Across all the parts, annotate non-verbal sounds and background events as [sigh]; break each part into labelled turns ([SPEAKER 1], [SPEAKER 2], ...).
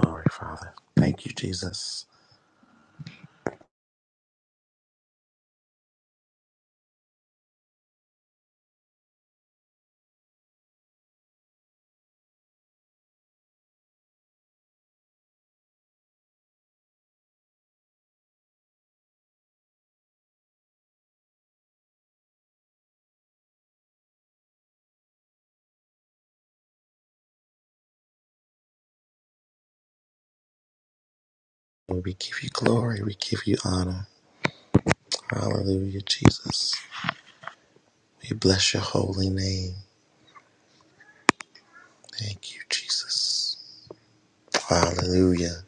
[SPEAKER 1] Glory, Father. Thank you, Jesus. We give you glory. We give you honor. Hallelujah, Jesus. We bless your holy name. Thank you, Jesus. Hallelujah.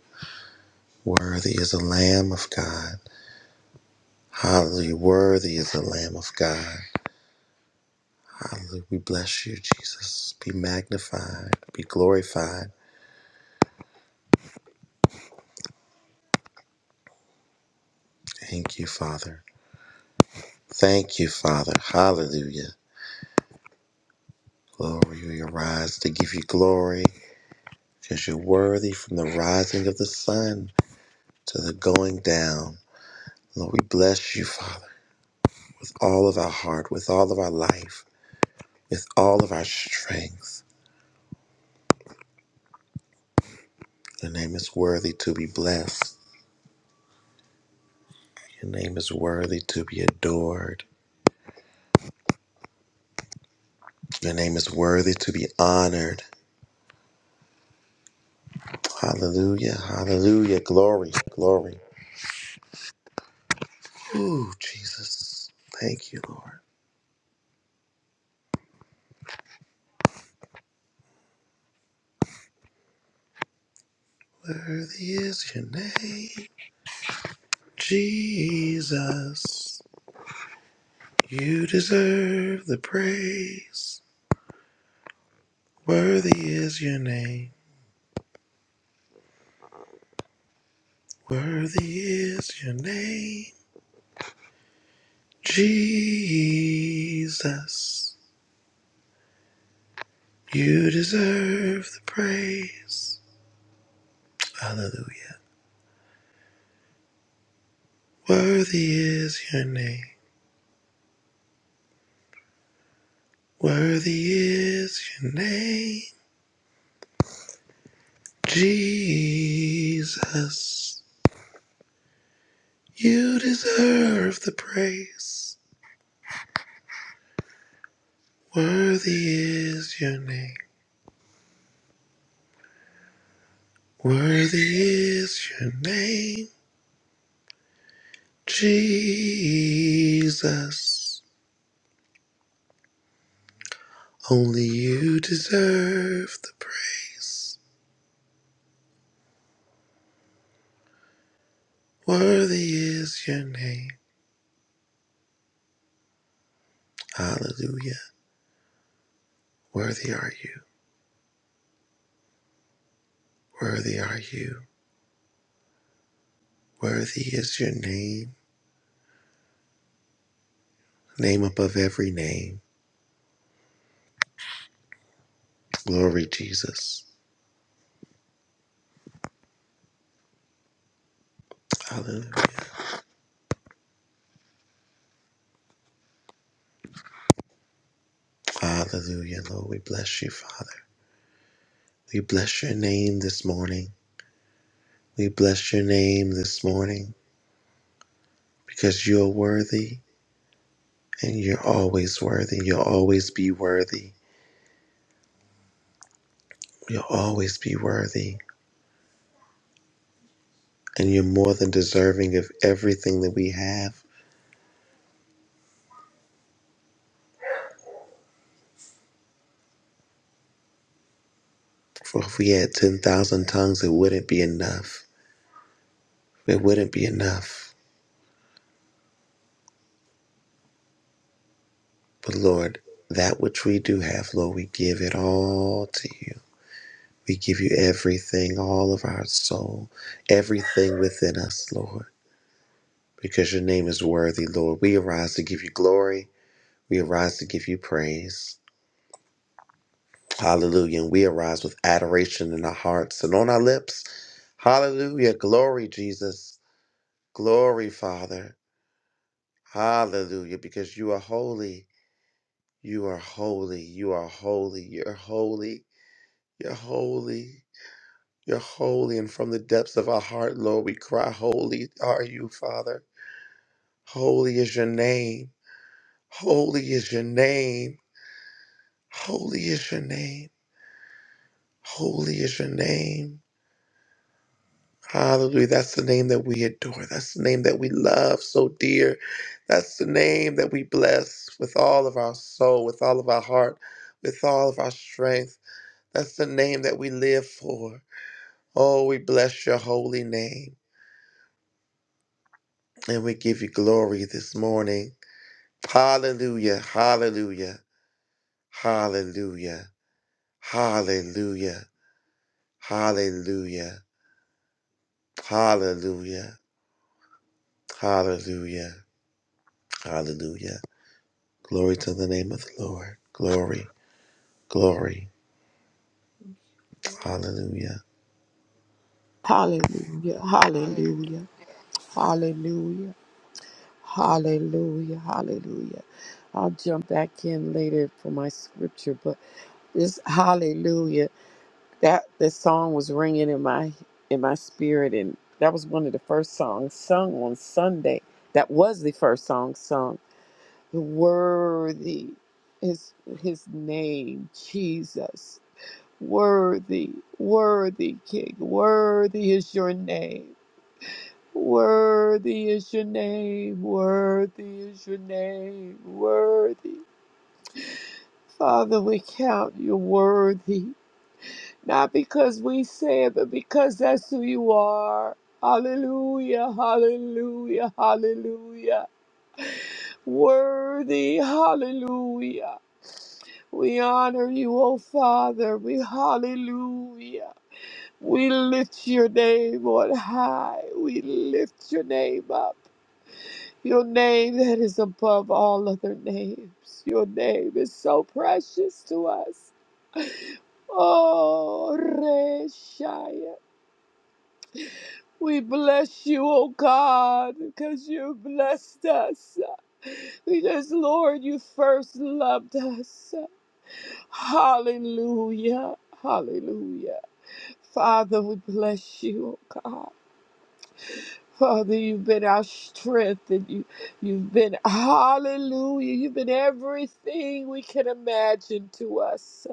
[SPEAKER 1] Worthy is the Lamb of God. Hallelujah. Worthy is the Lamb of God. Hallelujah. We bless you, Jesus. Be magnified. Be glorified. Thank you, Father. Thank you, Father. Hallelujah. Glory, we arise to give you glory because you're worthy from the rising of the sun to the going down. Lord, we bless you, Father, with all of our heart, with all of our life, with all of our strength. Your name is worthy to be blessed. Your name is worthy to be adored. Your name is worthy to be honored. Hallelujah. Hallelujah. Glory. Glory. Ooh, Jesus. Thank you, Lord. Worthy is your name, Jesus. You deserve the praise. Worthy is your name. Worthy is your name, Jesus. You deserve the praise. Hallelujah. Worthy is your name. Worthy is your name, Jesus. You deserve the praise. Worthy is your name. Worthy is your name, Jesus. Only you deserve the praise. Worthy is your name. Hallelujah. Worthy are you. Worthy are you. Worthy is your name. Name above every name. Glory, Jesus. Hallelujah. Hallelujah, Lord. We bless you, Father. We bless your name this morning. We bless your name this morning. because you're worthy and you're always worthy. You'll always be worthy. You'll always be worthy. And you're more than deserving of everything that we have. For if we had 10,000 tongues, it wouldn't be enough. It wouldn't be enough. But Lord, that which we do have, Lord, we give it all to you. We give you everything, all of our soul, everything within us, Lord, because your name is worthy, Lord. We arise to give you glory. We arise to give you praise. Hallelujah. And we arise with adoration in our hearts and on our lips. Hallelujah. Glory, Jesus. Glory, Father. Hallelujah. Because you are holy. You are holy. You are holy. You're holy. You're holy. You're holy. And from the depths of our heart, Lord, we cry, Holy are you, Father. Holy is your name. Holy is your name. Holy is your name. Holy is your name. Hallelujah. That's the name that we adore. That's the name that we love so dear. That's the name that we bless with all of our soul, with all of our heart, with all of our strength. That's the name that we live for. Oh, we bless your holy name and we give you glory this morning. Hallelujah. Hallelujah. Hallelujah. Hallelujah. Hallelujah. Hallelujah. Hallelujah. Hallelujah. Glory to the name of the Lord. Glory, glory. Hallelujah.
[SPEAKER 2] Hallelujah, hallelujah, hallelujah, hallelujah, hallelujah. I'll jump back in later for my scripture, but this hallelujah, that the song was ringing in my in my spirit and that was one of the first songs sung on Sunday. That was the first song sung. Worthy is his name, Jesus. Worthy, worthy King, worthy is your name. Worthy is your name, worthy is your name, worthy. Father, we count you worthy, not because we say it, but because that's who you are. Hallelujah, hallelujah, hallelujah. Worthy, hallelujah. We honor you, O Father. We hallelujah. We lift your name on high. We lift your name up. Your name that is above all other names. Your name is so precious to us. Oh, Reshaya. We bless you, oh God, because you blessed us. Because, Lord, you first loved us. Hallelujah. Hallelujah. Father, we bless you, oh God. Father, you've been our strength and you, you've been, hallelujah, you've been everything we can imagine to us.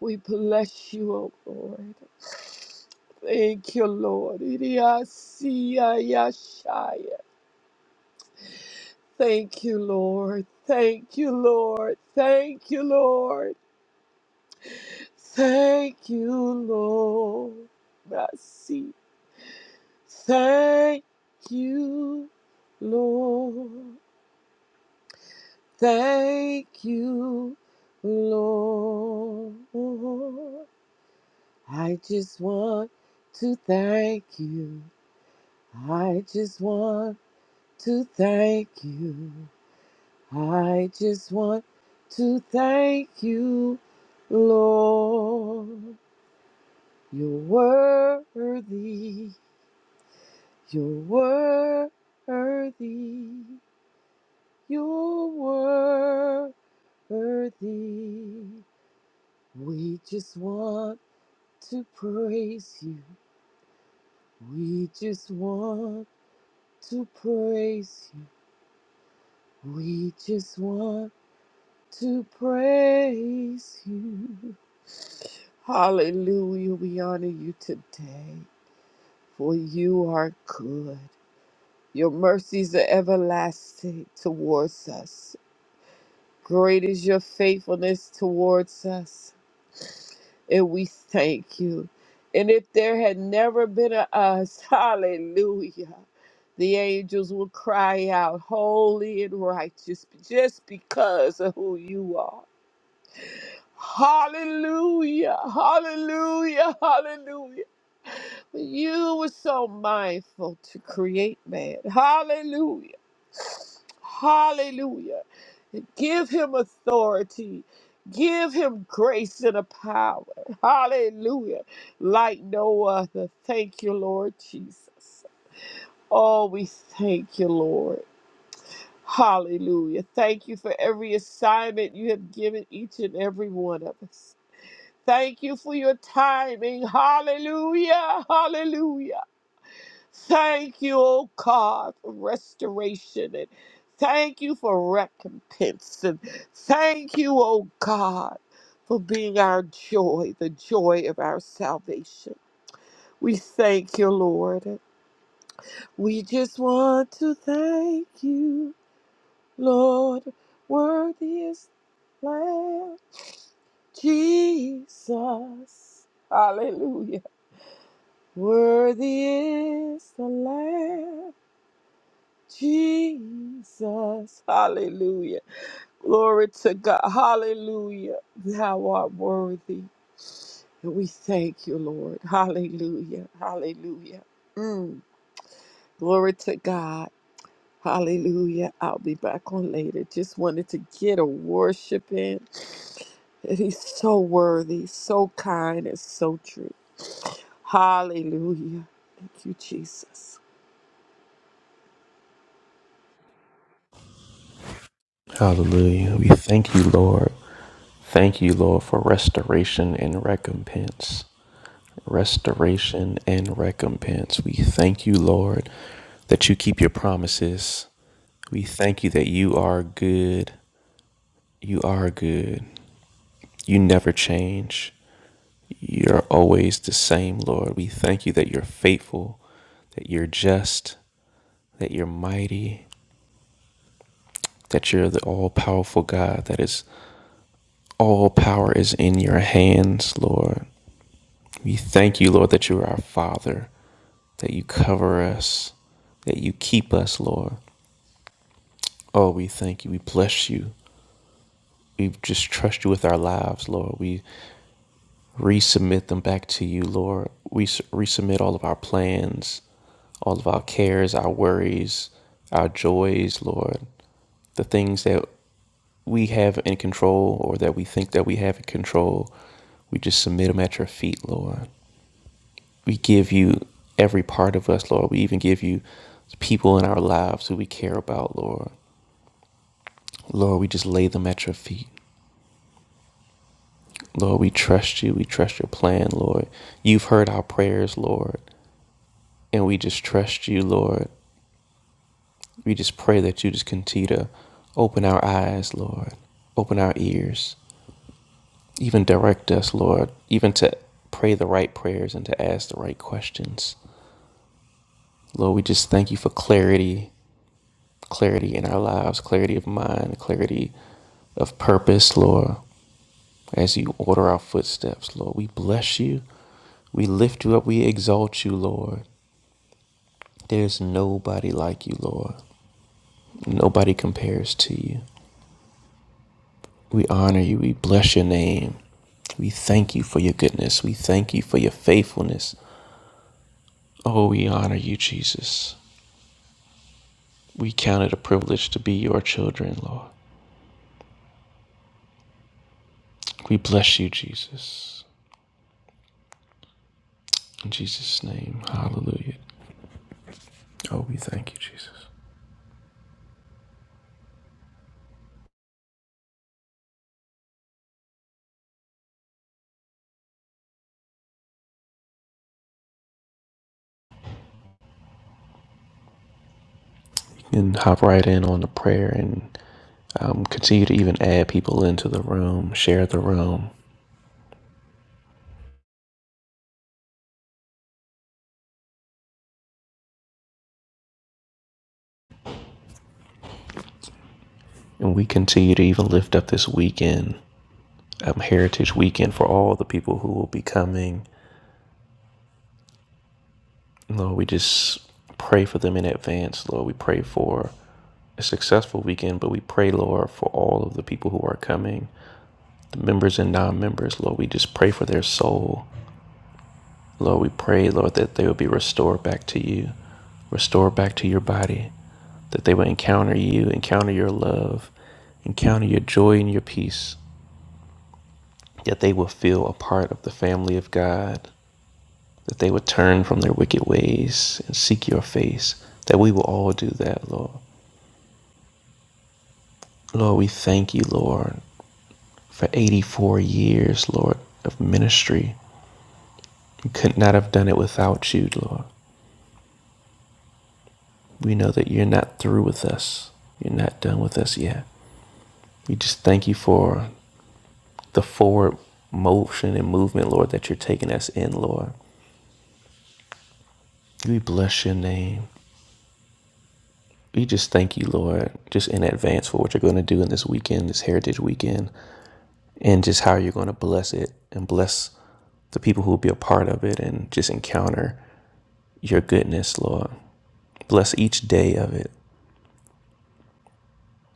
[SPEAKER 2] We bless you, O Lord. Thank you, Lord. Iriasiyayashaya. Thank you, Lord. Thank you, Lord. Thank you, Lord. Thank you, Lord. Mercy. Thank you, Lord. Thank you, Lord. I just want to thank you. I just want to thank you. I just want to thank you, Lord. You're worthy. You're worthy. You're worthy. We just want to praise you. We just want to praise you. We just want to praise you. Hallelujah. We honor you today, for you are good. Your mercies are everlasting towards us. Great is your faithfulness towards us, and we thank you. And if there had never been a us, [laughs] hallelujah. The angels will cry out, Holy and righteous, just because of who you are. Hallelujah, hallelujah, hallelujah. You were so mindful to create man. Hallelujah, hallelujah. Give him authority, give him grace and a power. Hallelujah, like no other. Thank you, Lord Jesus. Oh, we thank you, Lord. Hallelujah. Thank you for every assignment you have given each and every one of us. Thank you for your timing. Hallelujah. Hallelujah. Thank you, oh God, for restoration and thank you for recompense. And thank you, oh God, for being our joy, the joy of our salvation. We thank you, Lord. We just want to thank you, Lord. Worthy is Lamb, Jesus. Hallelujah. Worthy is the Lamb, Jesus. Hallelujah. Glory to God. Hallelujah. Thou art worthy. And we thank you, Lord. Hallelujah. Hallelujah. Mm. Glory to God. Hallelujah. I'll be back on later. Just wanted to get a worship in. And he's so worthy, so kind, and so true. Hallelujah. Thank you, Jesus.
[SPEAKER 3] Hallelujah. We thank you, Lord. Thank you, Lord, for restoration and recompense. Restoration and recompense. We thank you, Lord, that you keep your promises. We thank you that you are good. You are good. You never change. You're always the same, Lord. We thank you that you're faithful, that you're just, that you're mighty, that you're the all powerful God that is All power is in your hands, Lord. We thank you, Lord, that you are our Father, that you cover us, that you keep us, Lord. Oh, we thank you. We bless you. We just trust you with our lives, Lord. We resubmit them back to you, Lord. We resubmit all of our plans, all of our cares, our worries, our joys, Lord. The things that we have in control or that we think that we have in control, we just submit them at your feet, Lord. We give you every part of us, Lord. We even give you people in our lives who we care about, Lord. Lord, we just lay them at your feet. Lord, we trust you. We trust your plan, Lord. You've heard our prayers, Lord. And we just trust you, Lord. We just pray that you just continue to open our eyes, Lord, open our ears, even direct us, Lord, even to pray the right prayers and to ask the right questions. Lord, we just thank you for clarity, clarity in our lives, clarity of mind, clarity of purpose, Lord, as you order our footsteps, Lord. We bless you. We lift you up. We exalt you, Lord. There's nobody like you, Lord. Nobody compares to you. We honor you. We bless your name. We thank you for your goodness. We thank you for your faithfulness. Oh, we honor you, Jesus. We count it a privilege to be your children, Lord. We bless you, Jesus. In Jesus' name, hallelujah. Oh, we thank you, Jesus. You can hop right in on the prayer and um, continue to even add people into the room, share the room, and we continue to even lift up this weekend. um, Heritage Weekend for all the people who will be coming. Lord, we just pray for them in advance. Lord, we pray for a successful weekend, but we pray, Lord, for all of the people who are coming, the members and non members. Lord, we just pray for their soul. Lord, we pray, Lord, that they will be restored back to you, restored back to your body, that they will encounter you, encounter your love, encounter your joy and your peace, that they will feel a part of the family of God, that they would turn from their wicked ways and seek your face, that we will all do that, Lord. Lord, we thank you, Lord, for 84 years, Lord, of ministry. We could not have done it without you, Lord. We know that you're not through with us. You're not done with us yet. We just thank you for the forward motion and movement, Lord, that you're taking us in, Lord. We bless your name. We just thank you, Lord, just in advance for what you're going to do in this weekend, this Heritage Weekend. and just how you're going to bless it and bless the people who will be a part of it and just encounter your goodness, Lord. Bless each day of it.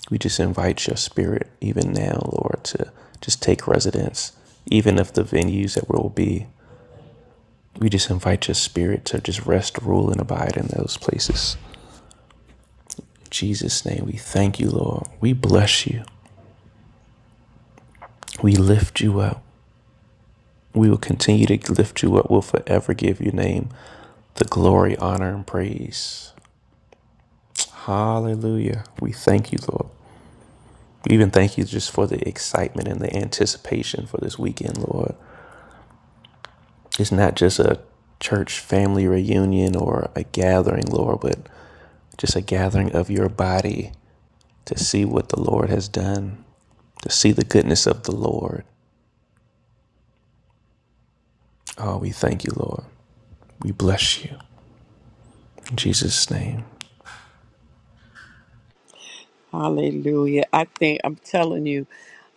[SPEAKER 3] We just invite your spirit, even now, Lord, to just take residence, even if the venues that we will be. We just invite your spirit to just rest, rule, and abide in those places. In Jesus' name, we thank you, Lord. We bless you. We lift you up. We will continue to lift you up. We'll forever give your name the glory, honor, and praise. Hallelujah. We thank you, Lord. We even thank you just for the excitement and the anticipation for this weekend, Lord. It's not just a church family reunion or a gathering, Lord, but just a gathering of your body to see what the Lord has done, to see the goodness of the Lord. Oh, we thank you, Lord. We bless you. In Jesus' name.
[SPEAKER 2] Hallelujah. I think I'm telling you,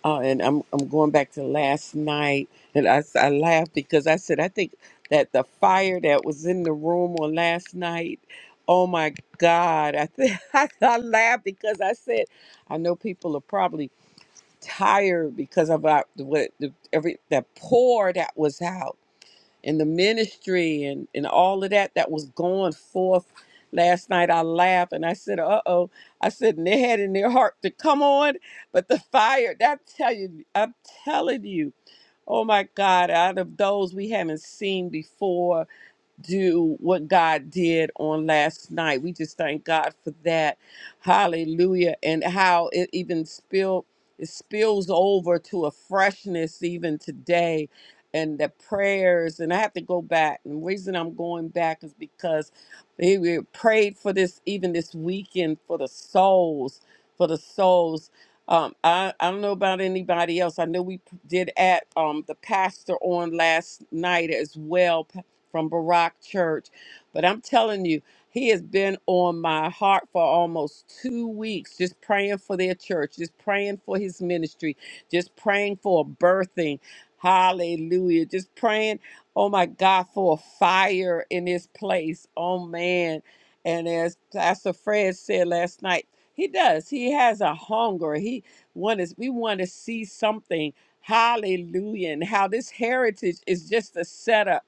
[SPEAKER 2] uh, and I'm I'm going back to last night, and I s- I laughed because I said I think that the fire that was in the room on last night. Oh my God! I think [laughs] I, I laughed because I said I know people are probably tired because of our- what the, every that pour that was out and the ministry and, and all of that that was going forth last night. I laughed and I said, uh oh. I said, and they had in their heart to come on, but the fire, that tell you, I'm telling you, oh my God, out of those we haven't seen before do what God did on last night. We just thank God for that. Hallelujah. And how it even spill it spills over to a freshness even today and the prayers and I have to go back. And the reason I'm going back is because we we prayed for this even this weekend for the souls, for the souls. Um, I, I don't know about anybody else. I know we did at um, the pastor on last night as well from Barack Church. But I'm telling you, he has been on my heart for almost two weeks, just praying for their church, just praying for his ministry, just praying for a birthing. Hallelujah. Just praying, oh my God, for a fire in this place. Oh man. And as Pastor Fred said last night, he does. He has a hunger. He want us, we want to see something. Hallelujah. And how this heritage is just a setup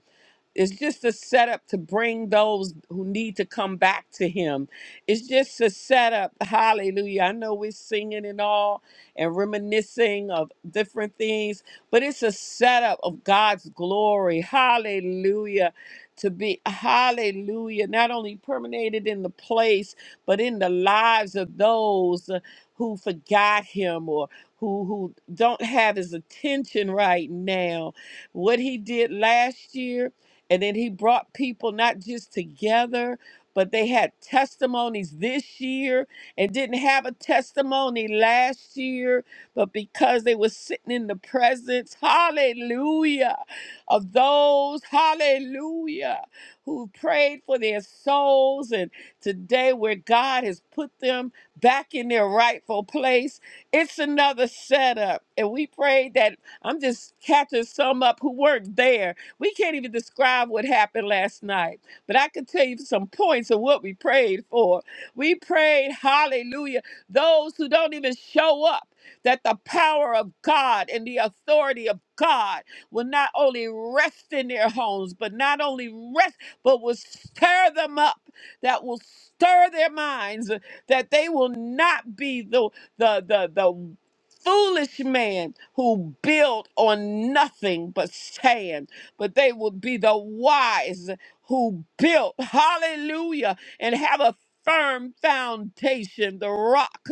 [SPEAKER 2] it's just a setup to bring those who need to come back to him. It's just a setup. Hallelujah. I know we're singing and all and reminiscing of different things, but it's a setup of God's glory. Hallelujah. To be, hallelujah, not only permeated in the place, but in the lives of those who forgot him or who, who don't have his attention right now. What he did last year and then he brought people not just together, but they had testimonies this year and didn't have a testimony last year, but because they were sitting in the presence, hallelujah, of those, hallelujah, who prayed for their souls. And today, where God has put them back in their rightful place, it's another setup. And we prayed that I'm just catching some up who weren't there we can't even describe what happened last night, but I can tell you some points of what we prayed for. We prayed, hallelujah, those who don't even show up, that the power of God and the authority of God will not only rest in their homes, but not only rest, but will stir them up, that will stir their minds, that they will not be the the the the foolish man who built on nothing but sand but they will be the wise who built, hallelujah, and have a firm foundation, the rock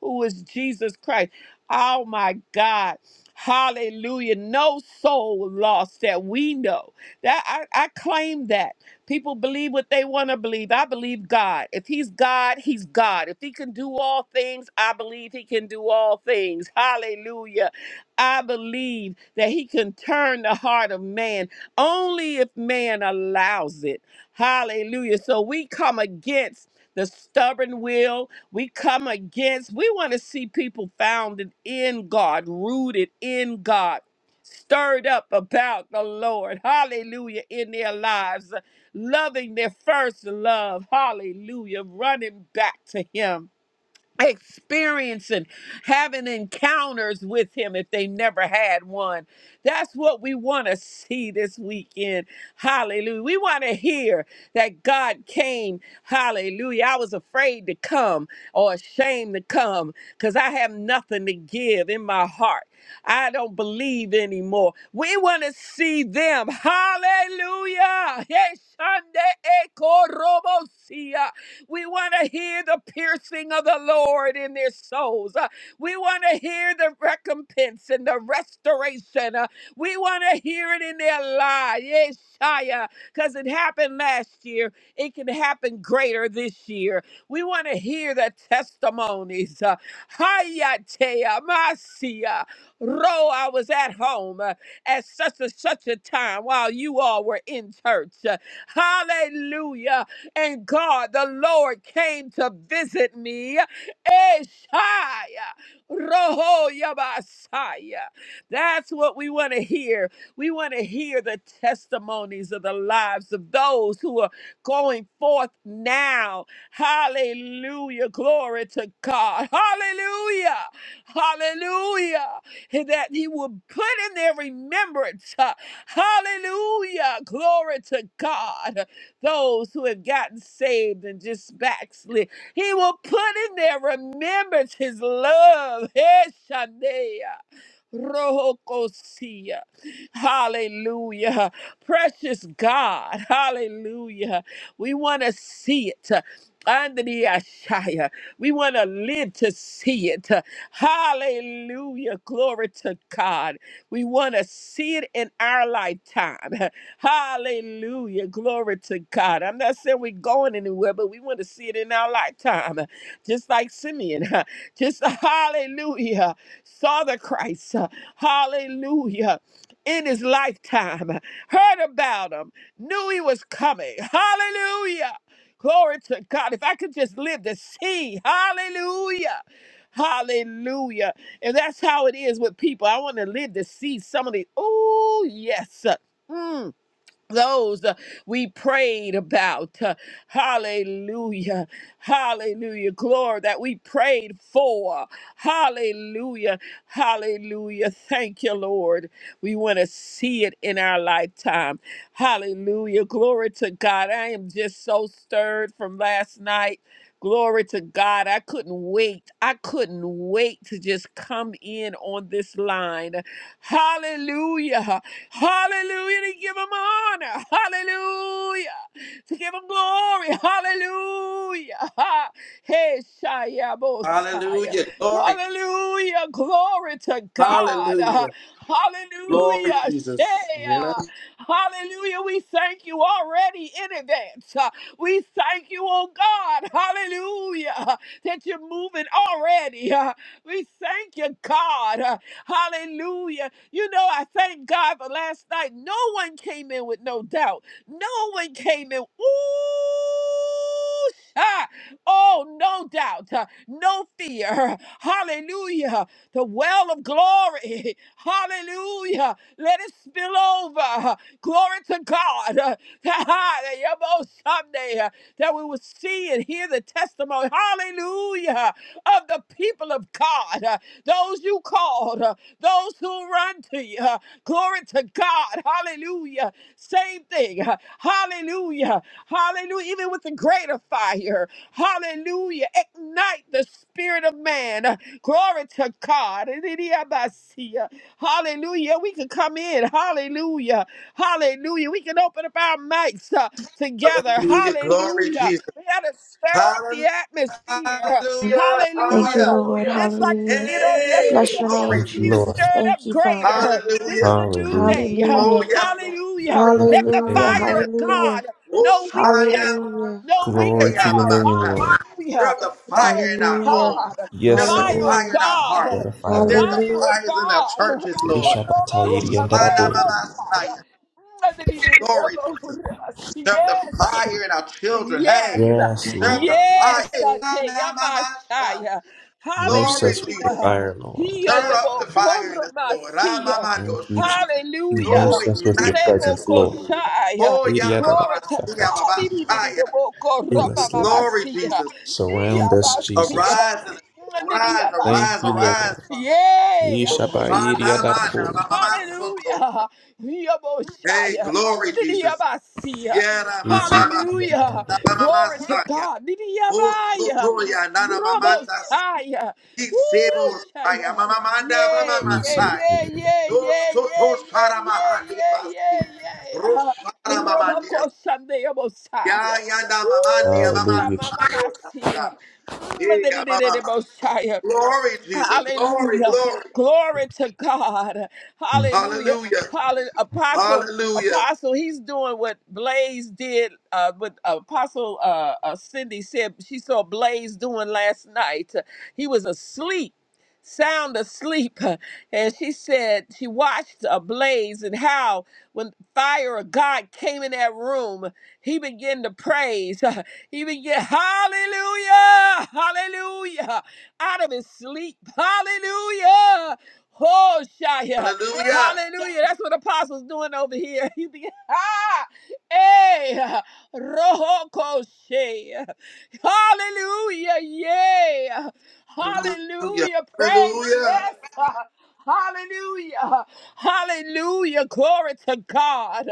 [SPEAKER 2] who is Jesus Christ. Oh my God. Hallelujah. No soul lost that we know. That I, I claim that. People believe what they want to believe. I believe God. If he's God, he's God. If he can do all things, I believe he can do all things. Hallelujah. I believe that he can turn the heart of man only if man allows it. Hallelujah. So we come against the stubborn will. We come against, we want to see people founded in God, rooted in God, stirred up about the Lord. Hallelujah. In their lives, loving their first love. Hallelujah. Running back to him experiencing having encounters with him if they never had one that's what we want to see this weekend hallelujah we want to hear that god came hallelujah i was afraid to come or ashamed to come because i have nothing to give in my heart i don't believe anymore we want to see them hallelujah Yes, Sunday, Echo, Robo, we want to hear the piercing of the Lord in their souls. Uh, We want to hear the recompense and the restoration. Uh, We want to hear it in their lives. Yes, Shia, because it happened last year. It can happen greater this year. We want to hear the testimonies. Uh, Hayatea, Masia. Ro, I was at home uh, at such and such a time while you all were in church. Uh, Hallelujah. And God, the Lord came to visit me. Eshaya. Roho Yabasaya. That's what we want to hear. We want to hear the testimonies of the lives of those who are going forth now. Hallelujah. Glory to God. Hallelujah. Hallelujah that he will put in their remembrance. uh, Hallelujah. Glory to God. Those who have gotten saved and just backslid. He will put in their remembrance his love. [laughs] Heshanea. Rohokosia. Hallelujah. Precious God, [laughs] hallelujah. We want to see it. Under the Ashaya. We want to live to see it. Hallelujah. Glory to God. We want to see it in our lifetime. [laughs] Hallelujah. Glory to God. I'm not saying we're going anywhere, but we want to see it in our lifetime. Just like Simeon, [laughs] just hallelujah. Saw the Christ. Hallelujah in his lifetime, [laughs] heard about him, knew he was coming. Hallelujah. Glory to God. If I could just live to see, hallelujah. Hallelujah. And that's how it is with people. I want to live to see some of the, oh, yes. Mm those uh, we prayed about. Uh, hallelujah. Hallelujah. Glory that we prayed for. Hallelujah. Hallelujah. Thank you, Lord. We want to see it in our lifetime. Hallelujah. Glory to God. I am just so stirred from last night. Glory to God. I couldn't wait. I couldn't wait to just come in on this line. Hallelujah. Hallelujah. To give him honor. Hallelujah. To give him glory. Hallelujah. Ha. Hey, Shia Bosaya.
[SPEAKER 1] Hallelujah. Glory.
[SPEAKER 2] Hallelujah. Glory to God. Uh,
[SPEAKER 1] Hallelujah. Glory,
[SPEAKER 2] Hallelujah. Shea.
[SPEAKER 1] Jesus. Yeah.
[SPEAKER 2] Hallelujah. We thank you already in advance. We thank you, oh God, hallelujah, that you're moving already. Uh, We thank you, God, Uh, hallelujah. You know, I thank God for last night. No one came in with no doubt. No one came in. Ooh, ah, oh, no doubt, Uh, no fear. Hallelujah. The well of glory. [laughs] Hallelujah. Let it spill over. Glory to God. [laughs] God, Yabo someday uh, that we will see and hear the testimony, hallelujah, of the people of God, uh, those you called, uh, those who run to you. uh, Glory to God, hallelujah. Same thing, uh, hallelujah, hallelujah. Even with the greater fire, hallelujah. Ignite the spirit of man, uh, glory to God. Hallelujah, we can come in, hallelujah. Hallelujah. We can open up our mics uh, together.
[SPEAKER 1] Hallelujah. Glory,
[SPEAKER 2] Hallelujah.
[SPEAKER 1] Jesus.
[SPEAKER 2] We got to stir up the
[SPEAKER 1] Hallelujah.
[SPEAKER 2] atmosphere.
[SPEAKER 1] Hallelujah.
[SPEAKER 4] Thank you,
[SPEAKER 2] Hallelujah.
[SPEAKER 4] Lord.
[SPEAKER 2] Just like we
[SPEAKER 4] Hallelujah.
[SPEAKER 2] did on
[SPEAKER 1] Hey,
[SPEAKER 4] Bless your
[SPEAKER 2] yesterday.
[SPEAKER 1] glory.
[SPEAKER 4] name,
[SPEAKER 3] Thank you,
[SPEAKER 2] We need to
[SPEAKER 3] Lord.
[SPEAKER 2] stir
[SPEAKER 4] Jesus.
[SPEAKER 2] it
[SPEAKER 4] Thank
[SPEAKER 2] up
[SPEAKER 4] you, Father.
[SPEAKER 2] greater. This is
[SPEAKER 1] Hallelujah.
[SPEAKER 2] a new
[SPEAKER 3] Hallelujah.
[SPEAKER 2] day.
[SPEAKER 1] Oh,
[SPEAKER 4] Hallelujah.
[SPEAKER 1] yes, Lord.
[SPEAKER 2] Hallelujah.
[SPEAKER 3] Bless
[SPEAKER 2] Let
[SPEAKER 3] your
[SPEAKER 2] the
[SPEAKER 3] name,
[SPEAKER 4] Hallelujah.
[SPEAKER 2] fire
[SPEAKER 3] Lord.
[SPEAKER 2] of
[SPEAKER 1] Yes, Lord.
[SPEAKER 4] Hallelujah.
[SPEAKER 2] God, no weak
[SPEAKER 1] Oh,
[SPEAKER 2] sound,
[SPEAKER 4] Hallelujah.
[SPEAKER 2] no weak
[SPEAKER 3] Glory
[SPEAKER 1] Hey,
[SPEAKER 3] to
[SPEAKER 2] sound.
[SPEAKER 3] your name, Lord.
[SPEAKER 1] Stir
[SPEAKER 2] Hallelujah.
[SPEAKER 1] up the
[SPEAKER 2] Glory
[SPEAKER 1] fire in
[SPEAKER 2] to
[SPEAKER 1] our
[SPEAKER 4] Hallelujah.
[SPEAKER 1] homes.
[SPEAKER 2] God.
[SPEAKER 1] Stir up
[SPEAKER 3] Yes,
[SPEAKER 1] the
[SPEAKER 3] Lord.
[SPEAKER 2] Fire of
[SPEAKER 1] fire
[SPEAKER 4] Hallelujah.
[SPEAKER 1] in our hearts.
[SPEAKER 3] Set
[SPEAKER 2] God.
[SPEAKER 3] a
[SPEAKER 2] The
[SPEAKER 1] Stir
[SPEAKER 3] fire
[SPEAKER 1] up the
[SPEAKER 2] fire
[SPEAKER 4] Hallelujah.
[SPEAKER 2] of
[SPEAKER 1] fires in our
[SPEAKER 2] God.
[SPEAKER 1] churches, Lord.
[SPEAKER 3] Ishabataidi and
[SPEAKER 1] Roshana Mama
[SPEAKER 2] [laughs] And then he did it.
[SPEAKER 1] Glory,
[SPEAKER 2] elbow.
[SPEAKER 1] Jesus. Stir up the
[SPEAKER 2] Yes.
[SPEAKER 1] fire in our children.
[SPEAKER 2] Yes,
[SPEAKER 1] Hey,
[SPEAKER 3] Yes,
[SPEAKER 1] stir up
[SPEAKER 3] Lord.
[SPEAKER 1] the fire.
[SPEAKER 2] yes,
[SPEAKER 1] Hey, Roshana Mama
[SPEAKER 2] Ateyamashaya.
[SPEAKER 3] Immerse
[SPEAKER 1] Glory,
[SPEAKER 3] us with your
[SPEAKER 1] Jesus.
[SPEAKER 2] Hallelujah.
[SPEAKER 3] fire, Lord.
[SPEAKER 2] Hiya
[SPEAKER 1] Stir up
[SPEAKER 2] yabo
[SPEAKER 1] the fire in us, Lord.
[SPEAKER 2] koromasiya.
[SPEAKER 3] Thank
[SPEAKER 1] Ramamando
[SPEAKER 3] you,
[SPEAKER 1] Shai.
[SPEAKER 3] Jesus.
[SPEAKER 1] Oh,
[SPEAKER 2] Hallelujah.
[SPEAKER 3] Immerse us with
[SPEAKER 1] ignite
[SPEAKER 3] your
[SPEAKER 1] in
[SPEAKER 2] Rebo
[SPEAKER 3] presence,
[SPEAKER 1] us, Lord.
[SPEAKER 3] Lord.
[SPEAKER 2] koshaya.
[SPEAKER 1] Oh, yeah, Mama
[SPEAKER 2] Glory to
[SPEAKER 3] Idiadarabasakata.
[SPEAKER 2] God. Ididididabo
[SPEAKER 3] Fill us, Lord.
[SPEAKER 1] Glory,
[SPEAKER 2] koromamamasiya.
[SPEAKER 1] Jesus.
[SPEAKER 3] Surround us, Jesus.
[SPEAKER 2] Iyabasiya.
[SPEAKER 1] Arise, arise,
[SPEAKER 3] Thank
[SPEAKER 1] arise,
[SPEAKER 3] you,
[SPEAKER 2] Nandiyabashaya.
[SPEAKER 1] arise.
[SPEAKER 3] Lord.
[SPEAKER 1] Father.
[SPEAKER 2] Yay, Aboshaya.
[SPEAKER 3] Ishabaidiadarabu.
[SPEAKER 2] Hallelujah.
[SPEAKER 1] Hey,
[SPEAKER 2] Yaboshaya.
[SPEAKER 1] glory, Jesus.
[SPEAKER 2] Nidiyabasiya.
[SPEAKER 1] Yeramambaba,
[SPEAKER 2] Hallelujah.
[SPEAKER 3] Isikidiadarabu.
[SPEAKER 2] Glory to
[SPEAKER 1] dabamamasaya.
[SPEAKER 2] God. Nidiyabaya.
[SPEAKER 1] Osotoya, nanamamanda,
[SPEAKER 2] Roboshaya. Woo,
[SPEAKER 1] siksemosaya,
[SPEAKER 2] Shaya.
[SPEAKER 1] mamamanda,
[SPEAKER 2] Yeah, yeah,
[SPEAKER 1] bamamasaya.
[SPEAKER 2] yeah,
[SPEAKER 3] Isikidiadarabu.
[SPEAKER 2] yeah, yeah, yeah,
[SPEAKER 1] Osoto,
[SPEAKER 2] yeah, yeah, yeah,
[SPEAKER 1] sharamahandiabasi.
[SPEAKER 2] yeah, yeah. Uh,
[SPEAKER 1] Rosharamandia.
[SPEAKER 2] Roboko Sunday Messiah.
[SPEAKER 1] Ya, ya, na, mamandia,
[SPEAKER 2] Woo,
[SPEAKER 3] Hallelujah.
[SPEAKER 2] Shama
[SPEAKER 3] Jesus.
[SPEAKER 1] mamasayo,
[SPEAKER 2] Mamasia.
[SPEAKER 1] dasha. Yeah, mamama.
[SPEAKER 2] Mm,
[SPEAKER 1] Glory, Jesus. Glory,
[SPEAKER 2] Hallelujah.
[SPEAKER 1] glory.
[SPEAKER 2] Glory to God.
[SPEAKER 3] Mm.
[SPEAKER 2] Hallelujah.
[SPEAKER 1] Hallelujah.
[SPEAKER 2] Hallelujah. Apostle,
[SPEAKER 1] Hallelujah.
[SPEAKER 2] Apostle, he's doing what Blaze did, uh, what Apostle uh, uh, Cindy said she saw Blaze doing last night. He was asleep. Sound asleep, and she said she watched a blaze and how when fire of God came in that room, he began to praise. [laughs] He began, Hallelujah, Hallelujah out of his sleep. [laughs] Hallelujah. Oh, Shia.
[SPEAKER 1] Hallelujah.
[SPEAKER 2] Hallelujah. That's what Apostle's doing over here. [laughs] He be, ah, eh, roho koshe. Hallelujah. Yeah.
[SPEAKER 1] Hallelujah.
[SPEAKER 2] Hallelujah. Praise.
[SPEAKER 1] Hallelujah.
[SPEAKER 2] Yes. [laughs] Hallelujah. Hallelujah. Glory to God.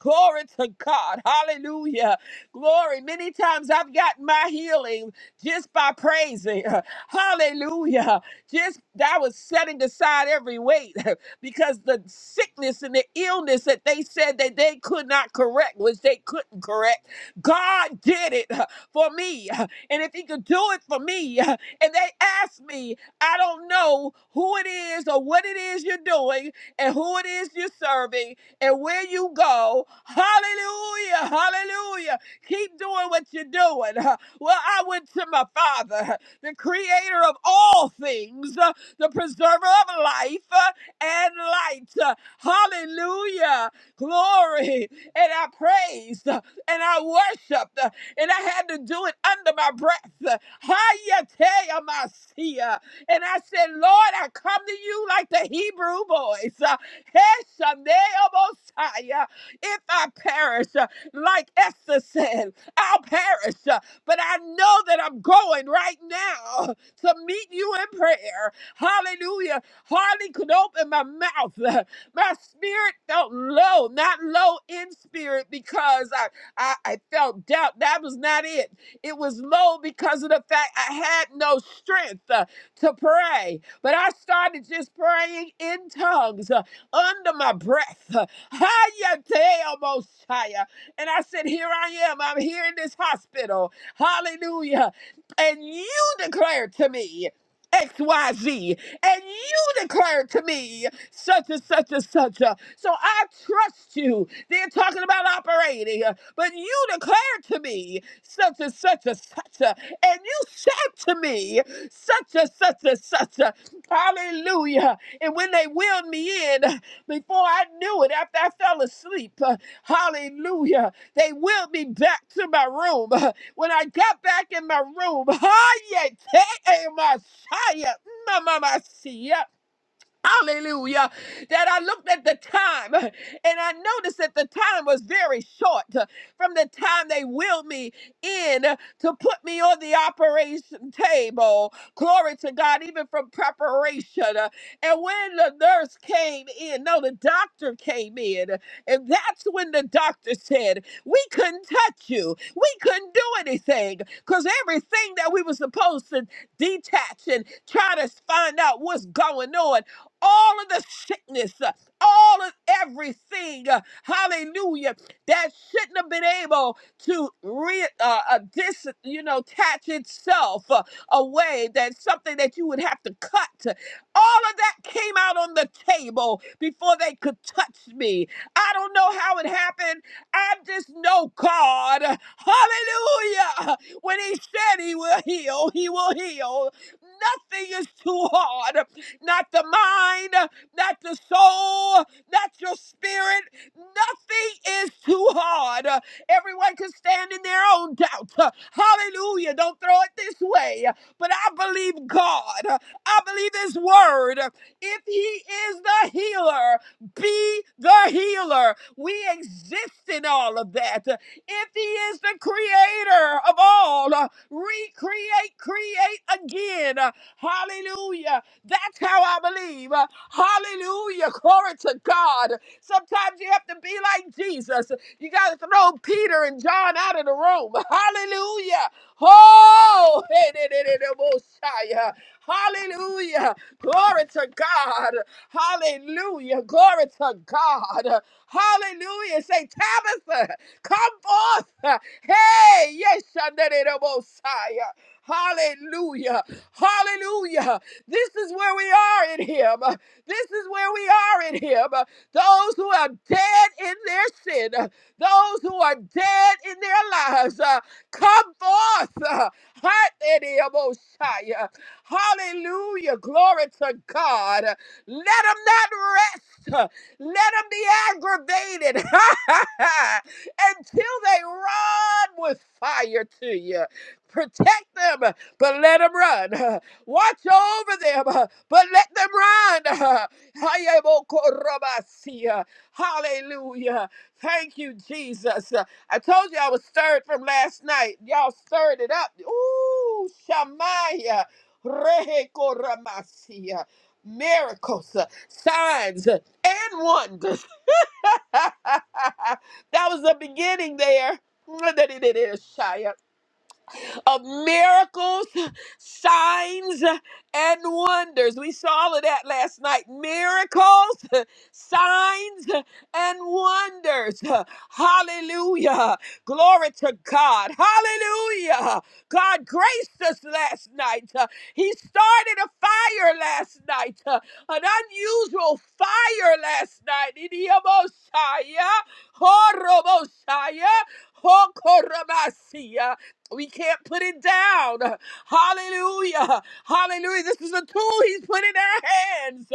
[SPEAKER 2] Glory to God. Hallelujah. Glory. Many times I've gotten my healing just by praising. Hallelujah. Just that was setting aside every weight [laughs] because the sickness and the illness that they said that they could not correct, which they couldn't correct, God did it [laughs] for me. [laughs] And if He could do it for me, [laughs] and they asked me, I don't know who it is or what it is you're doing and who it is you're serving and where you go. Hallelujah. Hallelujah. Keep doing what you're doing. [laughs] Well, I went to my father. [laughs] the creator of all things, uh, the preserver of life uh, and light. Uh, Hallelujah. Glory. And I praised uh, and I worshiped uh, and I had to do it under my breath. Uh, Hayateamasia. And I said, Lord, I come to you like the Hebrew boys. Uh, Heshaneamosai. If I perish, uh, like Esther said, I'll perish. uh, but I know that I'm going right now [laughs] to meet you in prayer. Hallelujah. Hardly could open my mouth. [laughs] My spirit felt low, not low in spirit because I, I, I felt doubt. That was not it. It was low because of the fact I had no strength uh, to pray. But I started just praying in tongues uh, under my breath. [laughs] Uh, Hayate Mosiah. And I said, Here I am. I'm here in this hospital. Hallelujah. And you declare to me, XYZ, and you declare to me such and such and such. a- So I trust you. They're talking about operating, uh, but you declare to me such and such and such, a- and you said to me such and such and such. a- Hallelujah. And when they wheeled me in, before I knew it, after I fell asleep, uh, hallelujah, they wheeled me back to my room. [laughs] When I got back in my room, [laughs] I my Messiah, Hallelujah. That I looked at the time and I noticed that the time was very short from the time they willed me in to put me on the operation table. Glory to God, even from preparation. And when the nurse came in, no, the doctor came in. And that's when the doctor said, We couldn't touch you. We couldn't do anything because everything that we were supposed to detach and try to find out what's going on all of the sickness, uh, all of everything, uh, hallelujah, that shouldn't have been able to re, uh, uh, dis, you know, attach itself uh, away, that something that you would have to cut. All of that came out on the table before they could touch me. I don't know how it happened. I just know God, hallelujah, when he said he will heal, he will heal. Nothing is too hard not the mind, not the soul, not your spirit. Nothing is too hard. Uh, Everyone can stand in their own doubt. Uh, Hallelujah. Don't throw it this way. But I believe God. Uh, I believe His word. If He is the healer, be the healer. We exist in all of that. Uh, If He is the creator of all, uh, recreate, create again. Uh, Hallelujah. That's how I believe. Uh, Hallelujah. Glory to God. Sometimes you have to be like Jesus. You got to throw Peter and John out of the room. Hallelujah. Oh, hey, hey, hey, hey, hey, Messiah. Hallelujah. Glory to God. Hallelujah. Glory to God. Hallelujah. Say, Tabitha, come forth. Hey, yes, Messiah. Hallelujah. Hallelujah. This is where we are in Him. This is where we are in Him. Those who are dead in their sin, those who are dead in their lives, uh, come forth. uh, Heart in oh Hallelujah. Glory to God. Let them not rest. uh, Let them be aggravated [laughs] until they run with fire to you. Protect them, but let them run. Watch over them, uh, but let them run. [laughs] uh, Hayabokorobasia. Hallelujah. Thank you, Jesus. Uh, I told you I was stirred from last night. Y'all stirred it up. Ooh, Shamaya. Rehekoramasia. Miracles, uh, signs, uh, and wonders. [laughs] that was the beginning there. [laughs] Shia of miracles, signs, and wonders. We saw all of that last night. Miracles, [laughs] signs, and wonders. Hallelujah. Glory to God. Hallelujah. God graced us last night. Uh, He started a fire last night, uh, an unusual fire last night. Idiomosaya, horromosaya, hokoromasi. We can't put it down. Hallelujah. Hallelujah. This is a tool he's put in our hands.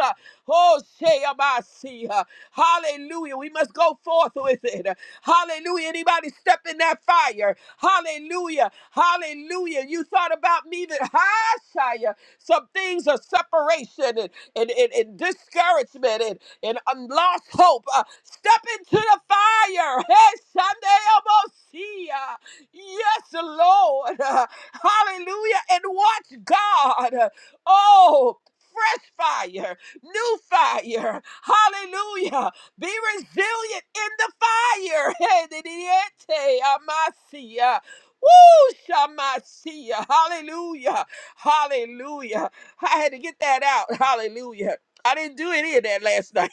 [SPEAKER 2] Oh, Shayabasi. Hallelujah. We must go forth with it. Hallelujah. Anybody step in that fire. Hallelujah. Hallelujah. You thought about me that [laughs] hi, Shia. Some things are separation and, and, and, and discouragement and, and um, lost hope. Uh, step into the fire. Hey, Sunday Yes, Lord. [laughs] Hallelujah. And watch God. Oh, fresh fire, new fire. Hallelujah. Be resilient in the fire. [laughs] Hedidiete amasia. Woo, shamasia. Hallelujah. Hallelujah. I had to get that out. Hallelujah. I didn't do any of that last night.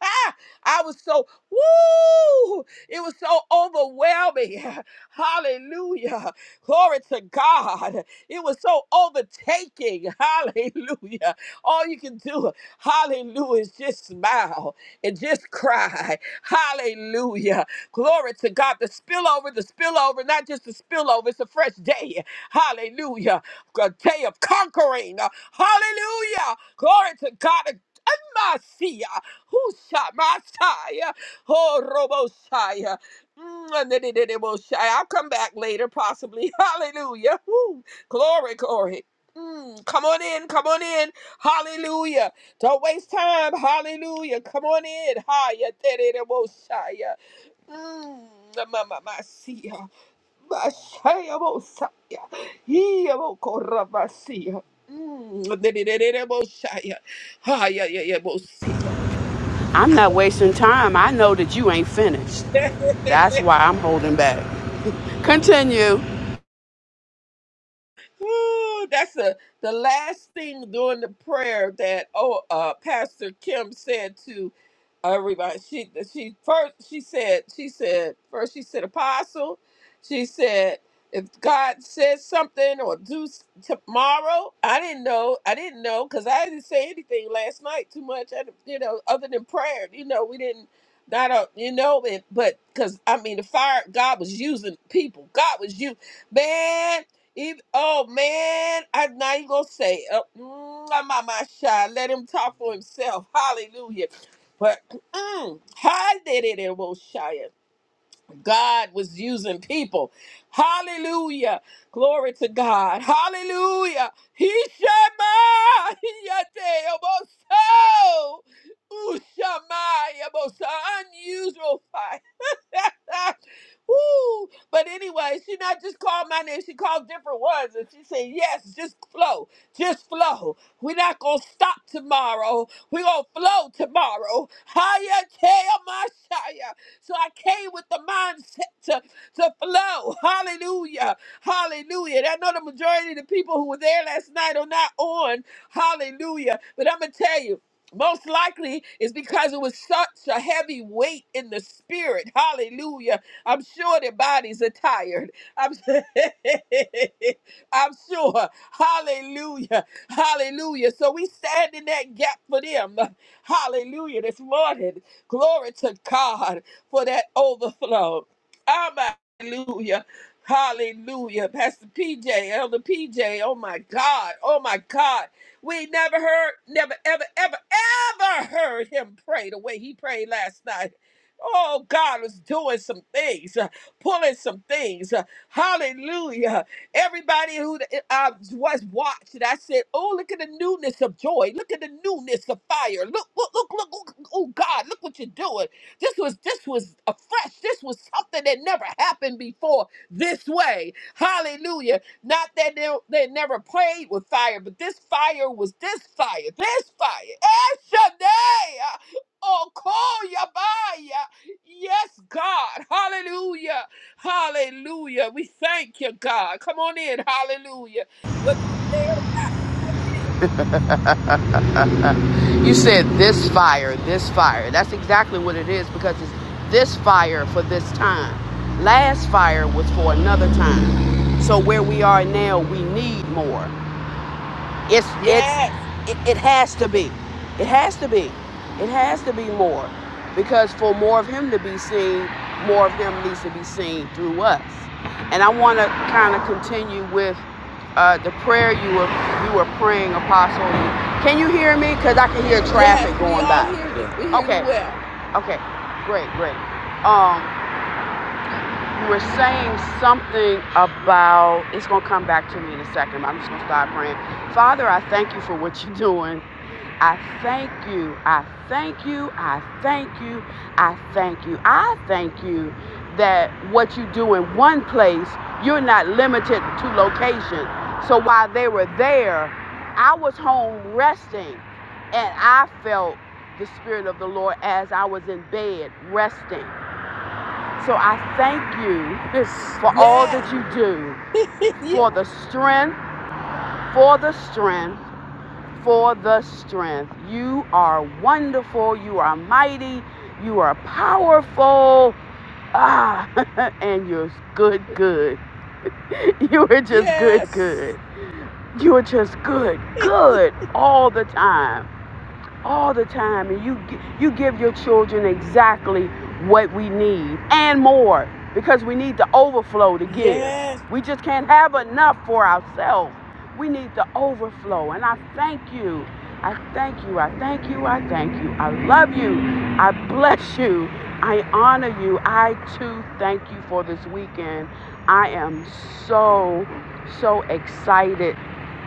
[SPEAKER 2] [laughs] I was so, woo! It was so overwhelming. [laughs] Hallelujah. Glory to God. It was so overtaking. [laughs] Hallelujah. All you can do, hallelujah, is just smile and just cry. Hallelujah. Glory to God. The spillover, the spillover, not just the spillover, it's a fresh day. Hallelujah. A day of conquering. Hallelujah. Glory to God. Masia, Husha Masaya. Oh Robosaya. I'll come back later, possibly. [laughs] Hallelujah. Woo. Glory, glory. Mm, come on in, come on in. Hallelujah. Don't waste time. Hallelujah. Come on in. Hiya. Tere Robosaya. Mm, ma, ma, ma, see. Bashayabosaya. Hiyabokorabasia. Mm. Dedededeboshaya. Hayayayabosaya.
[SPEAKER 5] I'm not wasting time. I know that you ain't finished. That's why I'm holding back. [laughs] Continue.
[SPEAKER 2] Woo, that's the the last thing during the prayer that oh uh Pastor Kim said to everybody. She she first she said she said first she said apostle. She said if God says something or do s- tomorrow, I didn't know. I didn't know because I didn't say anything last night too much. I, didn't- you know, other than prayer. You know, we didn't not a, you know, it, but because I mean, the fire God was using people. God was you, man. Even, oh man, I now you gonna say, uh, mm, my my shy. Let him talk for himself. Hallelujah. But mm, how did it in Wilshire? God was using people. Hallelujah. Glory to God. Hallelujah. He shema yate oboso. Ushama yabosa. Unusual fire. [laughs] Woo. But anyway, she not just called my name, she called different ones. And she said, Yes, just flow. Just flow. We're not gonna stop tomorrow. We're gonna flow tomorrow. Hayate so I came with the mindset to, to flow. [laughs] Hallelujah. Hallelujah. And I know the majority of the people who were there last night are not on. Hallelujah. But I'm going to tell you, most likely is because it was such a heavy weight in the spirit. Hallelujah. I'm sure their bodies are tired. I'm, [laughs] I'm sure. Hallelujah. Hallelujah. So we stand in that gap for them. [laughs] Hallelujah. This morning. Glory to God for that overflow. Hallelujah. Hallelujah. Pastor PJ, Elder PJ, oh my God, oh my God. We never heard, never, ever, ever, ever heard him pray the way he prayed last night. Oh, God was doing some things, uh, pulling some things. uh, hallelujah. Everybody who uh, was watching, I said, Oh, look at the newness of joy. Look at the newness of fire. Look, look, look, look, look. Oh, God, look what you're doing. This was this was a fresh. This was something that never happened before this way. Hallelujah. Not that they, they never played with fire, but this fire was this fire. This fire. Eshadai. Oh, call Yabaya. Yes, God. Hallelujah. Hallelujah. We thank you, God. Come on in. Hallelujah. Whether you were there or not, come on in.
[SPEAKER 5] You said this fire, this fire. That's exactly what it is because it's this fire for this time. Last fire was for another time. So where we are now, we need more. It's it's
[SPEAKER 2] Yes.
[SPEAKER 5] it, it has to be. It has to be. It has to be more. Because for more of him to be seen, more of him needs to be seen through us. And I want to kind of continue with uh, the prayer you were you were praying, Apostle. Can you hear me? Because I can hear
[SPEAKER 2] Yes,
[SPEAKER 5] traffic
[SPEAKER 2] we
[SPEAKER 5] going
[SPEAKER 2] all
[SPEAKER 5] by.
[SPEAKER 2] hear you.
[SPEAKER 1] Yeah.
[SPEAKER 2] We hear you
[SPEAKER 5] Okay.
[SPEAKER 2] well.
[SPEAKER 5] Okay. Great. Great. Um, you were saying something about it's going to come back to me in a second but i'm just going to start praying father i thank you for what you're doing i thank you i thank you i thank you i thank you i thank you that what you do in one place you're not limited to location so while they were there i was home resting and i felt the spirit of the lord as i was in bed resting so I thank you [laughs] for all
[SPEAKER 2] Yes.
[SPEAKER 5] that you do,
[SPEAKER 2] [laughs]
[SPEAKER 5] for the strength, for the strength, for the strength. You are wonderful, you are mighty, you are powerful. Ah, [laughs] and you're good, good. [laughs] You are just good,
[SPEAKER 2] Yes.
[SPEAKER 5] good. You are just good,
[SPEAKER 2] [laughs]
[SPEAKER 5] good all the time. all the time and you you give your children exactly what we need and more because we need the overflow to give.
[SPEAKER 2] Yes.
[SPEAKER 5] We just can't have enough for ourselves. We need the overflow and I thank you. I thank you. I thank you. I thank you. I love you. I bless you. I honor you. I too thank you for this weekend. I am so so excited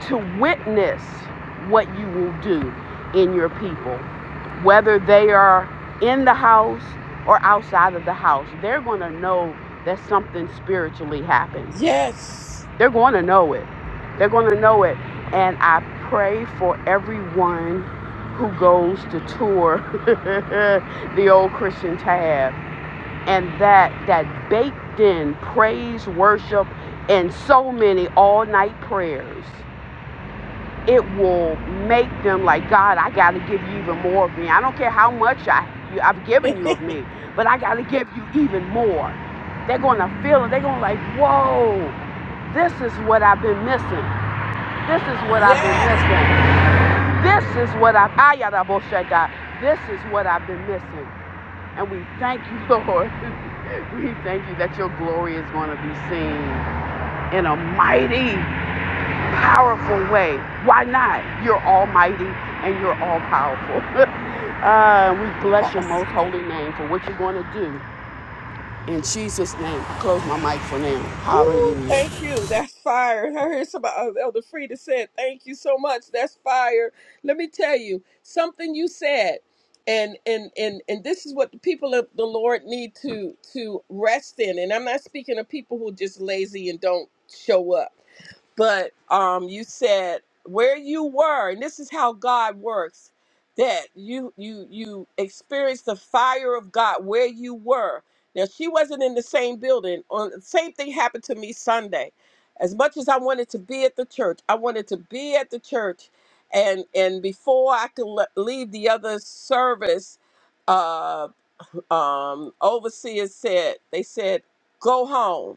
[SPEAKER 5] to witness what you will do in your people, whether they are in the house or outside of the house. They're going to know that something spiritually happened.
[SPEAKER 2] Yes.
[SPEAKER 5] They're going to know it. They're going to know it. And I pray for everyone who goes to tour [laughs] the old Christian tab and that that baked in praise, worship, and so many all night prayers it will make them like, God, I got to give you even more of me. I don't care how much I, you, I've
[SPEAKER 2] [laughs]
[SPEAKER 5] given you of me, but I got to give you even more. They're going to feel it. They're going to like, whoa, this is what I've been missing. This is what I've been
[SPEAKER 2] yes.
[SPEAKER 5] missing. This is what I've, this is what I've been missing. And we thank you, Lord. [laughs] we thank you that your glory is going to be seen in a mighty powerful way. Why not? You're almighty and you're all powerful. [laughs] uh, we bless your
[SPEAKER 2] Awesome.
[SPEAKER 5] most holy name for what you're going to do. In Jesus' name, I close my mic for now.
[SPEAKER 2] Woo,
[SPEAKER 5] Hallelujah.
[SPEAKER 2] thank you. That's fire. I heard somebody, uh, Elder Frida said, thank you so much. That's fire. Let me tell you something you said. And, and and and this is what the people of the Lord need to to rest in. And I'm not speaking of people who are just lazy and don't show up. but um, you said where you were, and this is how God works. That you you you experienced the fire of God where you were. Now she wasn't in the same building. On the same thing happened to me Sunday. As much as I wanted to be at the church, I wanted to be at the church, and and before I could le- leave the other service, uh, um, overseers said they said go home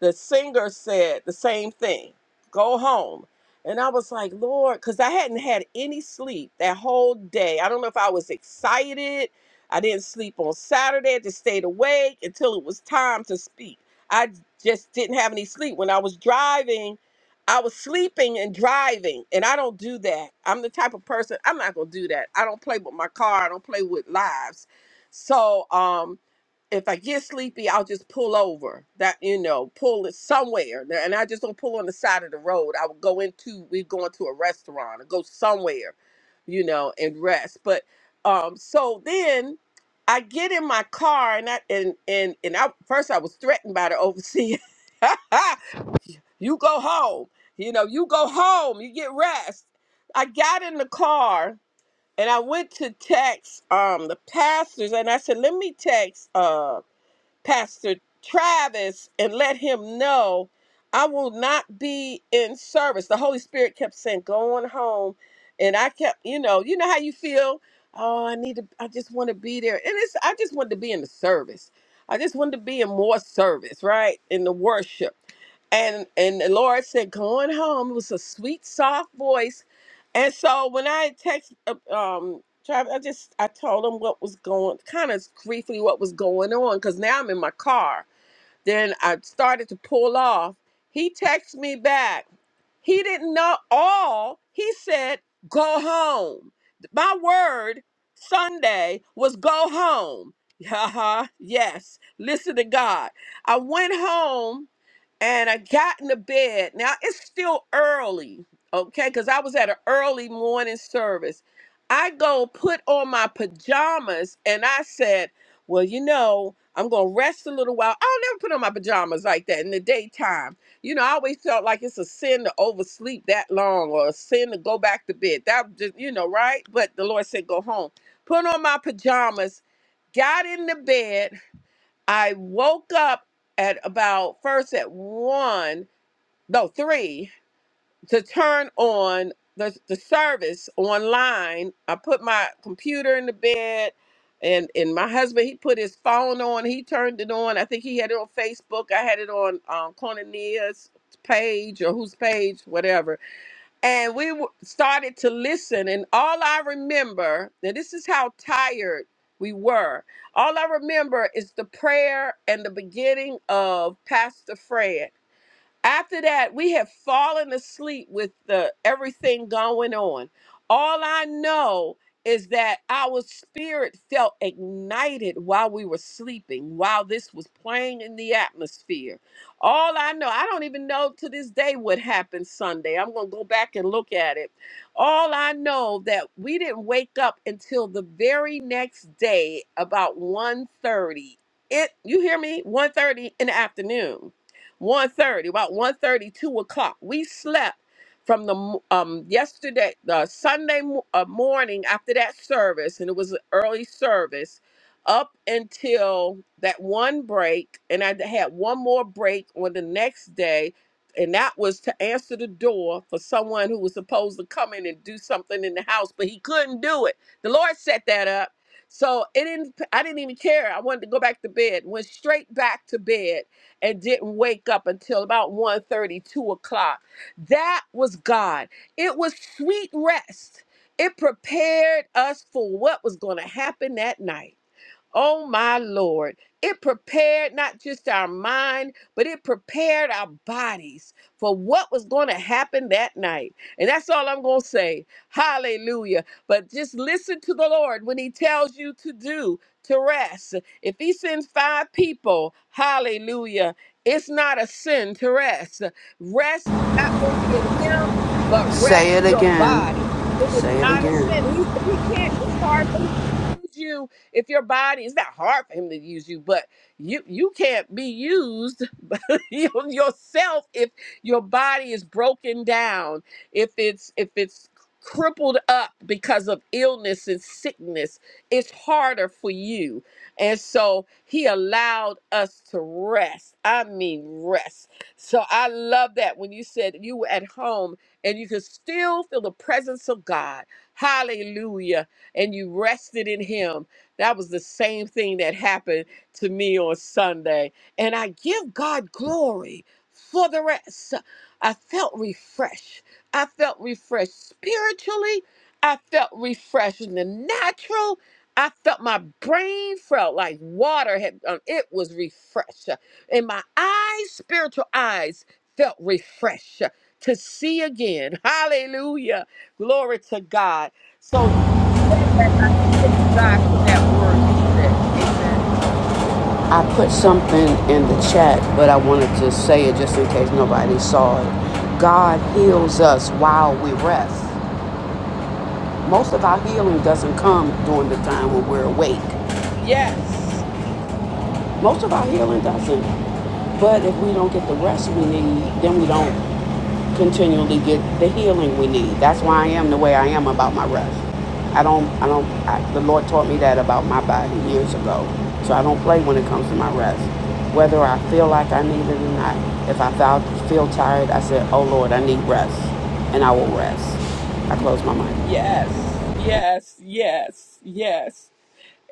[SPEAKER 2] the singer said the same thing go home and i was like lord because i hadn't had any sleep that whole day i don't know if i was excited i didn't sleep on saturday i just stayed awake until it was time to speak i just didn't have any sleep when i was driving i was sleeping and driving and i don't do that i'm the type of person i'm not gonna do that i don't play with my car i don't play with lives so um if I get sleepy, I'll just pull over. That you know, pull it somewhere, There- and I just don't pull on the side of the road. I would go into we go into a restaurant or go somewhere, you know, and rest. But um, so then I get in my car and I and and and I first I was threatened by the overseer. [laughs] you go home, you know, you go home, you get rest. I got in the car and I went to text um the pastors and I said, let me text uh Pastor Travis and let him know I will not be in service. The Holy Spirit kept saying, "Go on home. And I kept, you know, you know how you feel. Oh, I need to, I just want to be there. And it's, I just wanted to be in the service. I just wanted to be in more service, right? In the worship. And and the Lord said, "Go on home. It was a sweet, soft voice. And so when I text, uh, um, Travis, I just I told him what was going, kind of briefly what was going on, because now I'm in my car. Then I started to pull off. He texts me back. He didn't know all. He said, "Go home." My word Sunday was "Go home." [laughs] Haha. yes. Listen to God. I went home and I got into bed. Now it's still early, okay, because I was at an early morning service. I go put on my pajamas and I said, Well, you know, I'm gonna rest a little while. I'll never put on my pajamas like that in the daytime. You know, I always felt like it's a sin to oversleep that long or a sin to go back to bed. That was just, you know, right? But the Lord said, Go home. Put on my pajamas, got in the bed, I woke up at about first at one, no three, to turn on the the service online. I put my computer in the bed, and and my husband he put his phone on. He turned it on. I think he had it on Facebook. I had it on um, Cornelia's page or whose page, whatever and we w- started to listen and all i remember and this is how tired we were all i remember is the prayer and the beginning of pastor fred after that, we have fallen asleep with the everything going on. All I know is that our spirit felt ignited while we were sleeping, while this was playing in the atmosphere. All I know, I don't even know to this day what happened Sunday. I'm going to go back and look at it. All I know that we didn't wake up until the very next day about one thirty. It you hear me? one thirty in the afternoon one thirty, about one thirty, two o'clock. We slept from the m- um yesterday, the Sunday mo- uh, morning after that service, and it was an early service, up until that one break, and I had one more break on the next day, and that was to answer the door for someone who was supposed to come in and do something in the house, but he couldn't do it. The Lord set that up. So it didn't I didn't even care. I wanted to go back to bed. Went straight back to bed and didn't wake up until about one thirty, two o'clock. That was God. It was sweet rest. It prepared us for what was going to happen that night. Oh my Lord, it prepared not just our mind, but it prepared our bodies for what was going to happen that night. And that's all I'm going to say. Hallelujah. But just listen to the Lord when He tells you to do, to rest. If He sends five people, hallelujah, it's not a sin to rest. Rest not only in Him, but
[SPEAKER 5] Say
[SPEAKER 2] rest
[SPEAKER 5] it
[SPEAKER 2] your
[SPEAKER 5] again.
[SPEAKER 2] body. It is
[SPEAKER 5] Say it
[SPEAKER 2] not a sin.
[SPEAKER 5] again.
[SPEAKER 2] He, if he can't, it's hard for him to use you if your body, it's not hard for him to use you, but you you can't be used [laughs] your- yourself if your body is broken down, if it's if it's crippled up because of illness and sickness, it's harder for you. And so he allowed us to rest. I mean rest. So I love that when you said you were at home and you could still feel the presence of God. Hallelujah. And you rested in him. That was the same thing that happened to me on Sunday and I give God glory for the rest. I felt refreshed. I felt refreshed spiritually. I felt refreshed in the natural. I felt my brain felt like water had um, it was refreshed. And my eyes, spiritual eyes, felt refreshed to see again. [laughs] Hallelujah. Glory to God. So when you said that, I praise God for that word you said. Amen.
[SPEAKER 5] I put something in the chat, but I wanted to say it just in case nobody saw it. God heals us while we rest. Most of our healing doesn't come during the time when we're awake.
[SPEAKER 2] Yes.
[SPEAKER 5] Most of our healing doesn't. But if we don't get the rest we need, then we don't continually get the healing we need. That's why I am the way I am about my rest. I don't, I don't, I, the Lord taught me that about my body years ago. So I don't play when it comes to my rest. Whether I feel like I need it or not, if I feel, feel tired, I said, oh Lord, I need rest. And I will rest. I close my mind.
[SPEAKER 2] Yes, yes, yes, yes.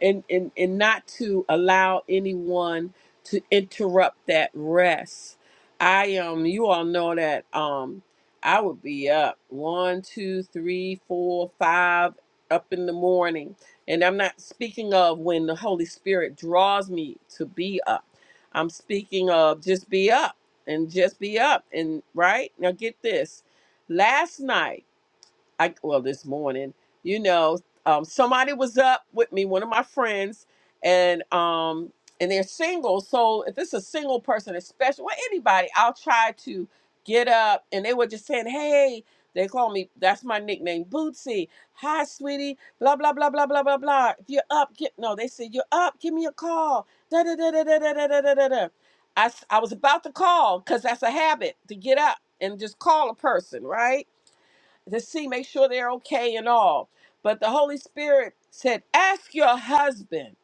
[SPEAKER 2] And and and not to allow anyone to interrupt that rest. I um you all know that um I would be up one, two, three, four, five up in the morning. And I'm not speaking of when the Holy Spirit draws me to be up. I'm speaking of just be up and just be up and right? Now get this. Last night I well this morning, you know, um, somebody was up with me, one of my friends, and um, and they're single. So if it's a single person, especially well anybody, I'll try to get up. And they were just saying, "Hey," they call me. That's my nickname, Bootsy. Hi, sweetie. Blah blah blah blah blah blah blah. If you're up, get no. They said you're up. Give me a call. Da da da da da da da da da da. da." I s- I was about to call because that's a habit to get up and just call a person, right? to see, make sure they're okay and all. But the Holy Spirit said, Ask your husband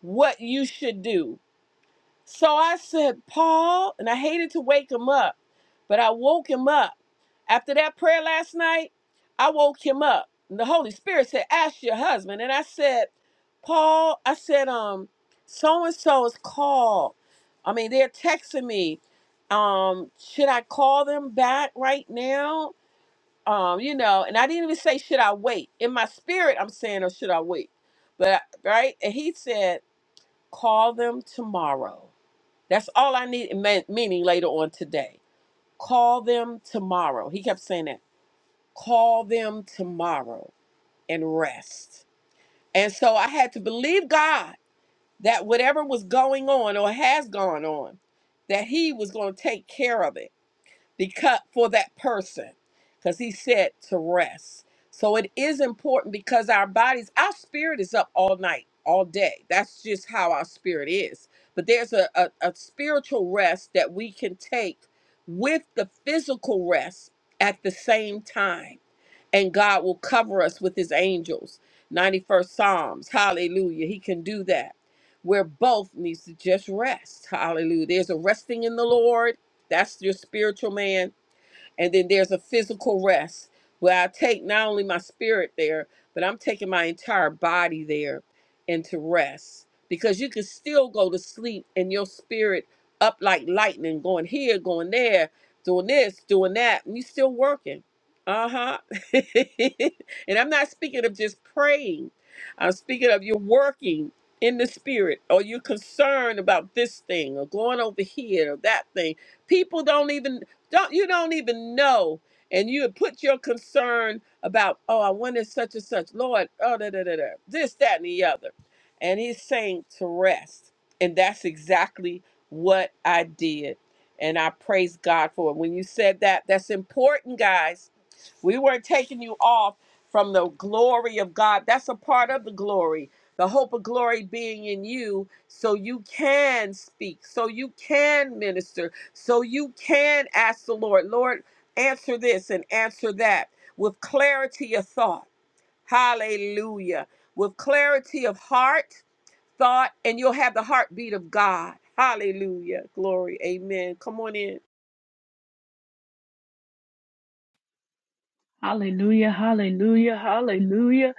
[SPEAKER 2] what you should do. So I said, Paul, and I hated to wake him up, but I woke him up. After that prayer last night, I woke him up. And the Holy Spirit said, Ask your husband. And I said, Paul, I said, um, so and so is called. I mean, they're texting me. Um, should I call them back right now? um, you know, and I didn't even say, should I wait? In my spirit, I'm saying, or should I wait? But, right? And he said, call them tomorrow. That's all I need, me- meaning later on today. Call them tomorrow. He kept saying that. Call them tomorrow and rest. And so I had to believe God that whatever was going on or has gone on, that he was going to take care of it because for that person because he said to rest so it is important because our bodies our spirit is up all night all day that's just how our spirit is but there's a, a, a spiritual rest that we can take with the physical rest at the same time and god will cover us with his angels 91st psalms hallelujah he can do that where both needs to just rest hallelujah there's a resting in the lord that's your spiritual man and then there's a physical rest where I take not only my spirit there, but I'm taking my entire body there into rest because you can still go to sleep and your spirit up like lightning, going here, going there, doing this, doing that, and you still working. Uh huh. [laughs] and I'm not speaking of just praying. I'm speaking of you're working in the spirit or you're concerned about this thing or going over here or that thing people don't even don't you don't even know. And you would put your concern about, oh, I wanted such and such, Lord, oh da da da da, this, that, and the other. And he's saying to rest. And that's exactly what I did. And I praise God for it. When you said that, that's important, guys we weren't taking you off from the glory of God. That's a part of the glory, the hope of glory being in you, so you can speak, so you can minister, so you can ask the Lord, Lord, answer this and answer that with clarity of thought. Hallelujah. With clarity of heart, thought, and you'll have the heartbeat of God. Hallelujah. Glory. Amen. Come on in.
[SPEAKER 6] Hallelujah, hallelujah, hallelujah,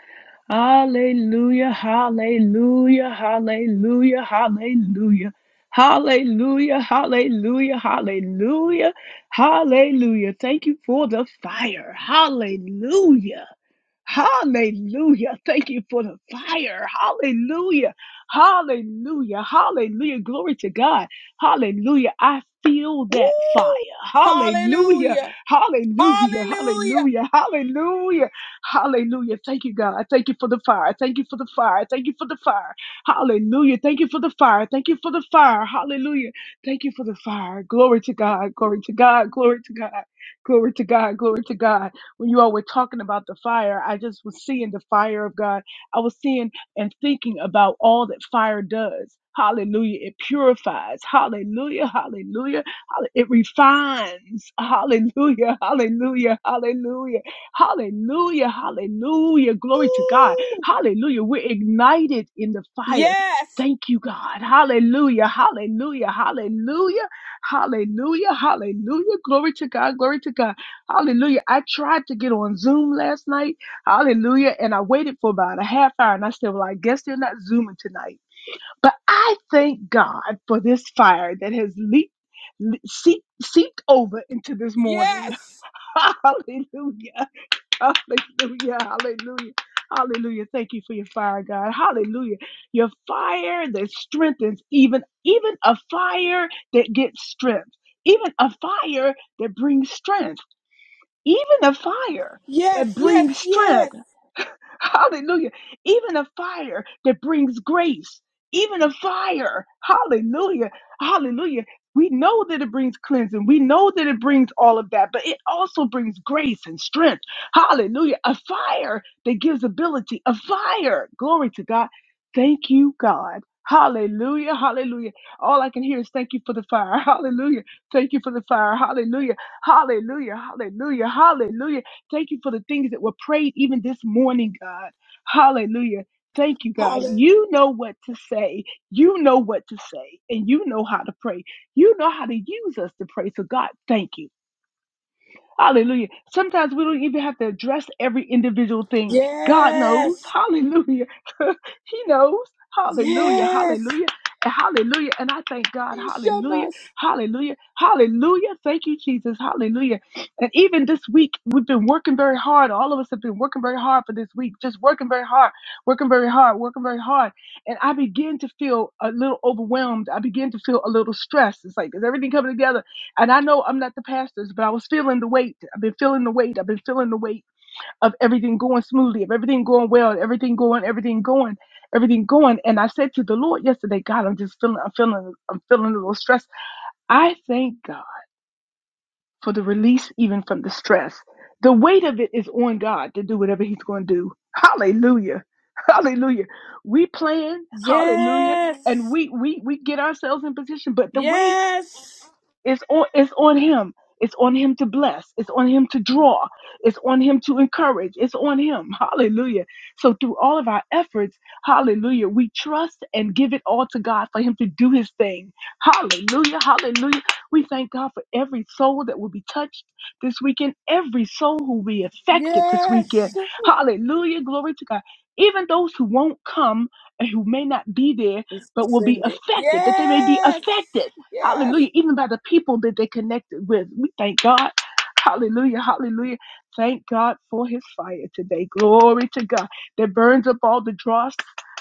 [SPEAKER 6] hallelujah, hallelujah, hallelujah, hallelujah, hallelujah, hallelujah, hallelujah, hallelujah. Thank you for the fire. Hallelujah. Hallelujah. Thank you for the fire. Hallelujah. Hallelujah. Hallelujah. Glory to God. Hallelujah. I feel
[SPEAKER 2] Woo!
[SPEAKER 6] that fire. Hallelujah.
[SPEAKER 2] Hallelujah.
[SPEAKER 6] Hallelujah.
[SPEAKER 2] Hallelujah.
[SPEAKER 6] Hallelujah. Hallelujah. Hallelujah. Thank you, God. Thank you for the fire. Thank you for the fire. Thank you for the fire. Hallelujah. Thank you for the fire. Thank you for the fire. Hallelujah. Thank you for the fire. Glory to God. Glory to God. Glory to God. Glory to God. Glory to God when you all were talking about the fire, I just was seeing the fire of God. I was seeing and thinking about all that fire does. Hallelujah. It purifies. Hallelujah. Hallelujah. Hall- It refines. Hallelujah. Hallelujah. Hallelujah. Hallelujah. Hallelujah. Glory to God.
[SPEAKER 2] Ooh,
[SPEAKER 6] Hallelujah. We're ignited in the fire.
[SPEAKER 2] Yes,
[SPEAKER 6] Thank you, God. Hallelujah. Hallelujah. Hallelujah. Hallelujah. Hallelujah. Glory to God. Glory to God. Hallelujah. I tried to get on Zoom last night. Hallelujah. And I waited for about a half hour and I said, Well, I guess they're not Zooming tonight. But I thank God for this fire that has leaped. le- Seep, seeped over into this morning.
[SPEAKER 2] yes,
[SPEAKER 6] [laughs] Hallelujah. Hallelujah. Hallelujah. Hallelujah. Thank you for your fire, God. Hallelujah. Your fire that strengthens even even a fire that gets strength. Even a fire that brings strength even the fire that
[SPEAKER 2] yes,
[SPEAKER 6] brings
[SPEAKER 2] yes,
[SPEAKER 6] strength
[SPEAKER 2] yes.
[SPEAKER 6] Hallelujah. Even a fire that brings grace. Even a fire. Hallelujah. Hallelujah. We know that it brings cleansing. We know that it brings all of that, but it also brings grace and strength. Hallelujah. A fire that gives ability. A fire. Glory to God. Thank you, God. Hallelujah. Hallelujah. All I can hear is thank you for the fire. [laughs] Hallelujah. Thank you for the fire. Hallelujah. Hallelujah. Hallelujah. Hallelujah. Thank you for the things that were prayed even this morning, God. Hallelujah. Thank you, God.
[SPEAKER 2] Hallelujah.
[SPEAKER 6] You know what to say. You know what to say, and you know how to pray. You know how to use us to pray. So, God, thank you. Hallelujah. Sometimes we don't even have to address every individual thing. God knows.
[SPEAKER 2] Yes,
[SPEAKER 6] Hallelujah. [laughs] he knows. Hallelujah.
[SPEAKER 2] yes.
[SPEAKER 6] Hallelujah. And hallelujah. And I thank God.
[SPEAKER 2] You shall
[SPEAKER 6] Hallelujah.
[SPEAKER 2] not.
[SPEAKER 6] Hallelujah. Hallelujah. Thank you, Jesus. Hallelujah. And even this week, we've been working very hard. All of us have been working very hard for this week, just working very hard, working very hard, working very hard. And I begin to feel a little overwhelmed. I begin to feel a little stressed. It's like, is everything coming together? And I know I'm not the pastor's, but I was feeling the weight. I've been feeling the weight. I've been feeling the weight of everything going smoothly, of everything going well, everything going, everything going, everything going. And I said to the Lord yesterday, God, I'm just feeling, I'm feeling, I'm feeling a little stressed. I thank God for the release even from the stress. The weight of it is on God to do whatever He's going to do. Hallelujah. Hallelujah. We plan, hallelujah, and
[SPEAKER 2] Yes,
[SPEAKER 6] we we we get ourselves in position, but the weight.
[SPEAKER 2] yes,
[SPEAKER 6] It's on it's on him. It's on him to bless. It's on him to draw. It's on him to encourage. It's on him. [laughs] Hallelujah. So through all of our efforts, hallelujah, we trust and give it all to God for him to do his thing. Hallelujah. Hallelujah. We thank God for every soul that will be touched this weekend, every soul who will be affected this weekend.
[SPEAKER 2] yes. Ooh,
[SPEAKER 6] Hallelujah. Glory to God. Even those who won't come and who may not be there,
[SPEAKER 2] We
[SPEAKER 6] but will be
[SPEAKER 2] send it.
[SPEAKER 6] affected, that they may be
[SPEAKER 2] Yes,
[SPEAKER 6] affected.
[SPEAKER 2] yes.
[SPEAKER 6] Hallelujah. Even by the people that they connected with. We thank God. Hallelujah. Hallelujah. Thank God for his fire today. Glory to God that burns up all the dross.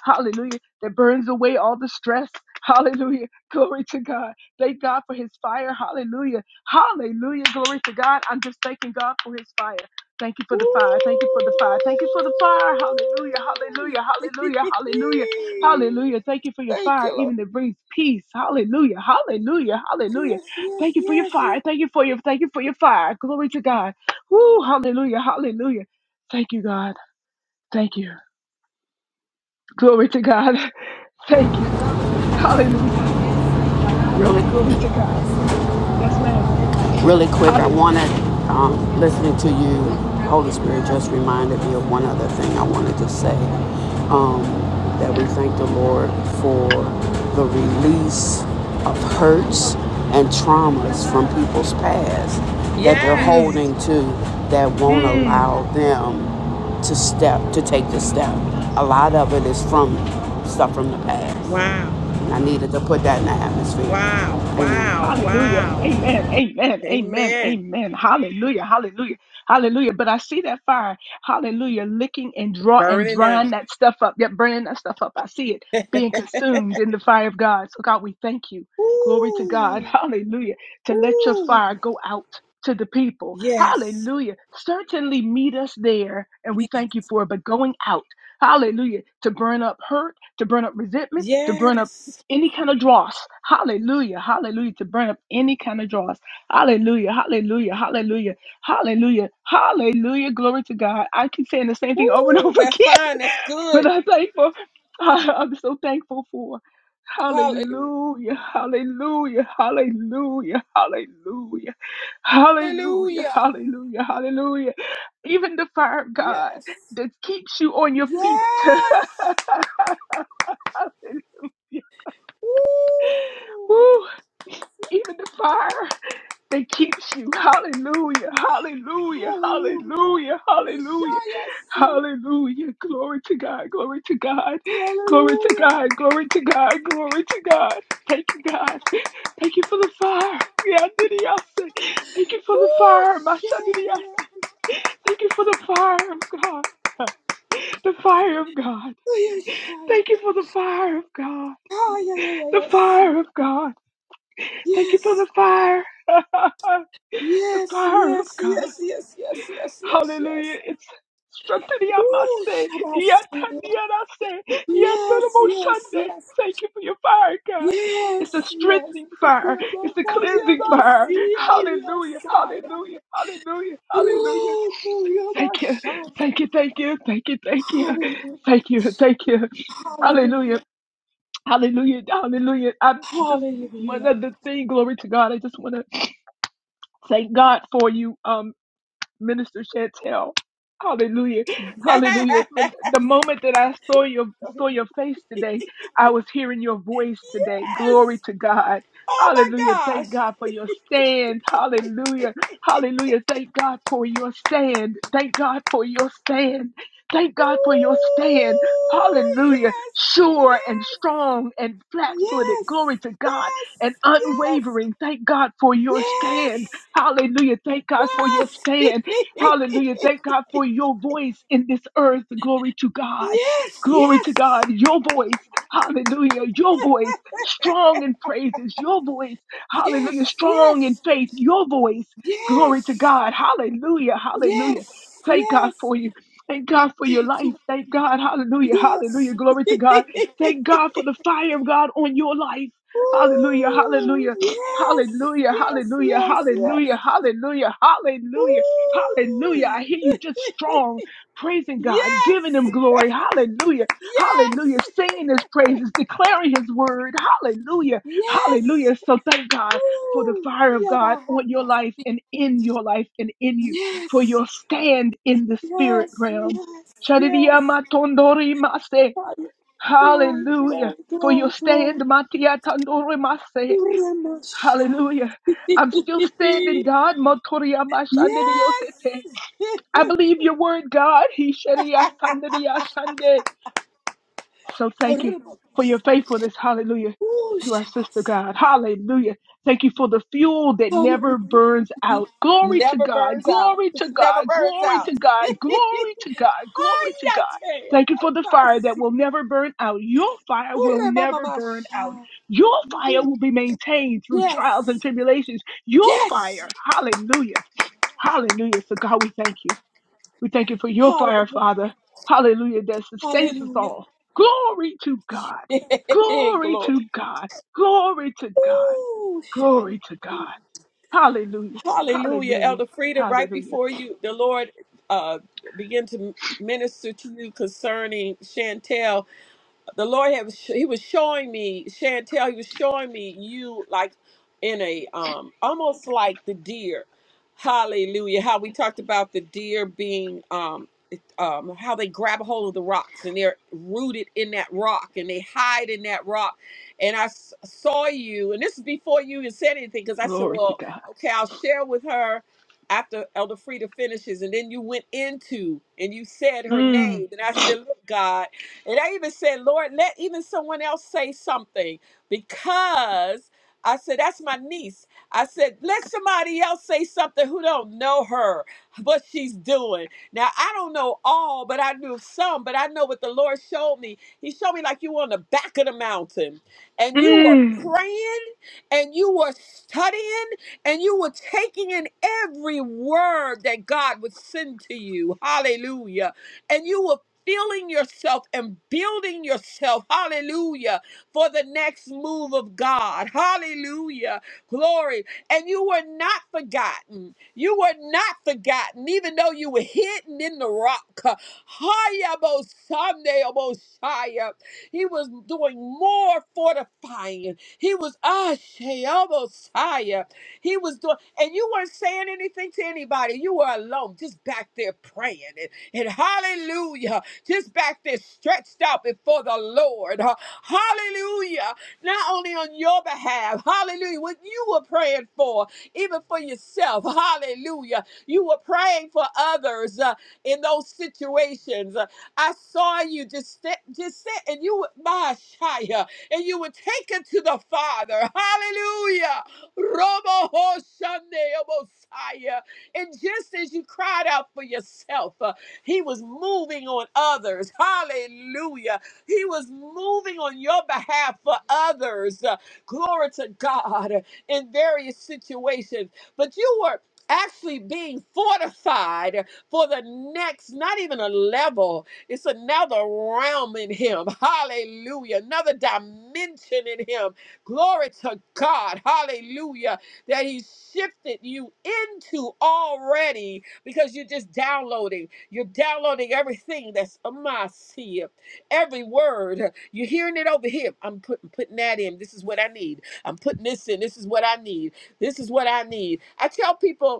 [SPEAKER 6] Hallelujah. That burns away all the stress. Hallelujah. Glory to God. Thank God for his fire. Hallelujah. Hallelujah. Glory to God. I'm just thanking God for his fire. Thank you for
[SPEAKER 2] Ooh.
[SPEAKER 6] the fire. Thank you for the fire. Thank you for the fire. Hallelujah. Hallelujah.
[SPEAKER 2] [laughs]
[SPEAKER 6] Hallelujah. Hallelujah. Hallelujah. Thank you for your
[SPEAKER 2] Thank
[SPEAKER 6] fire,
[SPEAKER 2] you, Lord.
[SPEAKER 6] even that brings peace. Hallelujah. Hallelujah. Hallelujah.
[SPEAKER 2] Yes, yes,
[SPEAKER 6] Thank you for your
[SPEAKER 2] yes,
[SPEAKER 6] fire.
[SPEAKER 2] yes.
[SPEAKER 6] Thank you for your thank you for your fire. Glory to God. Woo. Hallelujah. Hallelujah. Thank you, God. Thank you. Glory to God. [laughs] Thank you. Hallelujah.
[SPEAKER 5] Really?
[SPEAKER 6] Glory to God. Yes, ma'am.
[SPEAKER 5] Really quick, I
[SPEAKER 6] Hallelujah.
[SPEAKER 5] wanted, um, listening to you, Holy Spirit just reminded me of one other thing I wanted to say. Um, that we thank the Lord for the release of hurts and traumas from people's past that they're
[SPEAKER 6] Mm.
[SPEAKER 2] Yes.
[SPEAKER 5] holding to that won't allow
[SPEAKER 6] Mm.
[SPEAKER 5] them to step, to take the step. A lot of it is from stuff from the past.
[SPEAKER 2] Wow.
[SPEAKER 5] And I needed to put that in the atmosphere.
[SPEAKER 2] Wow,
[SPEAKER 5] Amen.
[SPEAKER 2] wow,
[SPEAKER 6] Hallelujah.
[SPEAKER 2] wow.
[SPEAKER 6] Amen. Amen. Amen.
[SPEAKER 2] Amen.
[SPEAKER 6] Amen. Hallelujah. Hallelujah. Hallelujah. But I see that fire. Hallelujah. Licking and draw and
[SPEAKER 2] Burning
[SPEAKER 6] drying
[SPEAKER 2] out.
[SPEAKER 6] that stuff up, that burning that stuff up. I see it
[SPEAKER 2] [laughs]
[SPEAKER 6] being consumed in the fire of God. So God, we thank you. Glory to God. [laughs]
[SPEAKER 2] Ooh,
[SPEAKER 6] Hallelujah. To let your
[SPEAKER 2] ooh.
[SPEAKER 6] fire go out to the people.
[SPEAKER 2] Yes,
[SPEAKER 6] Hallelujah. Certainly meet us there. And we thank you for it. But going out. Hallelujah. To burn up hurt, to burn up resentment, to burn up
[SPEAKER 2] yes.
[SPEAKER 6] any kind of dross. Hallelujah. Hallelujah. To burn up any kind of dross. Hallelujah. Hallelujah. Hallelujah. Hallelujah. Hallelujah. Glory to God. I keep saying the same thing over and [laughs]
[SPEAKER 2] Ooh,
[SPEAKER 6] over
[SPEAKER 2] that's
[SPEAKER 6] again,
[SPEAKER 2] fine. That's
[SPEAKER 6] but
[SPEAKER 2] good.
[SPEAKER 6] I'm thankful. [laughs] I- I'm so thankful for.
[SPEAKER 2] Hallelujah.
[SPEAKER 6] Hallelujah. Hallelujah. Hallelujah. Hallelujah. Hallelujah.
[SPEAKER 2] Hallelujah.
[SPEAKER 6] Hallelujah. Hallelujah. Even the fire of God
[SPEAKER 2] Yes.
[SPEAKER 6] that keeps you on your feet. [laughs]
[SPEAKER 2] Yes. Ooh.
[SPEAKER 6] Woo, even the fire. that keeps you. Hallelujah, hallelujah,
[SPEAKER 2] Hallelujah.
[SPEAKER 6] hallelujah, hallelujah,
[SPEAKER 2] Ishaya.
[SPEAKER 6] hallelujah. Glory to God, glory to God, glory to
[SPEAKER 2] Hallelujah.
[SPEAKER 6] God, glory to God, glory to God. Thank you, God. Thank you for the fire. Yeah, did he say? Thank you for the
[SPEAKER 2] Ooh,
[SPEAKER 6] fire, Masha did he
[SPEAKER 2] Shaya.
[SPEAKER 6] say? Thank you for the fire of God. [laughs] The fire of God.
[SPEAKER 2] Oh, yeah,
[SPEAKER 6] Thank you for the fire of God.
[SPEAKER 2] Oh, yeah,
[SPEAKER 6] The
[SPEAKER 2] yeah,
[SPEAKER 6] fire of God.
[SPEAKER 2] yeah,
[SPEAKER 6] Thank you for
[SPEAKER 2] yes.
[SPEAKER 6] the fire. [laughs] the
[SPEAKER 2] Yes,
[SPEAKER 6] fire of
[SPEAKER 2] yes,
[SPEAKER 6] God.
[SPEAKER 2] yes, yes, yes, yes, yes,
[SPEAKER 6] Hallelujah.
[SPEAKER 2] yes.
[SPEAKER 6] It's
[SPEAKER 2] Ooh,
[SPEAKER 6] Shantariyamase,
[SPEAKER 2] Shabbat.
[SPEAKER 6] Yataniyarase,
[SPEAKER 2] Yes, yes,
[SPEAKER 6] Yandarumoshande.
[SPEAKER 2] yes.
[SPEAKER 6] Thank you for your fire, God. It's a
[SPEAKER 2] Yes, yes.
[SPEAKER 6] strengthening fire. It's a cleansing fire. Hallelujah. Hallelujah. Hallelujah. Hallelujah. Thank you. Thank you. Thank you. Thank you. Thank you. Thank you. Thank you. Hallelujah.
[SPEAKER 2] Hallelujah, hallelujah,
[SPEAKER 6] Hallelujah. Hallelujah. I'm just one
[SPEAKER 2] hallelujah.
[SPEAKER 6] other thing. Glory to God. I just want to thank God for you. Um. Minister Chantel. Hallelujah. Hallelujah. The the moment that I saw your saw your face today, I was hearing your voice today. Glory
[SPEAKER 2] Yes!
[SPEAKER 6] to God.
[SPEAKER 2] Oh my
[SPEAKER 6] Hallelujah.
[SPEAKER 2] gosh!
[SPEAKER 6] Thank God for your stand. Hallelujah. Hallelujah. Thank God for your stand. Thank God for your stand. Thank God for your stand.
[SPEAKER 2] Ooh,
[SPEAKER 6] Hallelujah.
[SPEAKER 2] yes,
[SPEAKER 6] Sure and
[SPEAKER 2] yes,
[SPEAKER 6] strong and flat footed.
[SPEAKER 2] yes,
[SPEAKER 6] Glory to God. And
[SPEAKER 2] yes, yes,
[SPEAKER 6] unwavering. Thank God for your stand.
[SPEAKER 2] Yes.
[SPEAKER 6] Hallelujah. Thank God for your
[SPEAKER 2] Yes.
[SPEAKER 6] stand.
[SPEAKER 2] [laughs]
[SPEAKER 6] Hallelujah. Thank God for your voice in this earth. Glory to God.
[SPEAKER 2] yes.
[SPEAKER 6] Glory
[SPEAKER 2] Yes.
[SPEAKER 6] to God. Your voice. Hallelujah. Your voice strong in praises. Your voice. Hallelujah.
[SPEAKER 2] Yes,
[SPEAKER 6] Strong in
[SPEAKER 2] yes,
[SPEAKER 6] faith. Your voice. Glory to
[SPEAKER 2] yes,
[SPEAKER 6] God. Hallelujah. Hallelujah.
[SPEAKER 2] yes,
[SPEAKER 6] Thank God
[SPEAKER 2] yes.
[SPEAKER 6] for you. Thank God for your
[SPEAKER 2] Thank
[SPEAKER 6] life.
[SPEAKER 2] you.
[SPEAKER 6] Thank God. Hallelujah. Hallelujah.
[SPEAKER 2] Yes.
[SPEAKER 6] Glory to
[SPEAKER 2] [laughs]
[SPEAKER 6] God. Thank God for the fire of God on your life. Hallelujah.
[SPEAKER 2] Ooh,
[SPEAKER 6] Hallelujah.
[SPEAKER 2] yes,
[SPEAKER 6] Hallelujah.
[SPEAKER 2] yes,
[SPEAKER 6] Hallelujah.
[SPEAKER 2] yes, yes.
[SPEAKER 6] Hallelujah. Hallelujah. Hallelujah. Hallelujah.
[SPEAKER 2] Ooh.
[SPEAKER 6] I hear you just
[SPEAKER 2] [laughs]
[SPEAKER 6] strong praising God, giving
[SPEAKER 2] yes,
[SPEAKER 6] him glory. Hallelujah.
[SPEAKER 2] yes,
[SPEAKER 6] Hallelujah. Singing his praises, declaring his word. Hallelujah.
[SPEAKER 2] yes.
[SPEAKER 6] Hallelujah. So thank God for the
[SPEAKER 2] Ooh.
[SPEAKER 6] fire of God
[SPEAKER 2] Yabaha.
[SPEAKER 6] on your life and in your life and in you for
[SPEAKER 2] Yes,
[SPEAKER 6] your stand in the spirit
[SPEAKER 2] yes, yes,
[SPEAKER 6] realm.
[SPEAKER 2] yes,
[SPEAKER 6] Shadidiya
[SPEAKER 2] yes.
[SPEAKER 6] matondori mase.
[SPEAKER 2] Hallelujah. Glory,
[SPEAKER 6] Hallelujah.
[SPEAKER 2] glory,
[SPEAKER 6] For your
[SPEAKER 2] glory,
[SPEAKER 6] stand,
[SPEAKER 2] glory.
[SPEAKER 6] Matia Tandori Mase.
[SPEAKER 2] Remasha.
[SPEAKER 6] Hallelujah. I'm still standing,
[SPEAKER 2] [laughs]
[SPEAKER 6] God. Motoriya
[SPEAKER 2] Yes.
[SPEAKER 6] mashandidiyosete.
[SPEAKER 2] [laughs]
[SPEAKER 6] I believe your word, God. He shadia sandadia shande. So thank you for your
[SPEAKER 2] Remasha.
[SPEAKER 6] faithfulness. Hallelujah.
[SPEAKER 2] Ooh,
[SPEAKER 6] To our sister
[SPEAKER 2] Shabasa.
[SPEAKER 6] God. Hallelujah. Thank you for the fuel that never
[SPEAKER 2] Hallelujah.
[SPEAKER 6] burns out. Glory to
[SPEAKER 2] Never
[SPEAKER 6] God.
[SPEAKER 2] burns out.
[SPEAKER 6] Glory to
[SPEAKER 2] [laughs] Never
[SPEAKER 6] God.
[SPEAKER 2] burns
[SPEAKER 6] Glory
[SPEAKER 2] out.
[SPEAKER 6] to
[SPEAKER 2] [laughs]
[SPEAKER 6] God. Glory to God. Glory to
[SPEAKER 2] Hayate.
[SPEAKER 6] God. Thank you for the fire that
[SPEAKER 2] Amasi.
[SPEAKER 6] will never burn out. Your fire will never burn out.
[SPEAKER 2] Remamasha.
[SPEAKER 6] Your fire will be maintained through trials and
[SPEAKER 2] Yes.
[SPEAKER 6] tribulations. Your
[SPEAKER 2] Yes.
[SPEAKER 6] fire. Hallelujah. Hallelujah. So God, we thank you. We thank you for your fire,
[SPEAKER 2] Hallelujah.
[SPEAKER 6] Father. Hallelujah, that sustains us
[SPEAKER 2] Hallelujah.
[SPEAKER 6] all. Glory to God.
[SPEAKER 2] [laughs]
[SPEAKER 6] Glory to God. Glory to God.
[SPEAKER 2] Glory.
[SPEAKER 6] Glory to God. Hallelujah.
[SPEAKER 2] Hallelujah.
[SPEAKER 6] Hallelujah.
[SPEAKER 2] Elder Frida, right
[SPEAKER 6] Hallelujah.
[SPEAKER 2] before you, the Lord uh, began to minister to you concerning Chantel the Lord had he was showing me Chantel. He was showing me you like in a um almost like the deer. Hallelujah! How we talked about the deer being um it- um how they grab a hold of the rocks and they're rooted in that rock and they hide in that rock. And I s- saw you, and this is before you even said anything because I said,
[SPEAKER 6] Glory to
[SPEAKER 2] well,
[SPEAKER 6] God.
[SPEAKER 2] okay, I'll share with her after Elder Frida finishes, and then you went into and you said her
[SPEAKER 6] Mm.
[SPEAKER 2] name, and I said, look, God. And I even said, Lord, let even someone else say something because I said, that's my niece. I said, let somebody else say something who don't know her, what she's doing. Now, I don't know all, but I knew some, but I know what the Lord showed me. He showed me like you were on the back of the mountain and you were
[SPEAKER 6] Mm.
[SPEAKER 2] praying and you were studying and you were taking in every word that God would send to you. Hallelujah and you were feeling yourself and building yourself, hallelujah, for the next move of God, hallelujah, glory. And you were not forgotten. You were not forgotten, even though you were hidden in the rock. Haya bo Sunday, he was doing more fortifying. He was ah Shayabosaya. He was doing, and you weren't saying anything to anybody. You were alone, just back there praying and, and hallelujah, just back there stretched out before the Lord. Huh? Hallelujah. Not only on your behalf. Hallelujah. What you were praying for, even for yourself. Hallelujah. You were praying for others uh, in those situations. Uh, I saw you just sit, just sit and you would my Shia, and you would take it to the Father. Hallelujah. Robo Hoshande Messiah. And just as you cried out for yourself, uh, he was moving on others. Hallelujah. He was moving on your behalf for others. Uh, glory to God uh, in various situations. But you were actually being fortified for the next, not even a level, it's another realm in Him. Hallelujah. Another dimension in Him. Glory to God. Hallelujah. That He shifted you into already because you're just downloading. You're downloading everything that's a must. Every word, you're hearing it over here. I'm putting putting that in. This is what I need. I'm putting this in. This is what I need. This is what I need. I tell people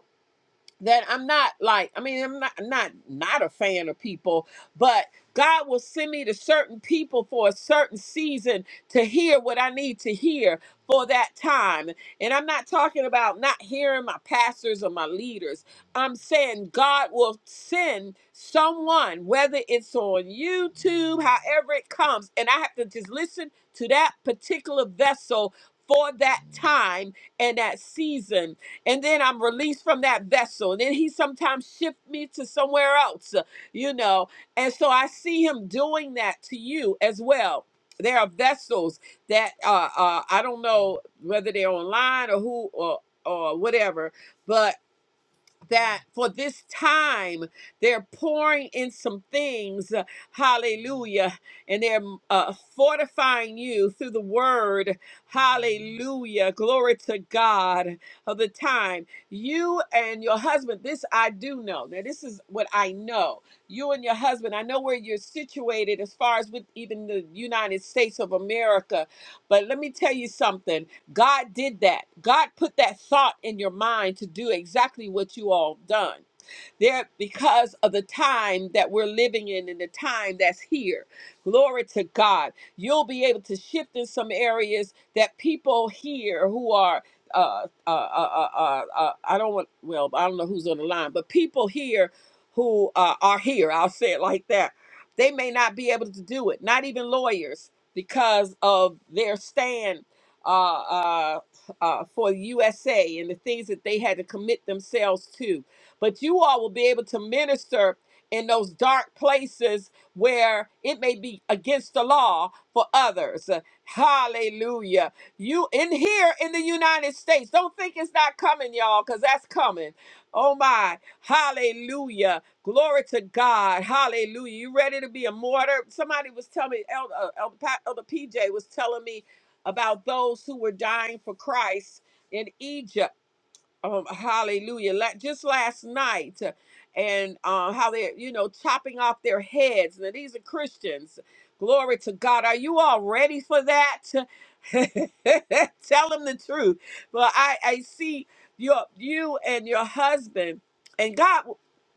[SPEAKER 2] that I'm not like, I mean, I'm not not not a fan of people, but God will send me to certain people for a certain season to hear what I need to hear for that time. And I'm not talking about not hearing my pastors or my leaders. I'm saying God will send someone, whether it's on YouTube, however it comes, and I have to just listen to that particular vessel for that time and that season and then I'm released from that vessel. And then he sometimes shift me to somewhere else, uh, you know. And so I see him doing that to you as well. There are vessels that uh, uh, I don't know whether they're online or who or or whatever, but that for this time they're pouring in some things uh, hallelujah and they're mm, uh, fortifying you through the word hallelujah glory to god of the time you and your husband this i do know now this is what i know you and your husband i know where you're situated as far as with even the united states of america but let me tell you something God did that. God put that thought in your mind to do exactly what you all done. There, because of the time that we're living in and the time that's here. Glory to God. You'll be able to shift in some areas that people here who are. Uh, uh, uh, uh, uh, uh, I don't want, well, I don't know who's on the line, but people here who uh, are here, I'll say it like that, they may not be able to do it, not even lawyers, because of their stand uh, uh, uh, for the USA and the things that they had to commit themselves to but you all will be able to minister in those dark places where it may be against the law for others. Hallelujah. You in here in the United States, don't think it's not coming, y'all, because that's coming. Oh my. Hallelujah. Glory to God. Hallelujah. You ready to be a martyr? Somebody was telling me, Elder, uh, Elder, Pa- Elder PJ was telling me about those who were dying for Christ in Egypt um, hallelujah la- just last night uh, and uh, how they're you know chopping off their heads now these are christians glory to god are you all ready for that [laughs] tell them the truth but i i see your you and your husband and god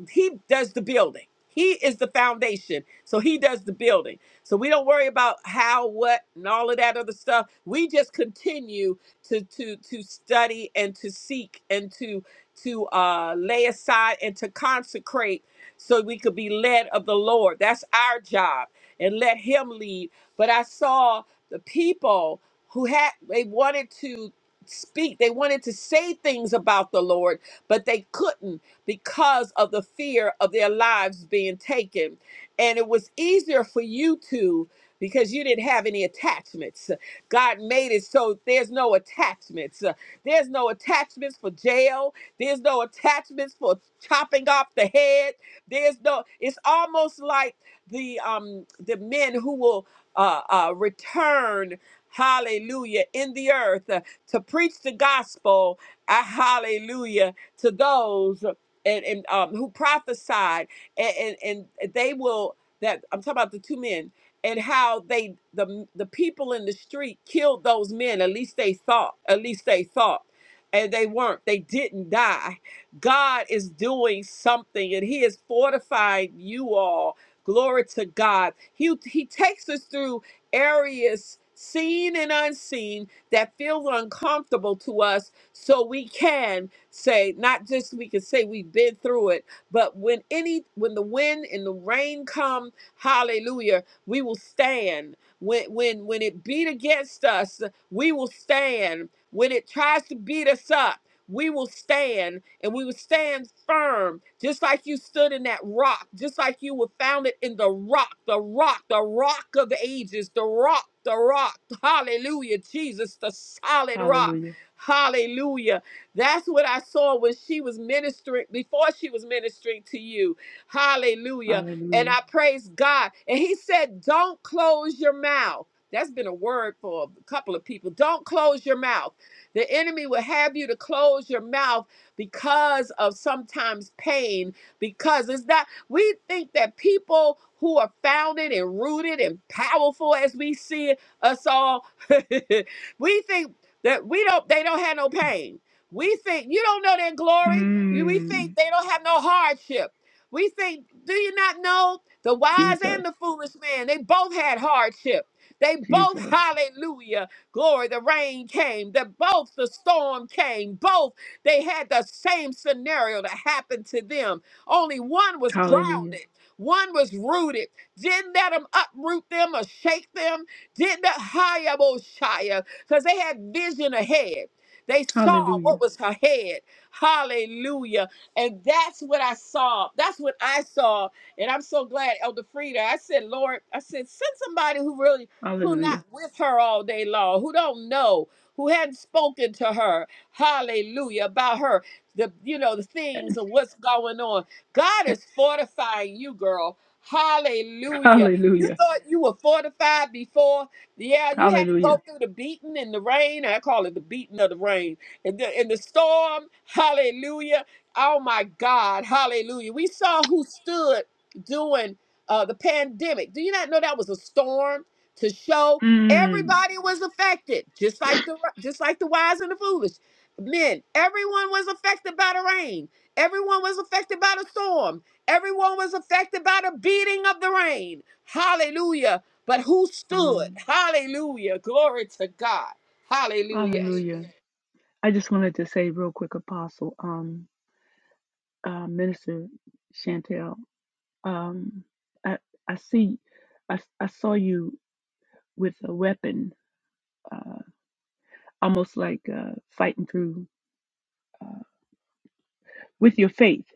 [SPEAKER 2] he does the building he is the foundation so he does the building so we don't worry about how what and all of that other stuff we just continue to to to study and to seek and to to uh, lay aside and to consecrate so we could be led of the Lord. That's our job, and let Him lead. But I saw the people who had they wanted to speak, they wanted to say things about the Lord, but they couldn't because of the fear of their lives being taken. And it was easier for you to because you didn't have any attachments. God made it so there's no attachments. Uh, There's no attachments for jail. There's no attachments for chopping off the head. There's no. It's almost like the um the men who will uh, uh return. Hallelujah in the earth uh, to preach the gospel. Uh, hallelujah to those uh, and, and um, who prophesied and, and and they will that I'm talking about the two men and how they the the people in the street killed those men at least they thought at least they thought and they weren't they didn't die god is doing something and he is fortifying you all glory to god he he takes us through areas seen and unseen that feel uncomfortable to us so we can say not just we can say we've been through it but when any when the wind and the rain come hallelujah we will stand when when when it beat against us. We will stand when it tries to beat us up. We will stand and we will stand firm, just like you stood in that rock, just like you were founded in the rock, the rock, the rock of ages, the rock, the rock. Hallelujah, Jesus, the solid rock.
[SPEAKER 6] Hallelujah.
[SPEAKER 2] Hallelujah. That's what I saw when she was ministering, before she was ministering to you. Hallelujah. And
[SPEAKER 6] Hallelujah.
[SPEAKER 2] I praise God. And he said, Don't close your mouth. That's been a word for a couple of people. Don't close your mouth. The enemy will have you to close your mouth because of sometimes pain. Because it's not, we think that people who are founded and rooted and powerful as we see it, us all, [laughs] we think that we don't, they don't have no pain. We think you don't know their glory. You- We think
[SPEAKER 6] Mm.
[SPEAKER 2] they don't have no hardship. We think, do you not know the wise
[SPEAKER 6] Jesus.
[SPEAKER 2] and the foolish man? They both had hardship. They both, [laughs]
[SPEAKER 6] Jesus.
[SPEAKER 2] hallelujah, glory, the rain came, the both the storm came, both they had the same scenario that happened to them. Only one was
[SPEAKER 6] Hallelujah.
[SPEAKER 2] grounded, one was rooted. Didn't let them uproot them or shake them. Didn't hire Mosiah because [laughs] they had vision ahead. They saw
[SPEAKER 6] Hallelujah.
[SPEAKER 2] what was ahead. Hallelujah and that's what I saw. That's what I saw. And I'm so glad, Elder Frida. I said, Lord, I said, send somebody who really, who not
[SPEAKER 6] Hallelujah.
[SPEAKER 2] with her all day long, who don't know, who hadn't spoken to her, hallelujah, about her, the, you know, the things and what's going on. God is fortifying you, girl. Hallelujah. You Mhm.
[SPEAKER 6] Hallelujah.
[SPEAKER 2] thought you were fortified before. Yeah, you had to
[SPEAKER 6] Hallelujah.
[SPEAKER 2] go through the beating and the rain. I call it the beating of the rain. And the, and the storm. Hallelujah Oh my God. Hallelujah. We saw who stood during uh, the pandemic. Do you not know that was a storm to show
[SPEAKER 6] Mm.
[SPEAKER 2] everybody was affected, just like the just like the wise and the foolish. Men, everyone was affected by the rain. Everyone was affected by the storm. Everyone was affected by the beating of the rain. Hallelujah. But who stood?
[SPEAKER 6] Um,
[SPEAKER 2] Hallelujah. Glory to God. Hallelujah.
[SPEAKER 6] hallelujah. I just wanted to say real quick, Apostle, um, uh, Minister Chantel, um, I, I see, I, s- I saw you with a weapon, uh, almost like uh, fighting through with your faith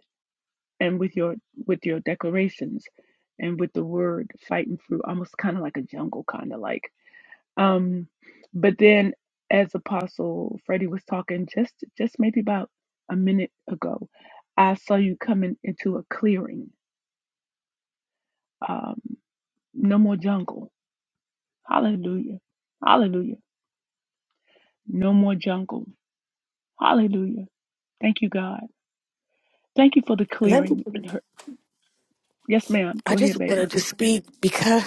[SPEAKER 6] and with your with your declarations and with the word fighting through, almost kind of like a jungle, kind of like. Um, but then, as Apostle Freddie was talking, just just maybe about a minute ago, I saw you coming into a clearing Um, no more jungle. Hallelujah. Hallelujah. No more jungle. Hallelujah. Thank you, God. Thank you for the
[SPEAKER 7] Let me,
[SPEAKER 6] clearing in her. Yes, ma'am.
[SPEAKER 7] I
[SPEAKER 6] Go
[SPEAKER 7] just
[SPEAKER 6] ahead, baby.
[SPEAKER 7] wanted to speak because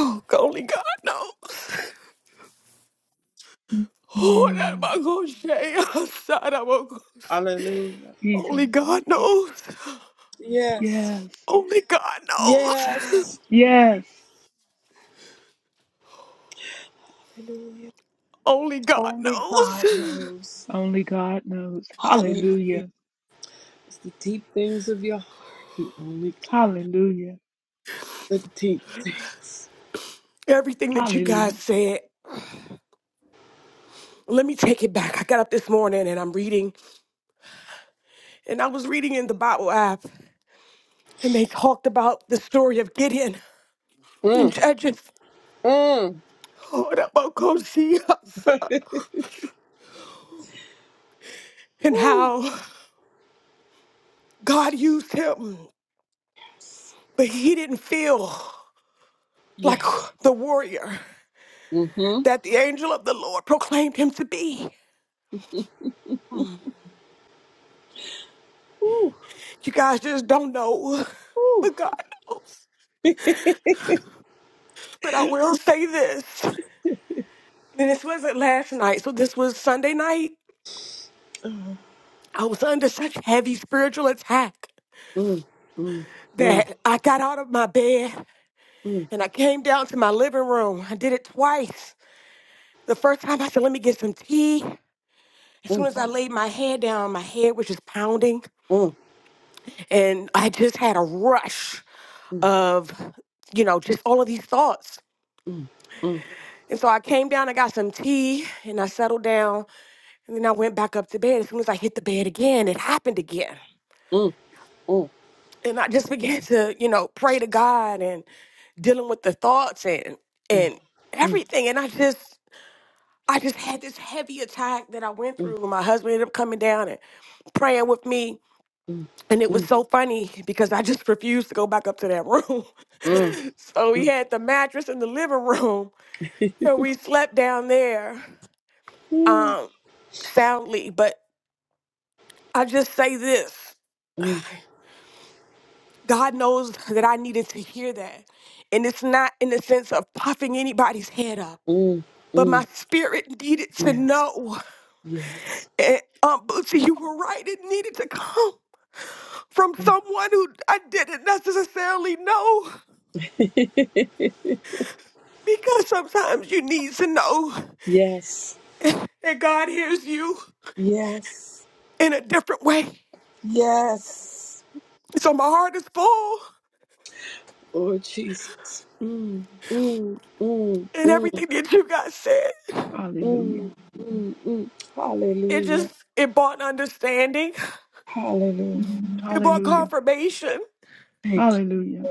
[SPEAKER 7] oh, only God knows. Oh, that
[SPEAKER 6] Mm,
[SPEAKER 7] about gonna say outside. I will.
[SPEAKER 2] Hallelujah. Hallelujah.
[SPEAKER 7] Only
[SPEAKER 6] Jesus.
[SPEAKER 7] God knows.
[SPEAKER 2] Yes.
[SPEAKER 6] Yes.
[SPEAKER 7] Only God knows.
[SPEAKER 2] Yes.
[SPEAKER 6] Yes.
[SPEAKER 2] Hallelujah.
[SPEAKER 7] Only God
[SPEAKER 2] Only
[SPEAKER 7] knows.
[SPEAKER 2] God knows.
[SPEAKER 6] Only God knows.
[SPEAKER 2] Hallelujah.
[SPEAKER 6] Hallelujah.
[SPEAKER 2] It's the deep things of your heart. He only God.
[SPEAKER 6] Hallelujah.
[SPEAKER 2] The deep things.
[SPEAKER 7] Everything that you guys
[SPEAKER 6] Hallelujah.
[SPEAKER 7] said. Let me take it back. I got up this morning and I'm reading, and I was reading in the Bible app, and they talked about the story of Gideon and
[SPEAKER 2] Mm.
[SPEAKER 7] Judges.
[SPEAKER 2] Mm.
[SPEAKER 7] Oh, that about gonna see us, and
[SPEAKER 2] Ooh.
[SPEAKER 7] how God used him. But he didn't feel like
[SPEAKER 2] Yes.
[SPEAKER 7] the warrior
[SPEAKER 2] Mm-hmm.
[SPEAKER 7] that the angel of the Lord proclaimed him to be.
[SPEAKER 2] Ooh.
[SPEAKER 7] You guys just don't know,
[SPEAKER 2] Ooh.
[SPEAKER 7] but God knows. But I will say this, and this wasn't last night, so this was Sunday night. I was under such heavy spiritual attack
[SPEAKER 2] Mm. Mm. Mm.
[SPEAKER 7] that I got out of my bed
[SPEAKER 2] Mm.
[SPEAKER 7] and I came down to my living room. I did it twice. The first time I said, let me get some tea. As soon
[SPEAKER 2] Mm.
[SPEAKER 7] as I laid my head down, my head was just pounding,
[SPEAKER 2] Mm.
[SPEAKER 7] and I just had a rush
[SPEAKER 2] Mm.
[SPEAKER 7] of, you know, just all of these thoughts.
[SPEAKER 2] Mm. Mm. Mm.
[SPEAKER 7] And so I came down, I got some tea, and I settled down, and then I went back up to bed. As soon as I hit the bed again, it happened again.
[SPEAKER 2] Mm. Mm. Mm.
[SPEAKER 7] And I just [laughs] began to, you know, pray to God and dealing with the thoughts and and everything. And I just I just had this heavy attack that I went
[SPEAKER 2] Mm.
[SPEAKER 7] through. My husband ended up coming down and praying with me. And it was
[SPEAKER 2] Mm.
[SPEAKER 7] so funny because I just [laughs] refused to go back up to that room.
[SPEAKER 2] Mm. Mm. Mm. [laughs]
[SPEAKER 7] [laughs] so we had the mattress in the living room So we slept down there
[SPEAKER 2] Mm.
[SPEAKER 7] um, soundly. But I just say this
[SPEAKER 2] Mm.
[SPEAKER 7] God knows that I needed to hear that. And it's not in the sense of puffing anybody's head up,
[SPEAKER 2] Mm.
[SPEAKER 7] but
[SPEAKER 2] mm.
[SPEAKER 7] my spirit needed to
[SPEAKER 2] Yes.
[SPEAKER 7] know.
[SPEAKER 2] Yes.
[SPEAKER 7] And, um, Bootsy, you were right. It needed to come from someone who I didn't necessarily know.
[SPEAKER 2] [laughs]
[SPEAKER 7] Because sometimes you need to know
[SPEAKER 2] yes.
[SPEAKER 7] that God hears you
[SPEAKER 2] Yes.
[SPEAKER 7] in a different way.
[SPEAKER 2] Yes,
[SPEAKER 7] So my heart is full
[SPEAKER 2] Lord Jesus. Mm, mm, mm,
[SPEAKER 7] and
[SPEAKER 2] mm,
[SPEAKER 7] everything that you guys said.
[SPEAKER 6] Hallelujah.
[SPEAKER 2] mm, mm, mm.
[SPEAKER 7] It just
[SPEAKER 2] Hallelujah.
[SPEAKER 7] it brought understanding.
[SPEAKER 2] Hallelujah.
[SPEAKER 6] Mm,
[SPEAKER 7] It brought
[SPEAKER 6] Hallelujah.
[SPEAKER 7] confirmation,
[SPEAKER 2] Thank you.
[SPEAKER 6] Hallelujah.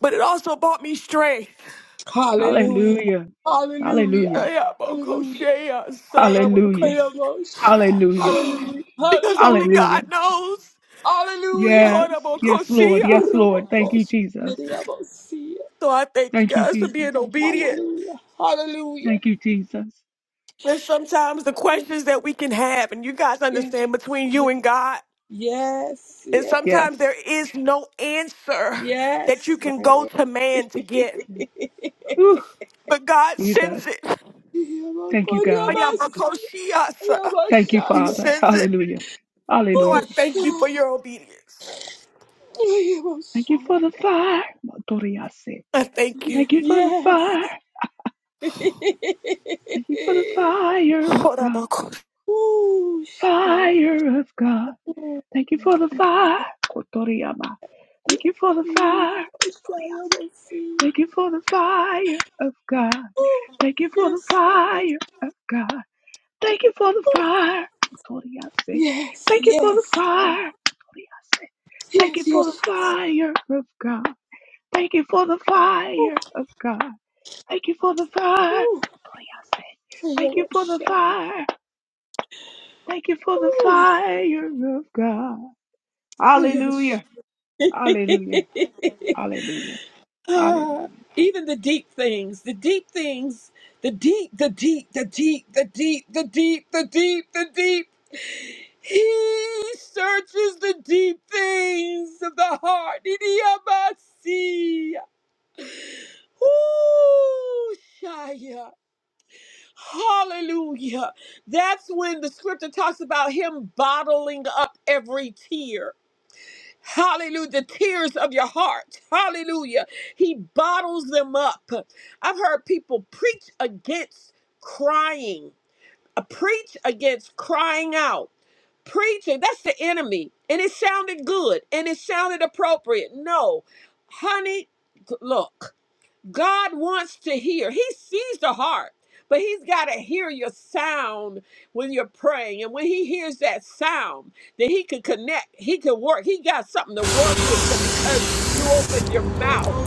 [SPEAKER 7] but it also brought me strength. [sighs]
[SPEAKER 2] Hallelujah.
[SPEAKER 6] Hallelujah. Hallelujah.
[SPEAKER 2] Hallelujah.
[SPEAKER 7] Yeah, but gosh,
[SPEAKER 2] Hallelujah.
[SPEAKER 7] yeah, son, I'm a
[SPEAKER 6] Hallelujah.
[SPEAKER 7] gosh.
[SPEAKER 2] Hallelujah.
[SPEAKER 6] Hallelujah.
[SPEAKER 2] Hallelujah.
[SPEAKER 7] [gasps] Because only
[SPEAKER 6] Hallelujah.
[SPEAKER 7] God knows.
[SPEAKER 2] Hallelujah. Hallelujah.
[SPEAKER 6] Yes,
[SPEAKER 7] Hold up, oh,
[SPEAKER 6] yes,
[SPEAKER 7] gosh,
[SPEAKER 6] Lord.
[SPEAKER 7] yeah.
[SPEAKER 6] Yes, Lord. Thank you,
[SPEAKER 2] Robocos.
[SPEAKER 6] Jesus.
[SPEAKER 2] Miriamosia.
[SPEAKER 7] So I thank you
[SPEAKER 6] Thank you,
[SPEAKER 7] guys for
[SPEAKER 6] Jesus.
[SPEAKER 7] being obedient.
[SPEAKER 2] Hallelujah. Hallelujah.
[SPEAKER 6] Thank you, Jesus.
[SPEAKER 7] And sometimes the questions that we can have, and you guys
[SPEAKER 2] Yes.
[SPEAKER 7] understand between you
[SPEAKER 2] Yes.
[SPEAKER 7] and God,
[SPEAKER 2] Yes.
[SPEAKER 7] and
[SPEAKER 2] Yes.
[SPEAKER 6] Yes.
[SPEAKER 7] sometimes there is no answer that you
[SPEAKER 2] Yes.
[SPEAKER 7] can
[SPEAKER 2] Right
[SPEAKER 7] go
[SPEAKER 2] away.
[SPEAKER 7] to man to get.
[SPEAKER 2] [laughs]
[SPEAKER 6] Whew,
[SPEAKER 7] But God
[SPEAKER 6] Jesus.
[SPEAKER 7] sends it.
[SPEAKER 6] Thank you, God.
[SPEAKER 2] Yabakorabas.
[SPEAKER 7] Oyabakoshiasa.
[SPEAKER 6] Thank you,
[SPEAKER 7] He
[SPEAKER 2] Yabashade.
[SPEAKER 6] Father.
[SPEAKER 7] sends it.
[SPEAKER 6] Hallelujah.
[SPEAKER 7] So I
[SPEAKER 6] Hallelujah.
[SPEAKER 7] thank you
[SPEAKER 2] Usha.
[SPEAKER 7] for your obedience.
[SPEAKER 6] Thank you
[SPEAKER 2] Yabashade.
[SPEAKER 6] for the fire. Motoriase.
[SPEAKER 7] I thank you.
[SPEAKER 6] Thank you for the
[SPEAKER 2] Yes.
[SPEAKER 6] fire.
[SPEAKER 2] [laughs]
[SPEAKER 6] Thank you for the fire of God.
[SPEAKER 2] Usha.
[SPEAKER 6] Fire of God.
[SPEAKER 2] Oh,
[SPEAKER 6] Thank you for the fire. Kotoriama.
[SPEAKER 2] Yeah.
[SPEAKER 6] Thank you for the fire.
[SPEAKER 2] Yabashaya
[SPEAKER 6] Kotoriase.
[SPEAKER 2] Basi.
[SPEAKER 6] Thank you for the fire of God.
[SPEAKER 2] Oh,
[SPEAKER 6] Thank you for the
[SPEAKER 2] yes.
[SPEAKER 6] fire, of God. Thank you for the
[SPEAKER 2] Oh,
[SPEAKER 6] fire. Lord, I say,
[SPEAKER 2] yes.
[SPEAKER 6] Thank you for the
[SPEAKER 2] Yes.
[SPEAKER 6] fire. Lord, I say, Thank you
[SPEAKER 2] Yes. Yes.
[SPEAKER 6] for the
[SPEAKER 2] Yes.
[SPEAKER 6] fire of God. Thank you for the
[SPEAKER 2] Oh,
[SPEAKER 6] fire of God. Thank you for the fire.
[SPEAKER 2] oh.
[SPEAKER 6] Lord, I say, Thank you for the
[SPEAKER 2] Yabashaya.
[SPEAKER 6] fire. Thank you for the
[SPEAKER 2] Oh,
[SPEAKER 6] fire of God.
[SPEAKER 2] yes.
[SPEAKER 6] Hallelujah. Hallelujah. Hallelujah.
[SPEAKER 2] [sighs] Ah,
[SPEAKER 6] Hallelujah.
[SPEAKER 2] even the deep things, the deep things, the deep, the deep, the deep, the deep, the deep, the deep, the deep. He searches the deep things of the heart. Idiomasi. Ooh, Shia. Hallelujah. That's when the scripture talks about him bottling up every tear. Hallelujah. The tears of your heart. Hallelujah. He bottles them up. I've heard people preach against crying, uh, preach against crying out. Preaching, that's the enemy. And it sounded good and it sounded appropriate. No, honey, g- look. God wants to hear. He sees the heart, but He's got to hear your sound when you're praying. And when He hears that sound, then He can connect, He can work. He got something to work with 'cause- because you opened your mouth.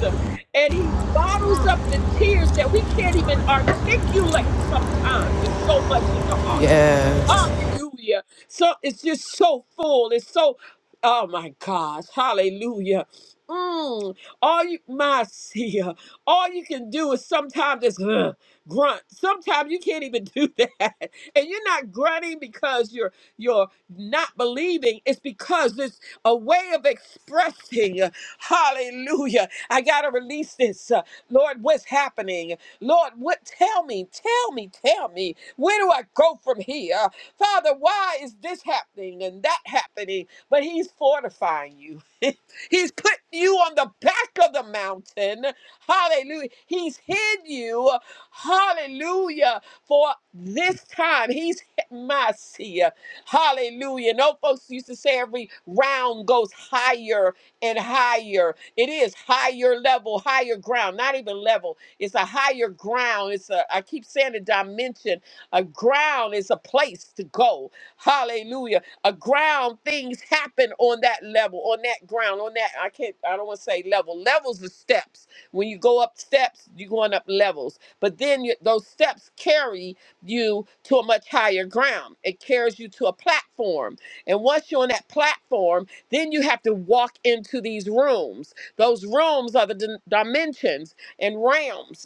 [SPEAKER 2] And He bottles up the tears that we can't even articulate sometimes. It's so much in the heart.
[SPEAKER 5] Yes.
[SPEAKER 2] Hallelujah. So it's just so full. It's so, oh my gosh. Hallelujah. Mm, all you, my [laughs] seer, all you can do is sometimes just uh, grunt. Sometimes you can't even do that, [laughs] and you're not grunting because you're you're not believing. It's because it's a way of expressing. Hallelujah! I gotta release this, uh, Lord. What's happening? Lord, what tell me, tell me, tell me, where do I go from here? Father, why is this happening and that happening? But he's fortifying you. [laughs] he's putting you on the back of the mountain. Hallelujah. He's hid you. Hallelujah. For this time, he's my seer. Hallelujah. No folks used to say every round goes higher and higher. It is higher level, higher ground, not even level. It's a higher ground. It's a, I keep saying a dimension. A ground is a place to go. Hallelujah. A ground, things happen on that level, on that ground, on that, I can't, I don't want to say level. Levels are steps. When you go up steps, you're going up levels. But then you, those steps carry you to a much higher ground. It carries you to a platform. And once you're on that platform, then you have to walk into these rooms. Those rooms are the dim- dimensions and realms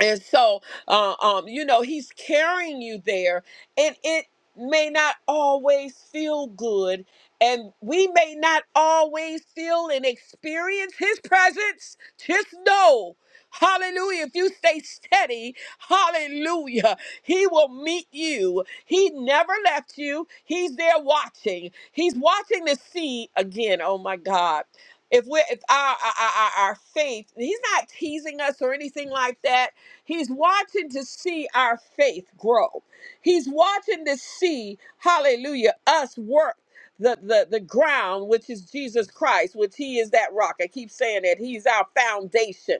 [SPEAKER 2] and so, uh, um, you know, he's carrying you there, and it may not always feel good, and we may not always feel and experience his presence. Just know, hallelujah, if you stay steady, hallelujah, he will meet you. He never left you, he's there watching. He's watching to see again, oh my God. If we're if our, our, our our faith, he's not teasing us or anything like that He's watching to see our faith grow. He's watching to see, hallelujah, us work the, the, the ground, which is Jesus Christ, which He is that rock. I keep saying that He's our foundation.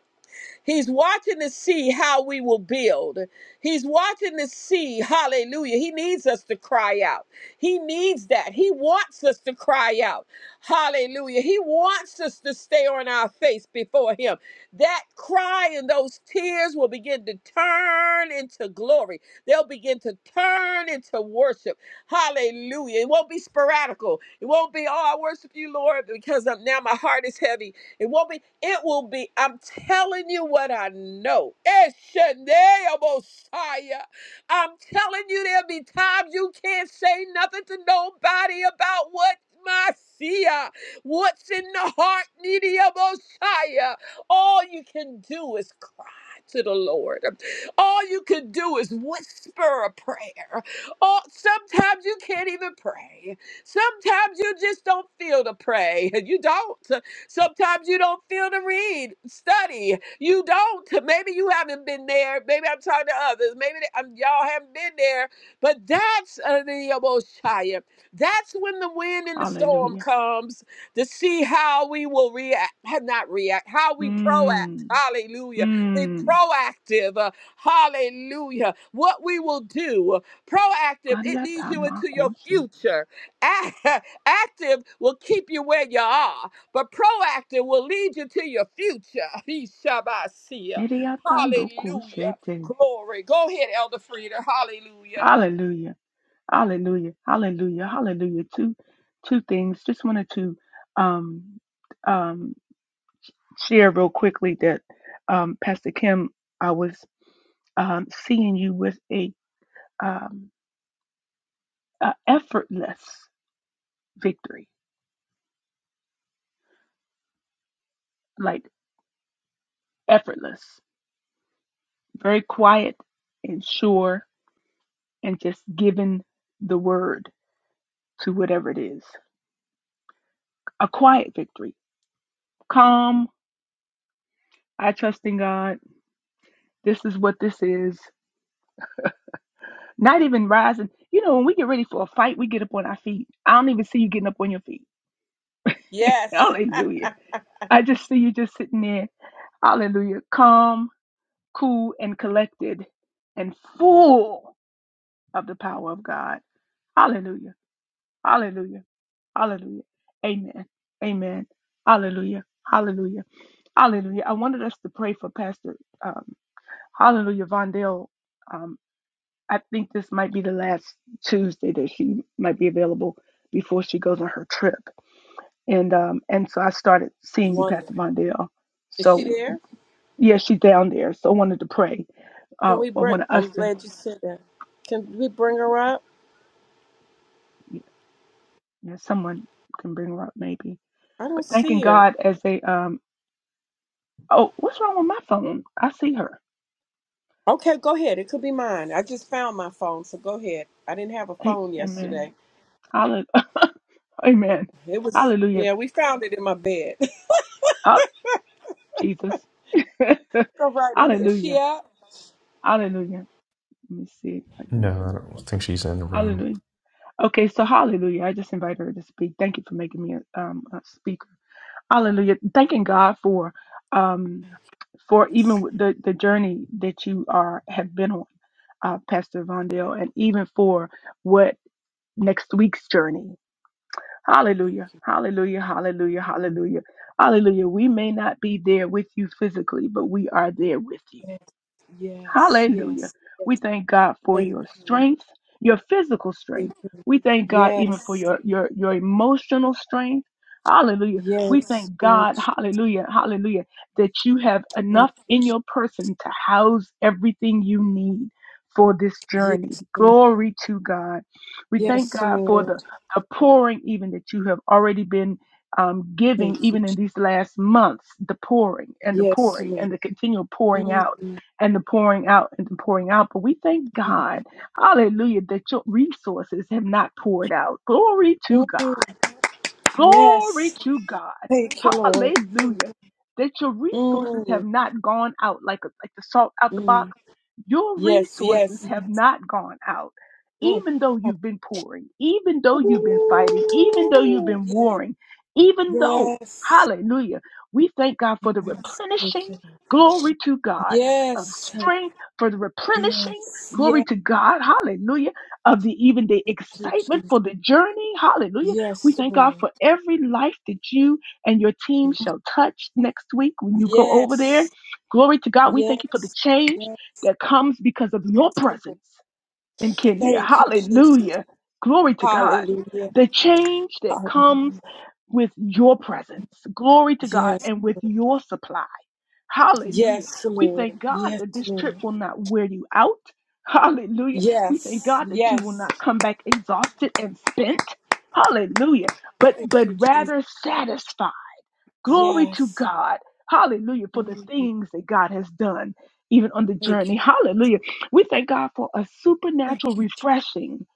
[SPEAKER 2] He's watching to see how we will build. He's watching to see, hallelujah. He needs us to cry out. He needs that. He wants us to cry out. Hallelujah. He wants us to stay on our face before Him. That cry and those tears will begin to turn into glory. They'll begin to turn into worship. Hallelujah. It won't be sporadical. It won't be, oh, I worship you, Lord, because I'm, now my heart is heavy. It won't be. It will be, I'm telling you what I know. Eshenea Mosiah. I'm telling you, there'll be times you can't say nothing to nobody about what my Sia, what's in the heart, needy of Mosiah. All you can do is cry to the Lord. All you can do is whisper a prayer. Oh, sometimes you can't even pray. Sometimes you just don't feel to pray. [laughs] You don't. Sometimes you don't feel to read, study. You don't. Maybe you haven't been there. Maybe I'm talking to others. Maybe they, um, y'all haven't been there. But that's uh, the Aboshiah. That's when the wind and the storm
[SPEAKER 6] Hallelujah.
[SPEAKER 2] comes to see how we will react, not react, how we proact.
[SPEAKER 6] Mmm.
[SPEAKER 2] Hallelujah. Be
[SPEAKER 6] Mmm.
[SPEAKER 2] proactive. uh, hallelujah. What we will do. Proactive, it leads you into your future. Ac- [laughs] Active will keep you where you are. But proactive will lead you to your future. [laughs] Ishabasia. Hallelujah.
[SPEAKER 6] Nidiyatandokosete.
[SPEAKER 2] Glory. Go ahead, Elder Frieda. Hallelujah.
[SPEAKER 6] Hallelujah. Hallelujah. Hallelujah. Hallelujah. Two two things. Just wanted to um um share real quickly that um Pastor Kim, I was um seeing you with a um a effortless victory. Like effortless. Very quiet and sure and just giving the word to whatever it is. A quiet victory. Calm. I trust in God This is what this is. Not even rising. You know, when we get ready for a fight, we get up on our feet. I don't even see you getting up on your feet. [laughs]
[SPEAKER 2] Yes.
[SPEAKER 6] Hallelujah. I just see you just sitting there. Hallelujah. Calm, cool, and collected and full of the power of God. Hallelujah. Hallelujah. Hallelujah. Amen. Amen. Hallelujah. Hallelujah. Hallelujah. I wanted us to pray for Pastor um, Hallelujah Vondell um, I think this might be the last Tuesday that she might be available before she goes on her trip. And um and so I started seeing you, Pastor
[SPEAKER 2] Wonderful.
[SPEAKER 6] Mondale.
[SPEAKER 2] Is she
[SPEAKER 6] So
[SPEAKER 2] there?
[SPEAKER 6] yeah, she's down there. So I wanted to pray.
[SPEAKER 2] Can
[SPEAKER 6] Uh,
[SPEAKER 2] we
[SPEAKER 6] I
[SPEAKER 2] bring?
[SPEAKER 6] wanted us
[SPEAKER 2] I'm
[SPEAKER 6] to.
[SPEAKER 2] glad you said that. Can we bring her up?
[SPEAKER 6] Yeah, yeah, someone can bring her up maybe.
[SPEAKER 2] I
[SPEAKER 6] But
[SPEAKER 2] don't
[SPEAKER 6] thanking
[SPEAKER 2] see her.
[SPEAKER 6] God as they um. Oh, what's wrong with my phone? I see her.
[SPEAKER 2] Okay, go ahead. It could be mine. I just found my phone, so go ahead. I didn't have a
[SPEAKER 6] Hey,
[SPEAKER 2] phone
[SPEAKER 6] amen.
[SPEAKER 2] yesterday.
[SPEAKER 6] Hallelujah. [laughs] amen.
[SPEAKER 2] It was
[SPEAKER 6] Hallelujah.
[SPEAKER 2] yeah. We found it in my bed.
[SPEAKER 6] Oh, Jesus.
[SPEAKER 2] [laughs] go
[SPEAKER 6] [laughs]
[SPEAKER 2] right ahead. Is She
[SPEAKER 6] Hallelujah.
[SPEAKER 2] up?
[SPEAKER 6] Hallelujah. Let me see. if I can.
[SPEAKER 3] No, I don't think she's in the room.
[SPEAKER 6] Hallelujah. Okay, so hallelujah. I just invited her to speak. Thank you for making me a, um, a speaker. Hallelujah. Thanking God for um, for even with the, the journey that you are have been on, uh, Pastor Vondell, and even for what next week's journey.
[SPEAKER 2] Yes,
[SPEAKER 6] Hallelujah. Hallelujah. Hallelujah. Hallelujah. Hallelujah. We may not be there with you physically, but we are there with you.
[SPEAKER 2] yes,
[SPEAKER 6] Hallelujah.
[SPEAKER 2] yes.
[SPEAKER 6] We
[SPEAKER 2] yes.
[SPEAKER 6] thank God for
[SPEAKER 2] Thank
[SPEAKER 6] your
[SPEAKER 2] you.
[SPEAKER 6] strength, your physical
[SPEAKER 2] Thank
[SPEAKER 6] strength.
[SPEAKER 2] you.
[SPEAKER 6] We thank God even for
[SPEAKER 2] Yes.
[SPEAKER 6] your your your emotional strength. Hallelujah. We
[SPEAKER 2] Yes,
[SPEAKER 6] thank
[SPEAKER 2] Lord.
[SPEAKER 6] God, hallelujah, hallelujah, that you have
[SPEAKER 2] Thank
[SPEAKER 6] enough
[SPEAKER 2] you.
[SPEAKER 6] in your person to house everything you need for this journey.
[SPEAKER 2] Yes, Lord.
[SPEAKER 6] Glory to God. We thank
[SPEAKER 2] Yes,
[SPEAKER 6] God for the,
[SPEAKER 2] Lord.
[SPEAKER 6] the pouring, even that you have already been um, giving,
[SPEAKER 2] Thank you.
[SPEAKER 6] even in these last months, the pouring and the
[SPEAKER 2] Yes,
[SPEAKER 6] pouring
[SPEAKER 2] Lord.
[SPEAKER 6] and the continual pouring out
[SPEAKER 2] Mm.
[SPEAKER 6] and the pouring out and the pouring out. But we thank God, hallelujah, that your resources have not poured out. Glory to God.
[SPEAKER 2] Mm.
[SPEAKER 6] Glory
[SPEAKER 2] Yes.
[SPEAKER 6] to God.
[SPEAKER 2] Thank you, Lord.
[SPEAKER 6] Hallelujah. That your resources have
[SPEAKER 2] Mm.
[SPEAKER 6] not gone out like, a, like the salt out the box.
[SPEAKER 2] Mm.
[SPEAKER 6] Your
[SPEAKER 2] Yes,
[SPEAKER 6] resources
[SPEAKER 2] yes.
[SPEAKER 6] have not gone out.
[SPEAKER 2] Mm.
[SPEAKER 6] Even though you've been pouring, even though you've been fighting, even though you've
[SPEAKER 2] Ooh,
[SPEAKER 6] been
[SPEAKER 2] yeah.
[SPEAKER 6] warring, even though,
[SPEAKER 2] Yes.
[SPEAKER 6] hallelujah, we thank God for the
[SPEAKER 2] Yes. Thank
[SPEAKER 6] replenishing,
[SPEAKER 2] you.
[SPEAKER 6] glory to God, of
[SPEAKER 2] Yes.
[SPEAKER 6] strength, for the
[SPEAKER 2] Yes.
[SPEAKER 6] replenishing, glory
[SPEAKER 2] Yes.
[SPEAKER 6] to God, hallelujah, of the even the
[SPEAKER 2] Thank you,
[SPEAKER 6] excitement
[SPEAKER 2] Jesus.
[SPEAKER 6] for the journey, hallelujah we
[SPEAKER 2] Yes,
[SPEAKER 6] thank God
[SPEAKER 2] Lord.
[SPEAKER 6] for every life that you and your team shall touch next week when you go over there.
[SPEAKER 2] Yes.
[SPEAKER 6] Glory to God. We thank you for the
[SPEAKER 2] Yes.
[SPEAKER 6] change
[SPEAKER 2] Yes.
[SPEAKER 6] that comes because of your
[SPEAKER 2] Yes, Lord.
[SPEAKER 6] presence in Kenya.
[SPEAKER 2] Thank you, Jesus.
[SPEAKER 6] Hallelujah. Glory to God.
[SPEAKER 2] Hallelujah.
[SPEAKER 6] The change that comes
[SPEAKER 2] Hallelujah.
[SPEAKER 6] with your presence. Glory to God
[SPEAKER 2] Yes,
[SPEAKER 6] and with your supply. Hallelujah.
[SPEAKER 2] yes,
[SPEAKER 6] We
[SPEAKER 2] Lord.
[SPEAKER 6] thank God
[SPEAKER 2] Yes,
[SPEAKER 6] that this trip
[SPEAKER 2] Lord.
[SPEAKER 6] will not wear you out. Hallelujah. We thank
[SPEAKER 2] Yes,
[SPEAKER 6] God that you will
[SPEAKER 2] yes.
[SPEAKER 6] not come back exhausted and spent. Hallelujah. But
[SPEAKER 2] Thank
[SPEAKER 6] but
[SPEAKER 2] you, Jesus.
[SPEAKER 6] rather satisfied. Glory to
[SPEAKER 2] Yes.
[SPEAKER 6] God. Hallelujah for the
[SPEAKER 2] Mm.
[SPEAKER 6] things that God has done, even on the
[SPEAKER 2] Thank
[SPEAKER 6] journey.
[SPEAKER 2] you.
[SPEAKER 6] Hallelujah. We thank God for a supernatural
[SPEAKER 2] Thank you. Je-
[SPEAKER 6] refreshing.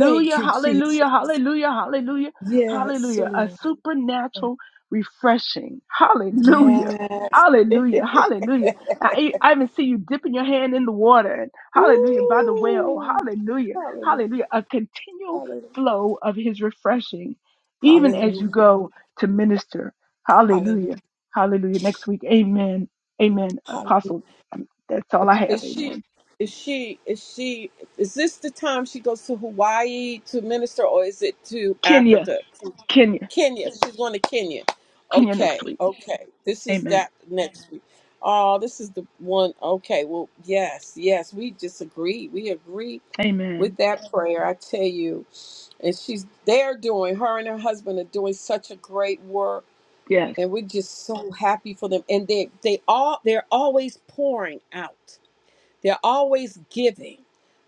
[SPEAKER 2] Thank you,
[SPEAKER 6] hallelujah,
[SPEAKER 2] Jesus.
[SPEAKER 6] hallelujah, hallelujah,
[SPEAKER 2] Yes,
[SPEAKER 6] hallelujah. A
[SPEAKER 2] Lord.
[SPEAKER 6] supernatural refreshing. Hallelujah.
[SPEAKER 2] Yes. [laughs]
[SPEAKER 6] Hallelujah, hallelujah. I, I even see you dipping your hand in the water. And hallelujah, by the well.
[SPEAKER 2] Ooh.
[SPEAKER 6] Hallelujah,
[SPEAKER 2] Hallelujah.
[SPEAKER 6] hallelujah. A continual
[SPEAKER 2] Hallelujah.
[SPEAKER 6] flow of his refreshing, even as you
[SPEAKER 2] Hallelujah.
[SPEAKER 6] go to minister. Hallelujah. Hallelujah. Next week. Amen. Amen.
[SPEAKER 2] Hallelujah.
[SPEAKER 6] Apostle. um, That's all I have.
[SPEAKER 2] Is she?
[SPEAKER 6] Amen.
[SPEAKER 2] Is she? Is she? Is this the time she goes to Hawaii to minister, or is it to
[SPEAKER 6] Kenya.
[SPEAKER 2] Africa,
[SPEAKER 6] Kenya.
[SPEAKER 2] Kenya? She's going to Kenya.
[SPEAKER 6] Kenya next
[SPEAKER 2] Okay,
[SPEAKER 6] week.
[SPEAKER 2] okay. This is
[SPEAKER 6] Amen.
[SPEAKER 2] that next week. Oh, this is the one. Okay, well, yes, yes. We just agree. We agree with
[SPEAKER 6] Amen.
[SPEAKER 2] that prayer. I tell you, and she's they're doing. Her and her husband are doing such a great work,
[SPEAKER 6] Yes.
[SPEAKER 2] and we're just so happy for them. And they they all they're always pouring out They're always giving.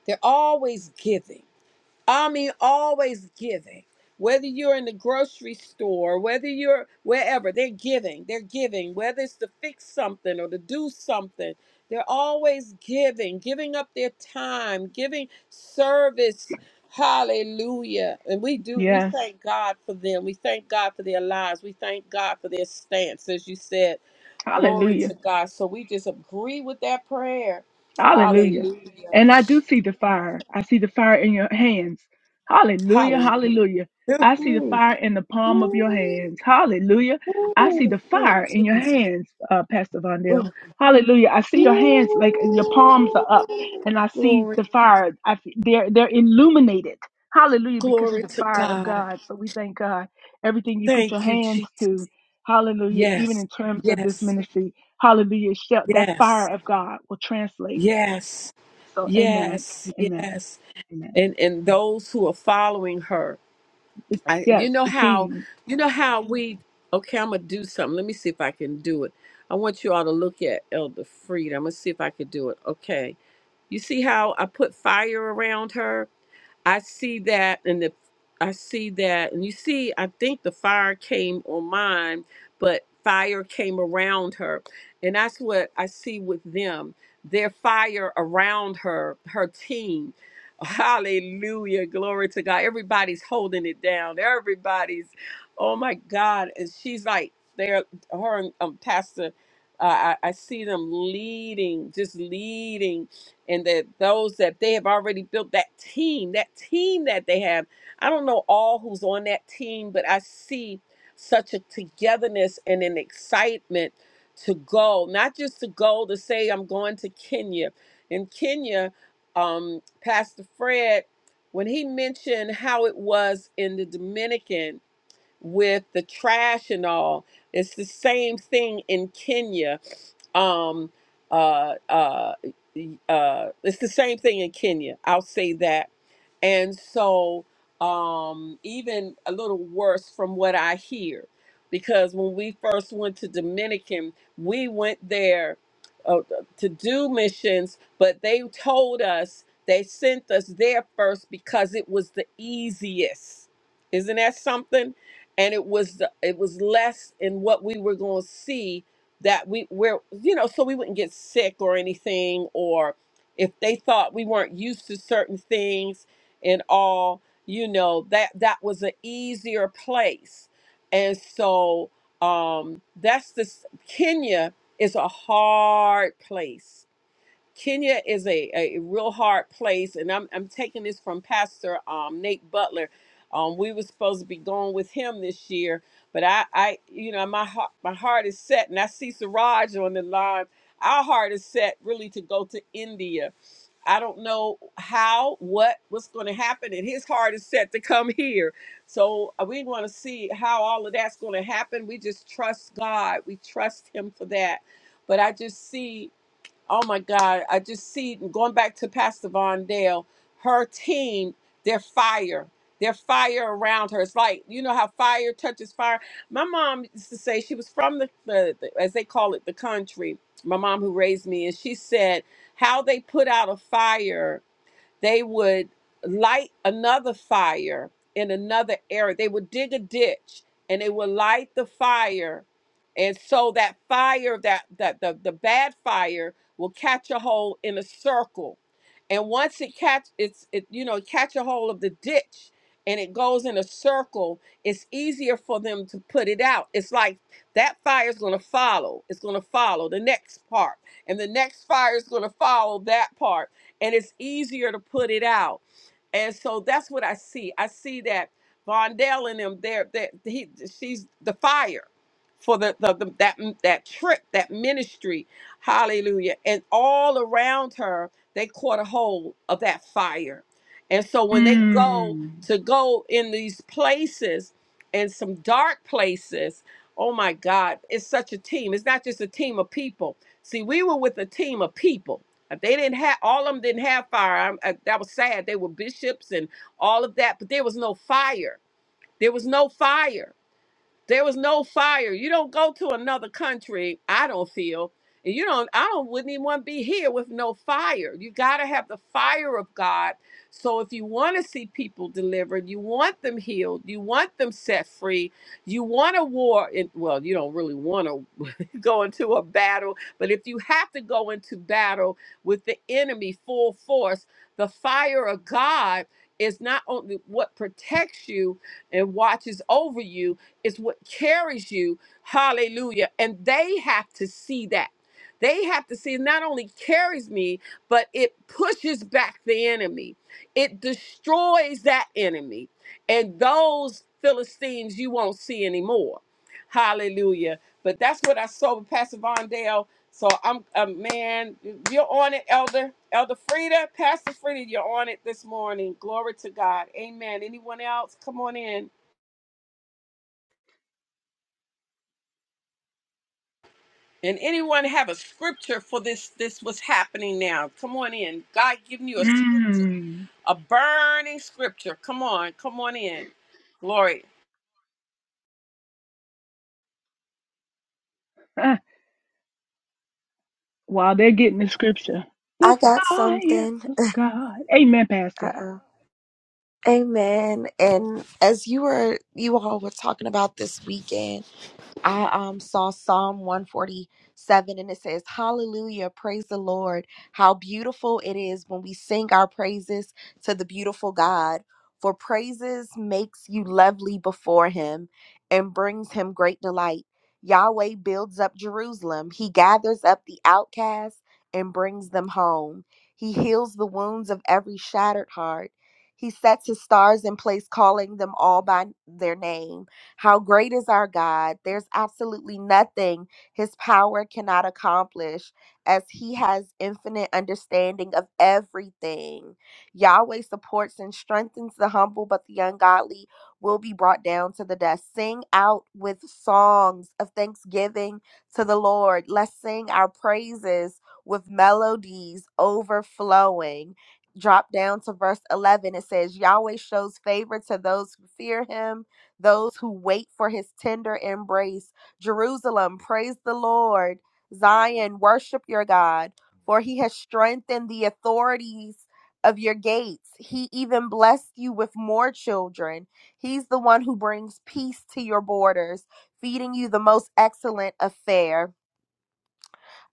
[SPEAKER 2] They're always giving. I mean, always giving. Whether you're in the grocery store, whether you're wherever, they're giving. They're giving. Whether it's to fix something or to do something, they're always giving, giving up their time, giving service. Hallelujah. And we do, we
[SPEAKER 6] Yes.
[SPEAKER 2] thank God for them. We thank God for their lives. We thank God for their stance, as you said. Glory
[SPEAKER 6] Hallelujah.
[SPEAKER 2] to God. So we just agree with that prayer.
[SPEAKER 6] Hallelujah.
[SPEAKER 2] Hallelujah.
[SPEAKER 6] And I do see the fire. I see the fire in your hands. Hallelujah.
[SPEAKER 2] Hallelujah. [laughs]
[SPEAKER 6] Hallelujah. I see the
[SPEAKER 2] Ooh,
[SPEAKER 6] fire in the palm of your hands. Hallelujah.
[SPEAKER 2] ooh,
[SPEAKER 6] I see
[SPEAKER 2] ooh,
[SPEAKER 6] the
[SPEAKER 2] ooh,
[SPEAKER 6] fire in your
[SPEAKER 2] Jesus.
[SPEAKER 6] hands, uh, Pastor
[SPEAKER 2] Ooh,
[SPEAKER 6] Vondell. Hallelujah. I see your hands like your palms are up,
[SPEAKER 2] ooh.
[SPEAKER 6] and I see
[SPEAKER 2] Glory.
[SPEAKER 6] the fire. I, f- they're they're illuminated. Hallelujah, because of
[SPEAKER 2] Glory
[SPEAKER 6] the
[SPEAKER 2] to
[SPEAKER 6] fire of
[SPEAKER 2] God.
[SPEAKER 6] God. So we thank God. Everything you put your
[SPEAKER 2] Thank you,
[SPEAKER 6] hands
[SPEAKER 2] Jesus.
[SPEAKER 6] to, Hallelujah. Even
[SPEAKER 2] Yes.
[SPEAKER 6] in terms of this
[SPEAKER 2] Yes.
[SPEAKER 6] ministry, Hallelujah. shall- That
[SPEAKER 2] Yes.
[SPEAKER 6] fire of God will translate.
[SPEAKER 2] Yes.
[SPEAKER 6] So, amen,
[SPEAKER 2] Yes.
[SPEAKER 6] amen,
[SPEAKER 2] Yes.
[SPEAKER 6] amen.
[SPEAKER 2] And and those who are following her.
[SPEAKER 6] The,
[SPEAKER 2] I,
[SPEAKER 6] yes,
[SPEAKER 2] you know
[SPEAKER 6] the
[SPEAKER 2] how,
[SPEAKER 6] team.
[SPEAKER 2] you know how we. Okay, I'm gonna do something. Let me see if I can do it. I want you all to look at Elder Freed. I'm gonna see if I can do it. Okay, you see how I put fire around her? I see that, and the, I see that, and you see, I think the fire came on mine, but fire came around her, and that's what I see with them. Their fire around her, her team. [laughs] Hallelujah, glory to God. Everybody's holding it down. Everybody's, oh my God, and she's like they're her and um, Pastor. Uh, I, I see them leading, just leading and that those that they have already built that team, that team that they have. I don't know all who's on that team, but I see such a togetherness and an excitement to go, not just to go to say I'm going to Kenya. In Kenya, um, Pastor Fred, when he mentioned how it was in the Dominican with the trash and all, it's the same thing in Kenya um uh uh uh it's the same thing in Kenya. I'll say that. And so um even a little worse from what I hear because when we first went to Dominican, we went there uh, to do missions, but they told us they sent us there first because it was the easiest. Isn't that something? And it was the, it was less in what we were going to see that we were you know so we wouldn't get sick or anything or if they thought we weren't used to certain things and all you know that that was an easier place and so um that's this kenya is a hard place Kenya is a, a real hard place, and I'm I'm taking this from Pastor um, Nate Butler. Um, we were supposed to be going with him this year, but I, I you know my heart my heart is set, and I see Siraj on the line. Our heart is set really to go to India. I don't know how, what, what's going to happen, and his heart is set to come here. So uh, we want to see how all of that's going to happen. We just trust God. We trust Him for that. But I just see oh my God, I just see it. And going back to Pastor Von Dale, her team, they are fire. They're fire around her. It's like, you know how fire touches fire. My mom used to say she was from the, the, the as they call it, the country. My mom who raised me, and she said how they put out a fire they would light another fire in another area. They would dig a ditch and they would light the fire. And so that fire, that, that the, the bad fire will catch a hole in a circle. And once it catch it's it, you know, catch a hole of the ditch and it goes in a circle, it's easier for them to put it out. It's like that fire is going to follow. It's going to follow the next part, and the next fire is going to follow that part and it's easier to put it out. And so that's what I see. I see that Vondell and him there that he she's the fire for the, the, the that that trip, that ministry. Hallelujah. And all around her, they caught a hold of that fire. And so when they go
[SPEAKER 6] Mm,
[SPEAKER 2] to go in these places and some dark places, oh my God, it's such a team. It's not just a team of people. See, we were with a team of people uh, They didn't have all of them didn't have fire. I, I, that was sad. They were bishops and all of that, but there was no fire. There was no fire. There was no fire. You don't go to another country. I don't feel. And you don't. I don't. Wouldn't even want to be here with no fire. You gotta have the fire of God. So if you want to see people delivered, you want them healed, you want them set free, you want a war. In, well, you don't really want a [laughs] go into a battle. But if you have to go into battle with the enemy full force, the fire of God is not only what protects you and watches over you, it's what carries you. Hallelujah. And they have to see that. They have to see it not only carries me, but it pushes back the enemy. It destroys that enemy. And those Philistines you won't see anymore Hallelujah. But that's what I saw with Pastor Vondale. So I'm a man, you're on it, Elder. Elder Frida, Pastor Frida, you're on it this morning. Glory to God. Amen. Anyone else? Come on in. And anyone have a scripture for this? This what's happening now. Come on in. God giving you a scripture,
[SPEAKER 6] mm. [laughs]
[SPEAKER 2] a burning scripture. Come on, come on in. Glory.
[SPEAKER 6] Ah, While they're getting the scripture, the
[SPEAKER 4] I got
[SPEAKER 6] fire
[SPEAKER 4] something.
[SPEAKER 6] of God. Amen, Pastor.
[SPEAKER 4] Uh-oh. Amen. And as you were you all were talking about this weekend. I um, saw Psalm 147 and it says, Hallelujah, praise the Lord. How beautiful it is when we sing our praises to the beautiful God. For praises makes you lovely before him and brings him great delight. Yahweh builds up Jerusalem. He gathers up the outcasts and brings them home. He heals the wounds of every shattered heart. He sets his stars in place, calling them all by their name. How great is our God? There's absolutely nothing his power cannot accomplish, as he has infinite understanding of everything. Yahweh supports and strengthens the humble, but the ungodly will be brought down to the dust. Sing out with songs of thanksgiving to the Lord. Let's sing our praises with melodies overflowing. Drop down to verse 11. It says, Yahweh shows favor to those who fear him those who wait for his tender embrace. Jerusalem, praise the Lord. Zion, worship your God, for he has strengthened the authorities of your gates. He even blessed you with more children. He's the one who brings peace to your borders, feeding you the most excellent of fare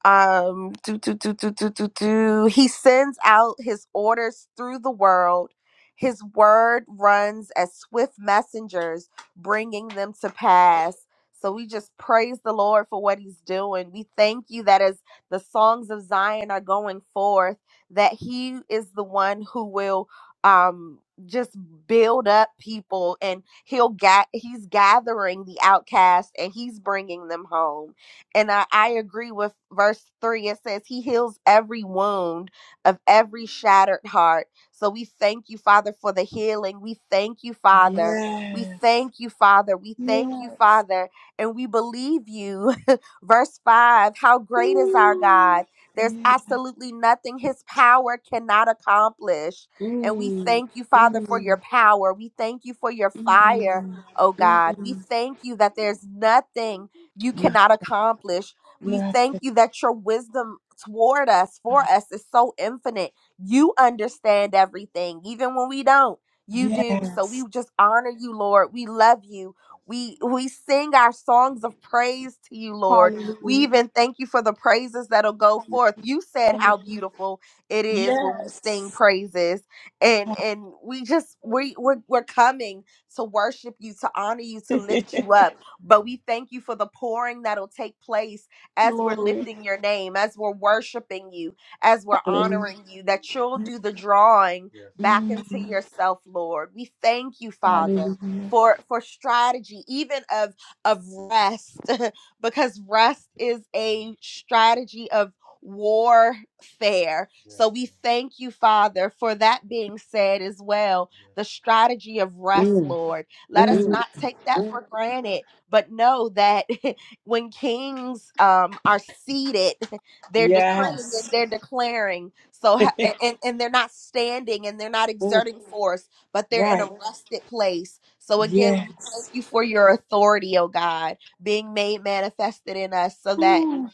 [SPEAKER 4] um do, do, do, do, do, do, do. he sends out his orders through the world his word runs as swift messengers bringing them to pass so we just praise the lord for what he's doing we thank you that as the songs of zion are going forth that he is the one who will um just build up people and he'll get he's gathering the outcast and he's bringing them home and I, I agree with verse three. It says, He heals every wound of every shattered heart. So we thank you, Father, for the healing. We thank you, Father. We
[SPEAKER 2] Yes.
[SPEAKER 4] thank you, Father. We thank you,
[SPEAKER 2] Yes.
[SPEAKER 4] Father. And we believe you. [laughs] verse five How great is our God?
[SPEAKER 2] Ooh.
[SPEAKER 4] There's
[SPEAKER 2] Yes.
[SPEAKER 4] absolutely nothing his power cannot accomplish. And we
[SPEAKER 2] Mm,
[SPEAKER 4] thank you, Father, for
[SPEAKER 2] mm.
[SPEAKER 4] your power. We thank you for your
[SPEAKER 2] Mm,
[SPEAKER 4] fire, oh God. We
[SPEAKER 2] mm,
[SPEAKER 4] thank you that there's nothing you
[SPEAKER 2] no-
[SPEAKER 4] cannot accomplish. We thank
[SPEAKER 2] nothing.
[SPEAKER 4] you that your wisdom toward us, for us, is so infinite. You understand everything, even when we don't. You do. So we
[SPEAKER 2] Yes.
[SPEAKER 4] just honor you, Lord. We love you. We we sing our songs of praise to you, Lord. We
[SPEAKER 2] Hallelujah.
[SPEAKER 4] even thank you for the praises that'll go forth. You said
[SPEAKER 2] Hallelujah.
[SPEAKER 4] how beautiful it is when we sing
[SPEAKER 2] Yes.
[SPEAKER 4] praises. And and we just we we're, we're coming to worship you, to honor you, to lift
[SPEAKER 2] [laughs]
[SPEAKER 4] you up. But we thank you for the pouring that'll take place as we're
[SPEAKER 2] Glory.
[SPEAKER 4] lifting your name, as we're worshiping you, as we're
[SPEAKER 2] Hallelujah.
[SPEAKER 4] honoring you, that you'll do the drawing Yes. back
[SPEAKER 2] Mm,
[SPEAKER 4] into yourself, Lord. We thank you, Father.
[SPEAKER 2] hallelujah.
[SPEAKER 4] For, for strategy even of of rest [laughs] because rest is a strategy of warfare so Yes. we thank you father for that being said as well Yes. the strategy of rest
[SPEAKER 2] Mm,
[SPEAKER 4] lord let us Mm.
[SPEAKER 2] mm,
[SPEAKER 4] not take that for Mm. granted but know that [laughs] when kings um, are seated, [laughs] they're decreeing and
[SPEAKER 2] yes.
[SPEAKER 4] they're declaring. So
[SPEAKER 2] [laughs]
[SPEAKER 4] ha- a- and and they're not standing and they're not
[SPEAKER 2] oh,
[SPEAKER 4] exerting force, but they're in a
[SPEAKER 2] right.
[SPEAKER 4] rested place. So again, we
[SPEAKER 2] Yes.
[SPEAKER 4] thank you for your authority, oh God, being made manifested in us, so that. we
[SPEAKER 2] Ooh,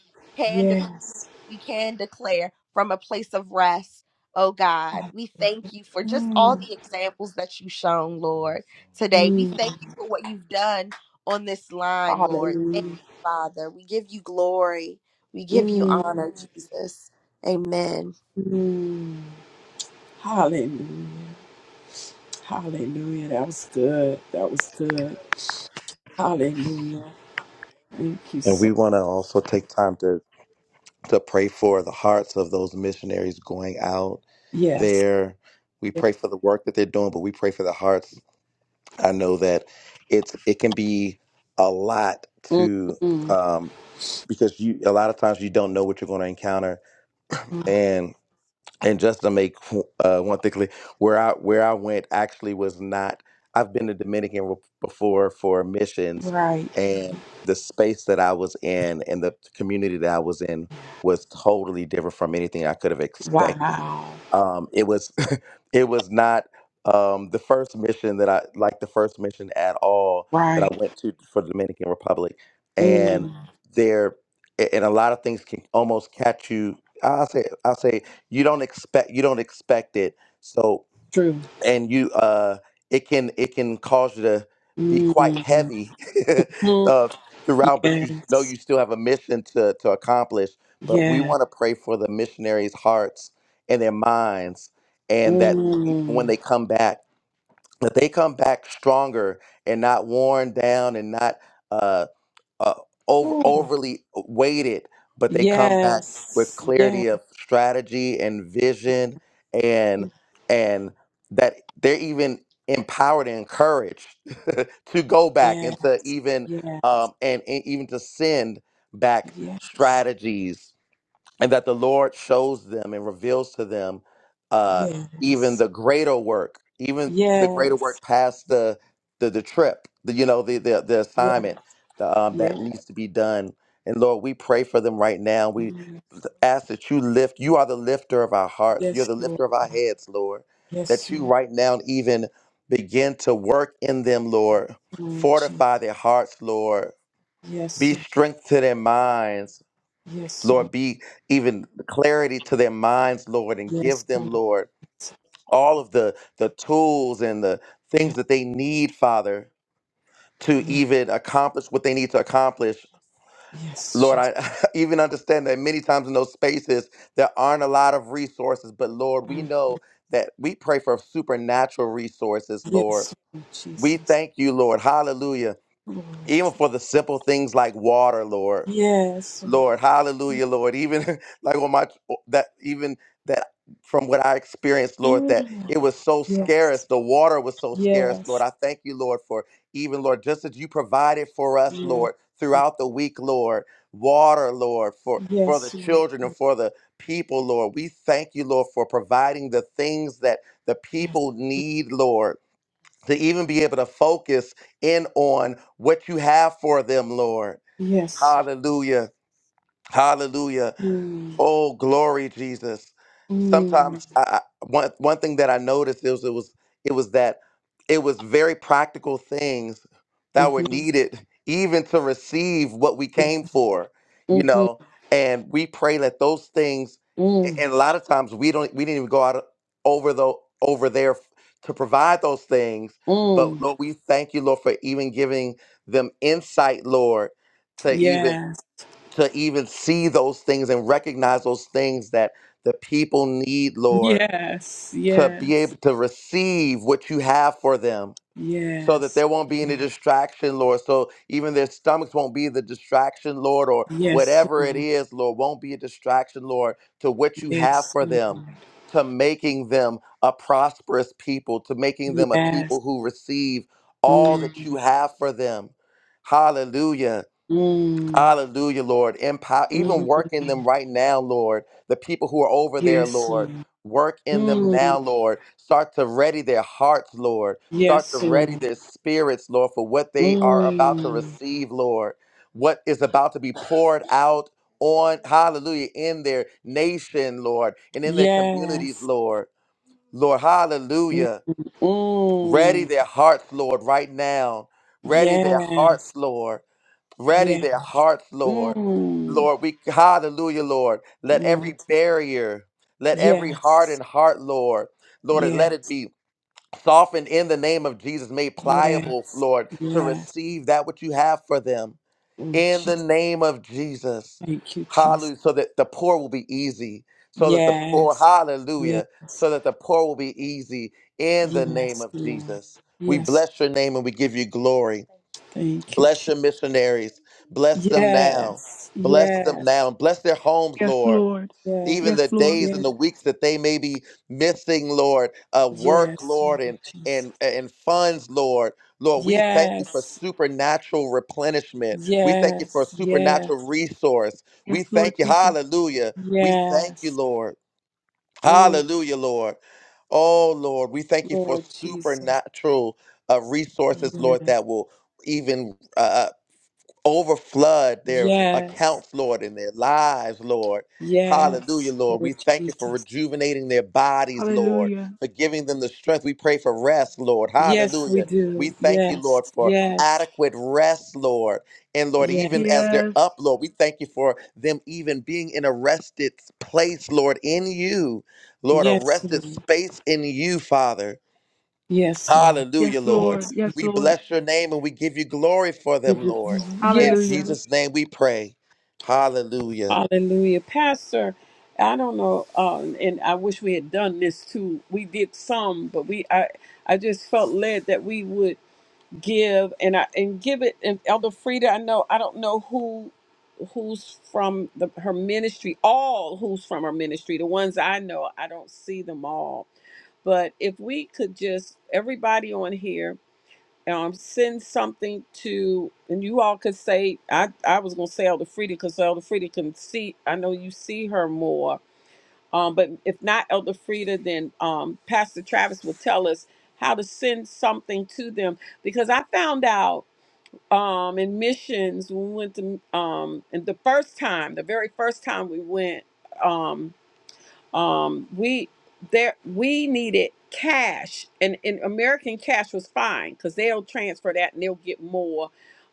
[SPEAKER 4] can
[SPEAKER 2] yes.
[SPEAKER 4] we can declare from a place of rest. Oh God,
[SPEAKER 2] Hall-
[SPEAKER 4] we thank you for just all
[SPEAKER 2] Mm,
[SPEAKER 4] the examples that you've shown, Lord, today. We
[SPEAKER 2] mm,
[SPEAKER 4] thank you for what you've done on this line, Lord. Thank
[SPEAKER 2] hallelujah.
[SPEAKER 4] you, Father. We give you glory. We give you
[SPEAKER 2] Mm,
[SPEAKER 4] honor, Jesus. Amen.
[SPEAKER 2] mm, hallelujah. Hallelujah. That was good. That was good. Hallelujah. Thank you
[SPEAKER 1] And
[SPEAKER 2] so
[SPEAKER 1] we want to also take time to to pray for the hearts of those missionaries going out
[SPEAKER 2] Yes.
[SPEAKER 1] there. We pray for the work that they're doing, but we pray for the hearts. I know that it's it can be a lot to
[SPEAKER 2] Mm-mm.
[SPEAKER 1] um because you a lot of times you don't know what you're going to encounter and just to make uh, one thing clear, where I where I went actually was not. I've been to Dominican Rep- before for missions,
[SPEAKER 2] Right.
[SPEAKER 1] and the space that I was in and the community that I was in was totally different from anything I could have expected.
[SPEAKER 2] Wow.
[SPEAKER 1] Um, it was [laughs] it was not um, the first mission that I like the first mission at all that I
[SPEAKER 2] Right.
[SPEAKER 1] went to for the Dominican Republic, and
[SPEAKER 2] Mm.
[SPEAKER 1] there a- and a lot of things can almost catch you. I'll say I'll say you don't expect you don't expect it so
[SPEAKER 2] True.
[SPEAKER 1] and you uh it can it can cause you to be quite
[SPEAKER 2] Mm-hmm.
[SPEAKER 1] heavy [laughs] uh, throughout but you know
[SPEAKER 2] Yes.
[SPEAKER 1] you still have a mission to to accomplish but we
[SPEAKER 2] Yes.
[SPEAKER 1] want to pray for the missionaries hearts and their minds and that even
[SPEAKER 2] Mm.
[SPEAKER 1] when they come back that they come back stronger and not worn down and not uh, uh, over
[SPEAKER 2] Ooh.
[SPEAKER 1] overly weighted, but they come back with
[SPEAKER 2] Yes. Yes.
[SPEAKER 1] clarity of strategy and vision, and and that they're even empowered and encouraged [laughs] to go back
[SPEAKER 2] Yeah.
[SPEAKER 1] and to even
[SPEAKER 2] Yeah.
[SPEAKER 1] um, and, and even to send back
[SPEAKER 2] Yes.
[SPEAKER 1] strategies and that the Lord shows them and reveals to them uh, even
[SPEAKER 2] Yes.
[SPEAKER 1] the greater work, even the greater
[SPEAKER 2] Yes.
[SPEAKER 1] work past the the, the trip, the, you know, the the, the
[SPEAKER 2] Yeah.
[SPEAKER 1] assignment the, um,
[SPEAKER 2] Yeah.
[SPEAKER 1] that needs to be done. And Lord, we pray for them right now. We
[SPEAKER 2] Mm.
[SPEAKER 1] ask that you lift. You are the lifter of our hearts. You're
[SPEAKER 2] Yes,
[SPEAKER 1] the
[SPEAKER 2] Lord.
[SPEAKER 1] lifter of our heads, Lord. That
[SPEAKER 2] Yes,
[SPEAKER 1] you
[SPEAKER 2] Lord.
[SPEAKER 1] right now even begin to work in them, Lord.
[SPEAKER 2] Lord Jesus.
[SPEAKER 1] Fortify their hearts, Lord.
[SPEAKER 2] Yes,
[SPEAKER 1] Be
[SPEAKER 2] Lord.
[SPEAKER 1] strength to their minds
[SPEAKER 2] Yes, Lord.
[SPEAKER 1] Lord, be even clarity to their minds, Lord, and
[SPEAKER 2] Yes,
[SPEAKER 1] give them,
[SPEAKER 2] Lord.
[SPEAKER 1] Lord,
[SPEAKER 2] Jesus,
[SPEAKER 1] all of the, the tools and the things
[SPEAKER 2] Yes.
[SPEAKER 1] that they need, Father, to
[SPEAKER 2] Yes.
[SPEAKER 1] even accomplish what they need to accomplish.
[SPEAKER 2] Yes.
[SPEAKER 1] Lord, I [laughs] even understand that many times in those spaces, there aren't a lot of resources, but Lord, we
[SPEAKER 2] Jesus.
[SPEAKER 1] know that we pray for supernatural resources, Lord.
[SPEAKER 2] Yes, Lord
[SPEAKER 1] We
[SPEAKER 2] Jesus.
[SPEAKER 1] thank you, Lord. Hallelujah.
[SPEAKER 2] Lord.
[SPEAKER 1] Even for the simple things like water, Lord.
[SPEAKER 2] Yes,
[SPEAKER 1] Lord,
[SPEAKER 2] Lord.
[SPEAKER 1] hallelujah, Lord. Even [laughs] like on my that even that from what I experienced, Lord, that
[SPEAKER 2] Mm.
[SPEAKER 1] it was so
[SPEAKER 2] Yes.
[SPEAKER 1] scarce. The water was so scarce, Lord.
[SPEAKER 2] Yes.
[SPEAKER 1] I thank you, Lord, for even Lord, just as you provided for us,
[SPEAKER 2] Yes.
[SPEAKER 1] Lord, throughout the week, Lord, water, Lord, for for the
[SPEAKER 2] Yes, Lord.
[SPEAKER 1] children and for the people, Lord. We thank you, Lord, for providing the things that the
[SPEAKER 2] Yes.
[SPEAKER 1] people need, Lord, to even be able to focus in on what you have for them, Lord.
[SPEAKER 2] Yes.
[SPEAKER 1] Hallelujah. Hallelujah.
[SPEAKER 2] Mm.
[SPEAKER 1] Oh, glory, Jesus.
[SPEAKER 2] Mm.
[SPEAKER 1] Sometimes I, I- one one thing that I noticed is it was it was that it was very practical things that were
[SPEAKER 2] Mm-hmm.
[SPEAKER 1] needed even to receive what we came for, you
[SPEAKER 2] Mm-hmm.
[SPEAKER 1] know. And we pray that those things,
[SPEAKER 2] Mm.
[SPEAKER 1] a- and a lot of times we don't we didn't even go out o- over the over there f- to provide those things. But
[SPEAKER 2] Mm.
[SPEAKER 1] Lord, we thank you, Lord, for even giving them insight, Lord, to even
[SPEAKER 2] Yes.
[SPEAKER 1] to even see those things and recognize those things that the people need, Lord,
[SPEAKER 2] Yes.
[SPEAKER 1] to be able to receive what you have for them so that
[SPEAKER 2] Yes. Yes.
[SPEAKER 1] there won't be any
[SPEAKER 2] Yes.
[SPEAKER 1] distraction, Lord. So even their stomachs won't be the distraction, Lord, or
[SPEAKER 2] Yes.
[SPEAKER 1] whatever
[SPEAKER 2] Lord.
[SPEAKER 1] it is, Lord, won't be a distraction, Lord, to what you have
[SPEAKER 2] Yes.
[SPEAKER 1] for
[SPEAKER 2] Lord.
[SPEAKER 1] them. To making them a prosperous people, to making them a
[SPEAKER 2] Yes.
[SPEAKER 1] people who receive all that
[SPEAKER 2] Mm.
[SPEAKER 1] you have for them. Hallelujah
[SPEAKER 2] Mm.
[SPEAKER 1] Hallelujah, Lord. Empower, even
[SPEAKER 2] Mm.
[SPEAKER 1] work in them right now, Lord. The people who are over there,
[SPEAKER 2] Yes.
[SPEAKER 1] Lord,
[SPEAKER 2] Lord.
[SPEAKER 1] work in them
[SPEAKER 2] Mm.
[SPEAKER 1] now, Lord. Start to ready their hearts, Lord. Start to
[SPEAKER 2] Yes.
[SPEAKER 1] ready
[SPEAKER 2] Lord.
[SPEAKER 1] their spirits, Lord, for what they are about to
[SPEAKER 2] Mm.
[SPEAKER 1] receive, Lord. What is about to be poured out on, hallelujah, in their nation, Lord, and in their community,
[SPEAKER 2] Yes.
[SPEAKER 1] Lord. Lord, hallelujah. Ready
[SPEAKER 2] Mm.
[SPEAKER 1] their, Lord, right now. Ready their
[SPEAKER 2] Yes.
[SPEAKER 1] hearts, Lord ready
[SPEAKER 2] Yes.
[SPEAKER 1] their hearts, Lord.
[SPEAKER 2] Mm.
[SPEAKER 1] Lord, we hallelujah, Lord. Let
[SPEAKER 2] Mm.
[SPEAKER 1] every barrier, let every
[SPEAKER 2] Yes.
[SPEAKER 1] hardened heart, Lord, Lord, and let
[SPEAKER 2] Yes.
[SPEAKER 1] it be softened in the name of Jesus, made pliable,
[SPEAKER 2] Yes.
[SPEAKER 1] Lord, to
[SPEAKER 2] Yes.
[SPEAKER 1] receive that which you have for them
[SPEAKER 2] Oh,
[SPEAKER 1] in the
[SPEAKER 2] Jesus.
[SPEAKER 1] name of Jesus.
[SPEAKER 2] Thank you, Jesus.
[SPEAKER 1] Hallelujah. So that the poor will be easy. So that the poor,
[SPEAKER 2] Yes.
[SPEAKER 1] hallelujah.
[SPEAKER 2] Yes.
[SPEAKER 1] So that the poor will be easy in the name
[SPEAKER 2] Yes,
[SPEAKER 1] of
[SPEAKER 2] Lord.
[SPEAKER 1] Jesus. We
[SPEAKER 2] Yes.
[SPEAKER 1] bless your name and we give you glory.
[SPEAKER 2] Thank you,
[SPEAKER 1] Bless
[SPEAKER 2] Jesus.
[SPEAKER 1] your missionaries. Bless them now.
[SPEAKER 2] Yes.
[SPEAKER 1] Bless them
[SPEAKER 2] Yes.
[SPEAKER 1] now. Bless their homes,
[SPEAKER 6] Yes,
[SPEAKER 1] Lord.
[SPEAKER 6] Lord.
[SPEAKER 1] Even
[SPEAKER 2] Yes.
[SPEAKER 6] Yes,
[SPEAKER 1] the
[SPEAKER 6] Lord.
[SPEAKER 1] days
[SPEAKER 2] Yes.
[SPEAKER 1] and the weeks that they may be missing, Lord, uh, work,
[SPEAKER 2] Yes,
[SPEAKER 1] Lord,
[SPEAKER 2] Lord
[SPEAKER 1] and
[SPEAKER 2] Jesus.
[SPEAKER 1] and and funds, Lord, Lord, we thank you for
[SPEAKER 2] Yes.
[SPEAKER 1] supernatural replenishment. We thank you for a
[SPEAKER 2] Yes. Yes.
[SPEAKER 1] supernatural resource.
[SPEAKER 6] Yes,
[SPEAKER 1] We
[SPEAKER 6] Lord
[SPEAKER 1] thank you,
[SPEAKER 6] Jesus.
[SPEAKER 1] Hallelujah. We thank you, Lord,
[SPEAKER 2] Yes.
[SPEAKER 1] Hallelujah, Lord. Oh Lord, we thank you for
[SPEAKER 2] Lord Jesus.
[SPEAKER 1] supernatural uh, resources, Lord,
[SPEAKER 2] Yes.
[SPEAKER 1] that will even uh, uh, overflood their
[SPEAKER 2] Yes.
[SPEAKER 1] accounts, Lord, in their lives, Lord. Hallelujah,
[SPEAKER 2] Yes.
[SPEAKER 1] Lord. We
[SPEAKER 2] Lord
[SPEAKER 1] thank you for
[SPEAKER 2] Jesus.
[SPEAKER 1] rejuvenating their bodies, Lord,
[SPEAKER 6] Hallelujah.
[SPEAKER 1] for giving them the strength. We pray for rest, Lord.
[SPEAKER 2] Yes, we
[SPEAKER 1] Hallelujah. We
[SPEAKER 2] do.
[SPEAKER 1] thank you,
[SPEAKER 2] Yes.
[SPEAKER 1] Lord, for
[SPEAKER 2] Yes.
[SPEAKER 1] adequate rest, Lord. And Lord, even
[SPEAKER 2] Yes.
[SPEAKER 1] as they're
[SPEAKER 6] Yes.
[SPEAKER 1] up, Lord, we thank you for them even being in a rested place, Lord, in you. Lord, a
[SPEAKER 2] Yes,
[SPEAKER 1] rested
[SPEAKER 2] Lord.
[SPEAKER 1] space in you, Father.
[SPEAKER 2] Yes, Lord.
[SPEAKER 6] Yes,
[SPEAKER 1] Hallelujah, Lord.
[SPEAKER 6] Lord.
[SPEAKER 2] Yes.
[SPEAKER 6] Yes,
[SPEAKER 2] Lord.
[SPEAKER 1] We
[SPEAKER 6] Lord.
[SPEAKER 1] bless your name and we give you glory for
[SPEAKER 2] Give
[SPEAKER 1] them,
[SPEAKER 2] you
[SPEAKER 1] Lord.
[SPEAKER 2] glory.
[SPEAKER 1] In
[SPEAKER 2] Yes.
[SPEAKER 6] Hallelujah.
[SPEAKER 2] Lord.
[SPEAKER 1] Jesus' name we pray. Hallelujah.
[SPEAKER 2] Hallelujah. Pastor, I don't know, um, and I wish we had done this too. We did some, but we I I just felt led that we would give and I and give it and Elder Frida, I know I don't know who who's from the her ministry, all who's from her ministry. The ones I know, I don't see them all. But if we could just everybody on here um send something to and you all could say I I was gonna say Elder Frida because Elder Frida can see I know you see her more. Um but if not Elder Frida then um Pastor Travis will tell us how to send something to them because I found out um in missions we went to um and the first time the very first time we went um um we there we needed cash and, and american cash was fine because they'll transfer that and they'll get more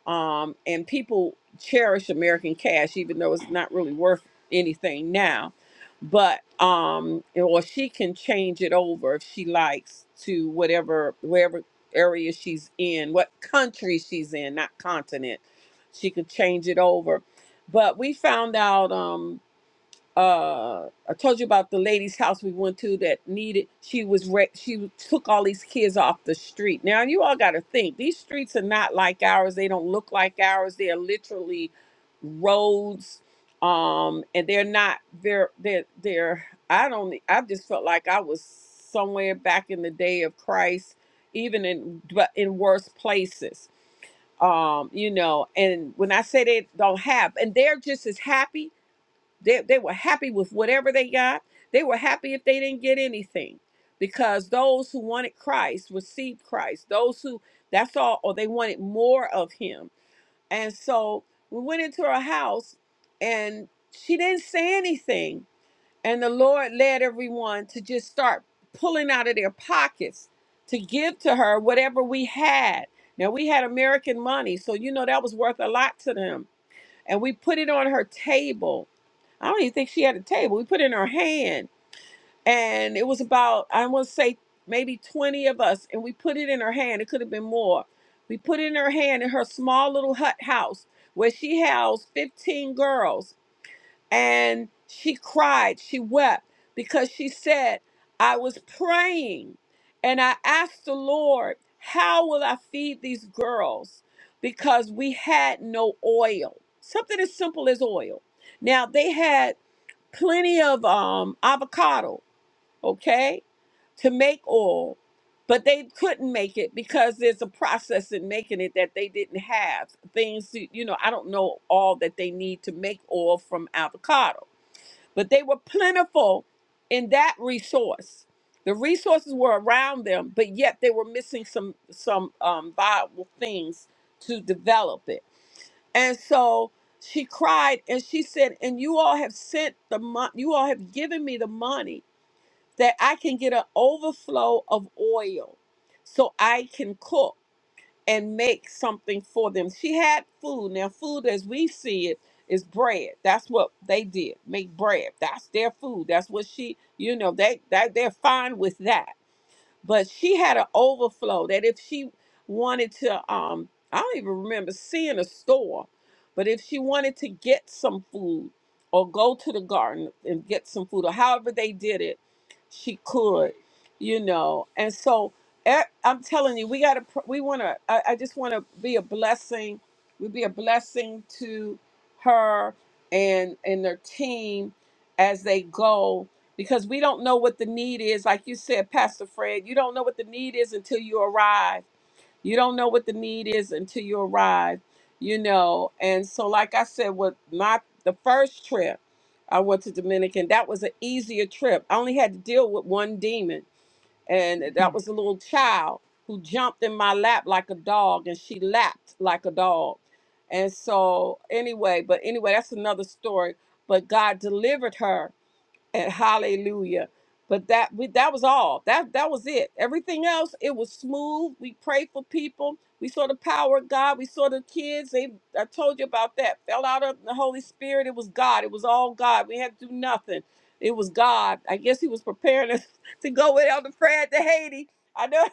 [SPEAKER 2] um and people cherish american cash even though it's not really worth anything now but um or she can change it over if she likes to whatever wherever area she's in what country she's in not continent she could change it over but we found out um uh I told you about the lady's house we went to that needed she was re- she took all these kids off the street. Now you all got to think these streets are not like ours. They don't look like ours. They are literally roads um and they're not they're they're they're I don't e, I just felt like I was somewhere back in the day of Christ even in but in worse places. Um you know and when I say they don't have and they're just as happy they, they were happy with whatever they got. They were happy if they didn't get anything because those who wanted Christ received Christ. Those who, that's all, or they wanted more of him. And so we went into her house and she didn't say anything. And the Lord led everyone to just start pulling out of their pockets to give to her whatever we had. Now we had American money, so you know that was worth a lot to them. And we put it on her table I don't even think she had a table. We put in her hand, and it was about I want to say maybe twenty of us, and we put it in her hand. It could have been more. We put it in her hand in her small little hut house where she housed fifteen girls, and she cried, she wept because she said, "I was praying, and I asked the Lord, how will I feed these girls?" Because we had no oil. Something as simple as oil. Now they had plenty of um, avocado, okay, to make oil, but they couldn't make it because there's a process in making it that they didn't have. Things, to, you know, I don't know all that they need to make oil from avocado, but they were plentiful in that resource. The resources were around them, but yet they were missing some some um, viable things to develop it. And so she cried and she said, And you all have sent the money, you all have given me the money that I can get an overflow of oil so I can cook and make something for them. She had food. Now, food as we see it is bread. That's what they did. Make bread. That's their food. That's what she, you know, they, they they're fine with that but she had an overflow that if she wanted to um i don't even remember seeing a store but if she wanted to get some food or go to the garden and get some food or however they did it she could you know and so i i'm telling you we gotta pr- we want to I, I just want to be a blessing we be a blessing to her and and their team as they go because we don't know what the need is. Like you said, Pastor Fred, you don't know what the need is until you arrive. You don't know what the need is until you arrive, you know. And so, like I said, with my the first trip I went to Dominican, that was an easier trip. I only had to deal with one demon, and
[SPEAKER 6] [laughs]
[SPEAKER 2] that was a little child who jumped in my lap like a dog, and she lapped like a dog. And so, anyway, but anyway, that's another story. But God delivered her and hallelujah. But that we, that was all. That that was it. Everything else, it was smooth. We prayed for people. We saw the power of God. We saw the kids. They I told you about that. Fell out of the Holy Spirit. It was God. It was all God. We had to do nothing. It was God. I guess He was preparing us [laughs] to go with Elder Fred to Haiti. I know,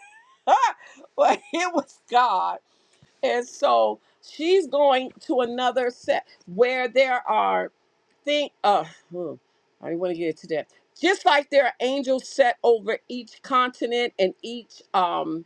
[SPEAKER 2] [laughs] but it was God. And so she's going to another set where there are think uh hmm, I didn't want to get to that. Just like there are angels set over each continent and each um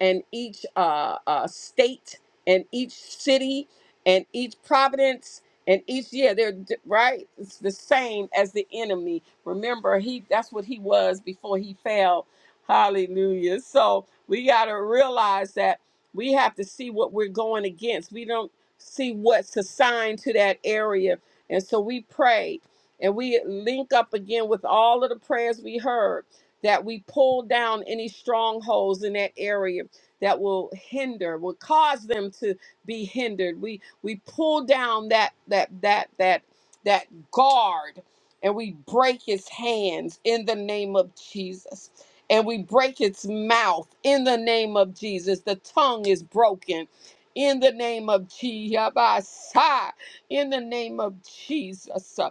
[SPEAKER 2] and each uh, uh state and each city and each providence and each yeah they're d- right it's the same as the enemy remember he that's what he was before he fell hallelujah so we got to realize that we have to see what we're going against. We don't see what's assigned to that area. And so we pray and we link up again with all of the prayers we heard that we pull down any strongholds in that area that will hinder, will cause them to be hindered. We we pull down that that that that that guard and we break his hands in the name of Jesus and we break its mouth in the name of Jesus. The tongue is broken in the name of Jesus. In the name of Jesus. uh,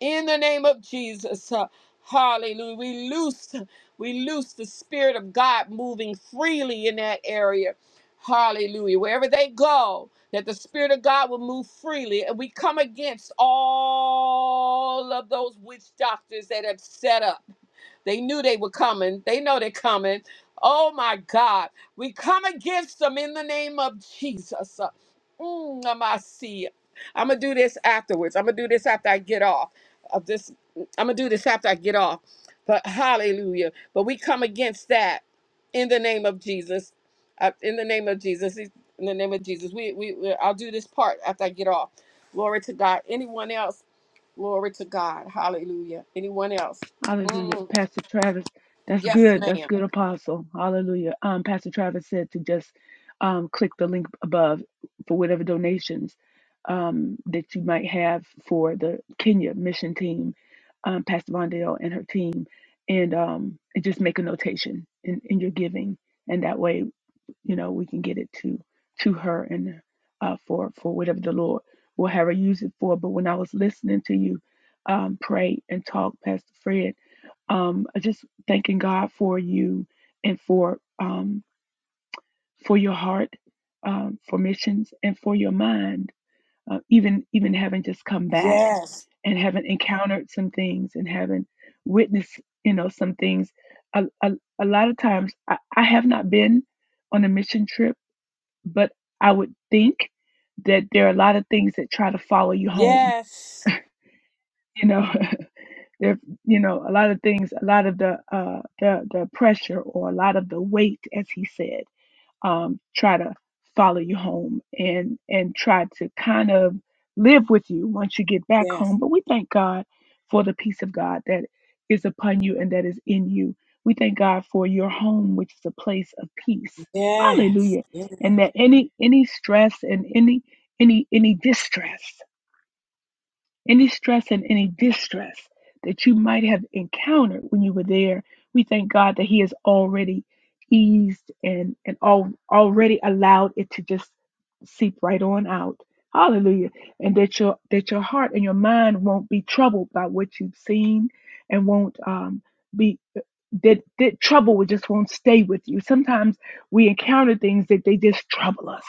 [SPEAKER 2] In the name of Jesus. uh, Hallelujah. We loose, we loose the Spirit of God moving freely in that area. Hallelujah. Wherever they go, that the Spirit of God will move freely. And we come against all of those witch doctors that have set up. They knew they were coming. They know they're coming. Oh my God. We come against them in the name of Jesus. Uh, Mm, I'm gonna see. I'm gonna do this afterwards. I'm gonna do this after I get off of this. I'm gonna do this after I get off. But hallelujah. But we come against that in the name of Jesus. Uh, in the name of Jesus. In the name of Jesus. We, we we I'll do this part after I get off. Glory to God. Anyone else? Glory to God. Hallelujah. Anyone else?
[SPEAKER 6] Hallelujah.
[SPEAKER 2] Mm.
[SPEAKER 6] Pastor Travis, that's
[SPEAKER 2] Yes,
[SPEAKER 6] good. That's
[SPEAKER 2] ma'am.
[SPEAKER 6] good, Apostle. Hallelujah. Um, Pastor Travis said to just um, click the link above for whatever donations um, that you might have for the Kenya mission team, um, Pastor Mondale and her team, and, um, and just make a notation in, in your giving. And that way you know we can get it to to her and uh, for for whatever the lord will have her use it for but when i was listening to you um, pray and talk pastor fred um, I just thanking god for you and for um, for your heart um, for missions and for your mind uh, even even having just come back
[SPEAKER 2] Yes.
[SPEAKER 6] and having encountered some things and having witnessed you know some things a, a, a lot of times I, I have not been on a mission trip but I would think that there are a lot of things that try to follow you home.
[SPEAKER 2] Yes.
[SPEAKER 6] You know, [laughs] there, you know, a lot of things, a lot of the, uh, the, the pressure or a lot of the weight, as he said um, try to follow you home and and try to kind of live with you once you get back
[SPEAKER 2] Yes.
[SPEAKER 6] home. But we thank God for the peace of God that is upon you and that is in you. We thank God for your home, which is a place of peace.
[SPEAKER 2] Yes.
[SPEAKER 6] Hallelujah.
[SPEAKER 2] Yes.
[SPEAKER 6] And that any any stress and any any any distress any stress and any distress that you might have encountered when you were there, we thank God that He has already eased and and all, already allowed it to just seep right on out. Hallelujah. And that your that your heart and your mind won't be troubled by what you've seen and won't um be that that trouble will just won't stay with you. Sometimes we encounter things that they just trouble us.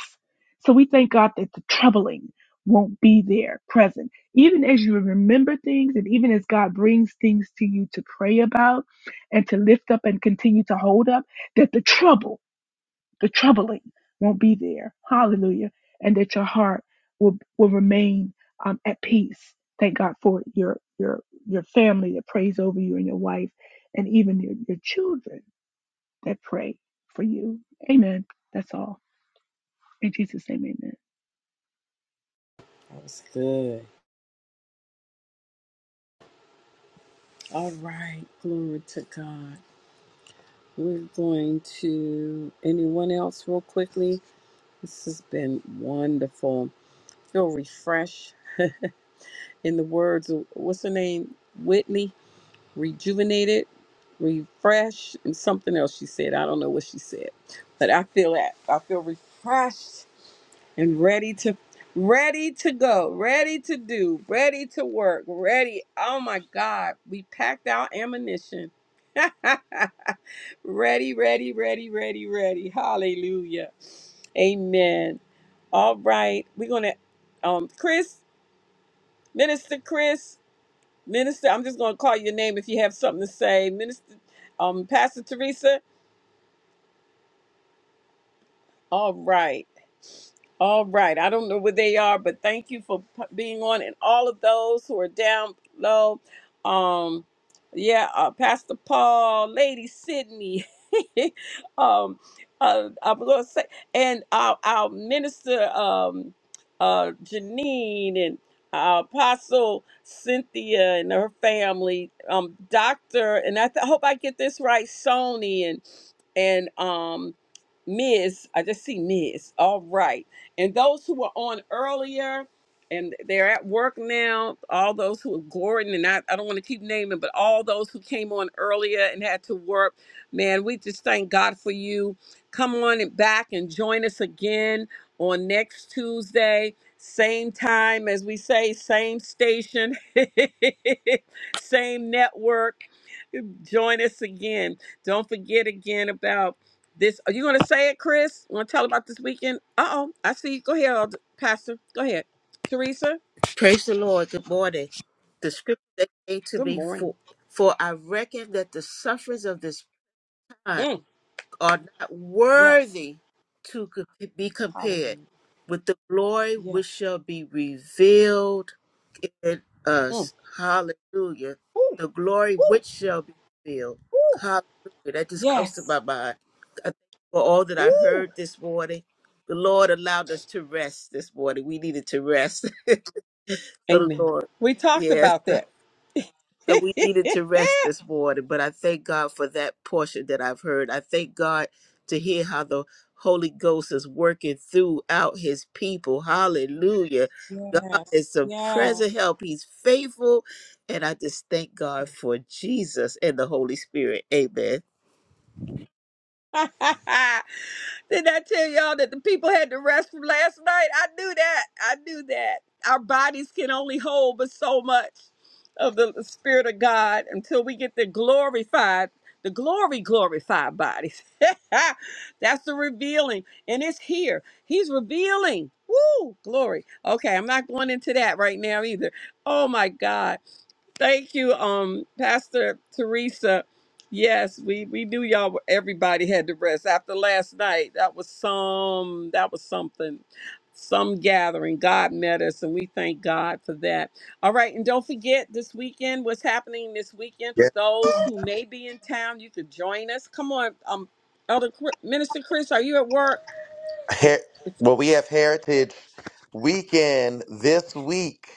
[SPEAKER 6] So we thank God that the troubling won't be there present even as you remember things and even as God brings things to you to pray about and to lift up and continue to hold up, that the trouble, the troubling won't be there. Hallelujah. And that your heart will, will remain um, at peace. Thank God for your your your family that prays over you and your wife and even your, your children that pray for you. Amen. That's all. In Jesus' name, amen.
[SPEAKER 2] That was good. All right. Glory to God. We're going to anyone else real quickly. This has been wonderful. Feel refreshed in the words of what's her name? Whitney. Rejuvenated, refreshed, and something else she said. I don't know what she said, but I feel that. I feel refreshed and ready to ready to go ready to do ready to work ready oh my god we packed our ammunition [laughs] ready ready ready ready ready hallelujah amen all right we're gonna um chris minister chris minister i'm just gonna call your name if you have something to say minister um pastor teresa All right. All right. I don't know where they are, but thank you for p- being on and all of those who are down low. Um yeah, uh, Pastor Paul, Lady Sydney. [laughs] um uh, I'm going to say and our our minister um uh Janine and our apostle Cynthia and her family, um Doctor and I, th- I hope I get this right, Sony and and um Ms. I just see Ms. All right. And those who were on earlier and they're at work now, all those who are Gordon and I, I don't want to keep naming, but all those who came on earlier and had to work, man, we just thank God for you. Come on and back and join us again on next Tuesday. Same time, as we say, same station, [laughs] same network. Join us again. Don't forget again about this. Are you going to say it, Chris? Want to tell about this weekend? Uh oh, I see. you. Go ahead, Elder- Pastor. Go ahead, Teresa.
[SPEAKER 8] Praise the Lord. Good morning. The scripture that came to
[SPEAKER 2] Good
[SPEAKER 8] me
[SPEAKER 2] morning.
[SPEAKER 8] for for I reckon that the sufferings of this time
[SPEAKER 2] Mm,
[SPEAKER 8] are not
[SPEAKER 2] Yes.
[SPEAKER 8] worthy to co- be compared
[SPEAKER 2] Hallelujah.
[SPEAKER 8] with the glory which
[SPEAKER 2] Yes.
[SPEAKER 8] shall be revealed in
[SPEAKER 2] mm,
[SPEAKER 8] us. Hallelujah.
[SPEAKER 2] Woo,
[SPEAKER 8] The glory
[SPEAKER 2] woo,
[SPEAKER 8] which shall be revealed.
[SPEAKER 2] woo.
[SPEAKER 8] Hallelujah. That just comes to my
[SPEAKER 2] Yes.
[SPEAKER 8] mind. For all that I
[SPEAKER 2] woo.
[SPEAKER 8] heard this morning, the Lord allowed us to rest this morning. We needed to rest. [laughs] so the
[SPEAKER 2] Amen.
[SPEAKER 8] Lord.
[SPEAKER 2] We talked
[SPEAKER 8] Yes.
[SPEAKER 2] about that. [laughs]
[SPEAKER 8] So we needed to rest this morning, but I thank God for that portion that I've heard. I thank God to hear how the Holy Ghost is working throughout his people. Hallelujah. God
[SPEAKER 2] Yes.
[SPEAKER 8] is a
[SPEAKER 2] Yes.
[SPEAKER 8] present help. He's faithful. And I just thank God for Jesus and the Holy Spirit. Amen.
[SPEAKER 2] [laughs] Didn't I tell y'all that the people had to rest from last night? I knew that. I knew that. Our bodies can only hold but so much of the Spirit of God until we get the glorified, the glory glorified bodies. [laughs] That's the revealing. And it's here. He's revealing. Woo! Glory. Okay, I'm not going into that right now either. Oh my God. Thank you, um, Pastor Teresa. Yes, we we knew y'all. Were, Everybody had to rest after last night. That was some. That was something. Some gathering. God met us, and we thank God for that. All right, and don't forget this weekend. What's happening this weekend for
[SPEAKER 1] Yeah.
[SPEAKER 2] those who may be in town? You could join us. Come on, um, Elder Chri- Minister Chris, are you at work?
[SPEAKER 1] Her- well, we have Heritage Weekend this week.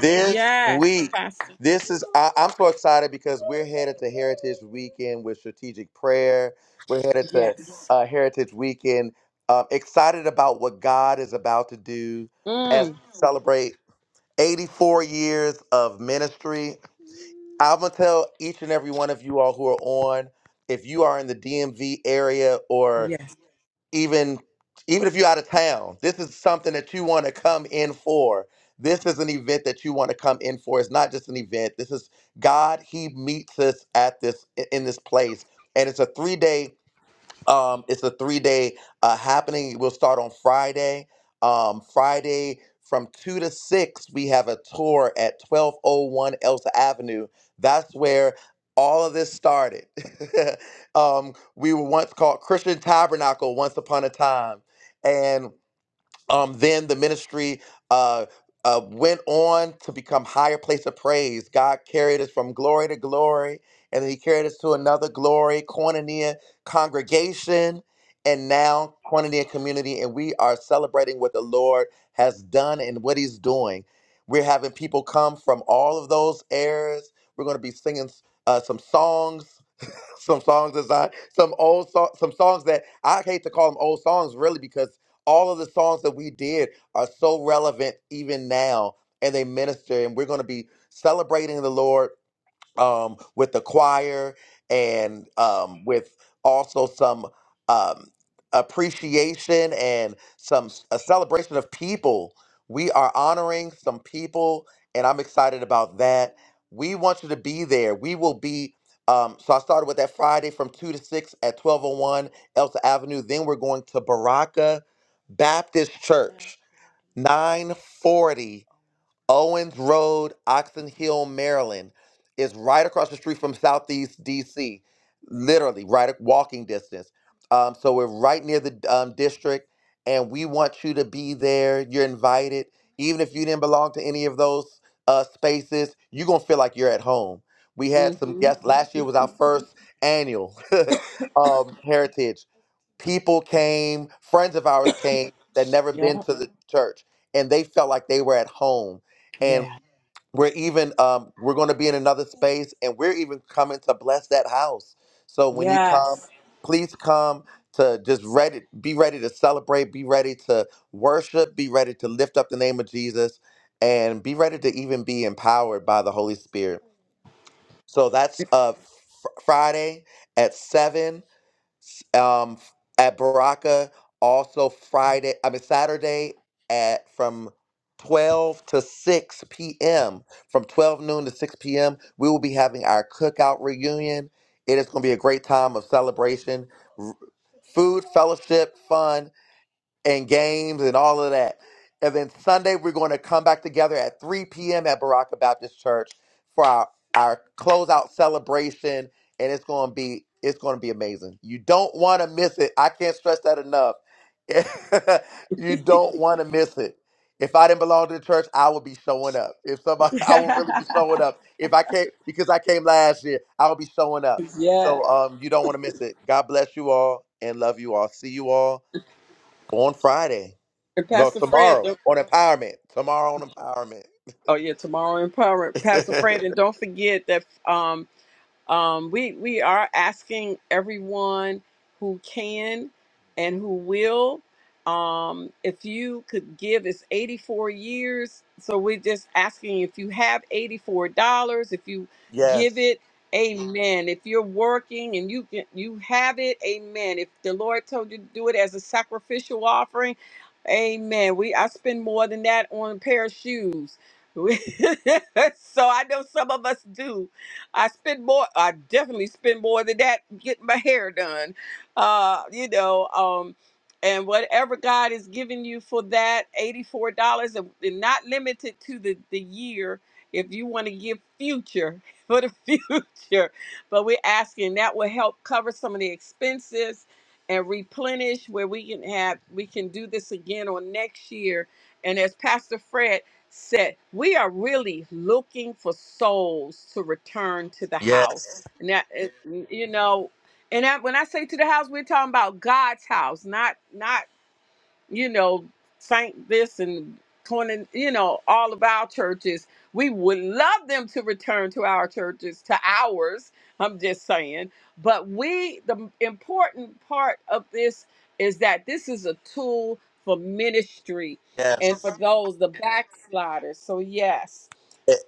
[SPEAKER 1] this
[SPEAKER 2] Yes,
[SPEAKER 1] week.
[SPEAKER 2] Pastor.
[SPEAKER 1] This is I, I'm so excited because we're headed to Heritage Weekend with strategic prayer. We're headed to
[SPEAKER 2] Yes.
[SPEAKER 1] uh, Heritage Weekend. Um, excited about what God is about to do as we
[SPEAKER 2] Mm.
[SPEAKER 1] celebrate 84 years of ministry. I'm gonna tell each and every one of you all who are on, if you are in the DMV area or
[SPEAKER 2] Yes.
[SPEAKER 1] even even if you're out of town this is something that you want to come in for this is an event that you want to come in for it's not just an event this is god and uh, uh, that one to become higher place of praise god carried us from glory to glory and then he carried us to another glory koinonia congregation and now koinonia community and we are celebrating what the lord has done and what he's doing we're having people come from all of those areas we're going to be singing uh, some songs some songs as I some old so, some songs that I hate to call them old songs really because all of the songs that we did are so relevant even now and they be support um with the choir and with awesome um up and so we will and I'm at we uh, two to six at twelve oh one else I'm going to Baraka Baptist Church nine forty Owens Road, Oxon Hill, Maryland, is right across the street from Southeast DC, literally right at walking distance. Um, so we're right near the um, district, and we want you to be there. You're invited, even if you didn't belong to any of those uh, spaces. You're gonna feel like you're at home. We had some
[SPEAKER 2] Mm-hmm.
[SPEAKER 1] guests last year. Was our first annual [laughs] um, heritage. People came that never been
[SPEAKER 2] Yeah.
[SPEAKER 1] to the church, and and
[SPEAKER 2] Yeah.
[SPEAKER 1] we're so come
[SPEAKER 2] Yes.
[SPEAKER 1] to. and
[SPEAKER 2] [laughs]
[SPEAKER 1] uh, okay, at 10, um, at Broca, also Friday, I mean Saturday at from 12 to 6 p.m. From 12 noon to 6 p.m., we will be having our cookout reunion. It is going to be a great time of celebration, r- food, fun, and games and all that. And then Sunday, we're going to come back together. Baptist Church for our our closeout celebration, and it's gonna be it's gonna be amazing. You don't want to miss it. I can't stress that enough. [laughs] you don't want it. If I didn't belong to the church, I would be showing up. If somebody, [laughs] I would really be showing up. If I came because I came last year, I would be showing up.
[SPEAKER 2] yeah.
[SPEAKER 1] So um, you don't want to miss it. God bless you all and love you all. See you all on Friday.
[SPEAKER 2] And
[SPEAKER 1] No,
[SPEAKER 2] Pastor Fred,
[SPEAKER 1] tomorrow
[SPEAKER 2] don't,
[SPEAKER 1] on empowerment. Tomorrow on empowerment.
[SPEAKER 2] oh yeah, tomorrow empowerment. Pastor Fred,
[SPEAKER 1] [laughs]
[SPEAKER 2] and don't forget that um Um, we we are asking everyone who can and who will. Um, if you could give, it's eighty four years. So we're just asking if you have eighty four dollars, if you give
[SPEAKER 1] yes.
[SPEAKER 2] it, Amen. If you're working and you can, you have it, Amen. If the Lord told you to do it as a sacrificial offering, Amen. We I spend more than that on a pair of shoes. [laughs] so I know some of us do I spend more. I definitely spend more than that getting my hair done. Uh, you know, um, and whatever God is giving you for that, eighty-four dollars, and and not limited to the the year. If you want to give future [laughs] for the future, but we're asking that will help cover some of the expenses and replenish where we can have we can do this again on next year. And as Pastor Fred said, We are really looking for souls to return to the
[SPEAKER 1] Yes.
[SPEAKER 2] house. And that, it- you know, and that, when I say to the house, we're talking about God's house, not not you know, Saint this and Conan, you know, all of our churches. We would love them to return to our churches, to ours. I'm just saying. But we, the important part of this is that this is a tool for ministry
[SPEAKER 1] Yes.
[SPEAKER 2] and for those, the backsliders. So, yes,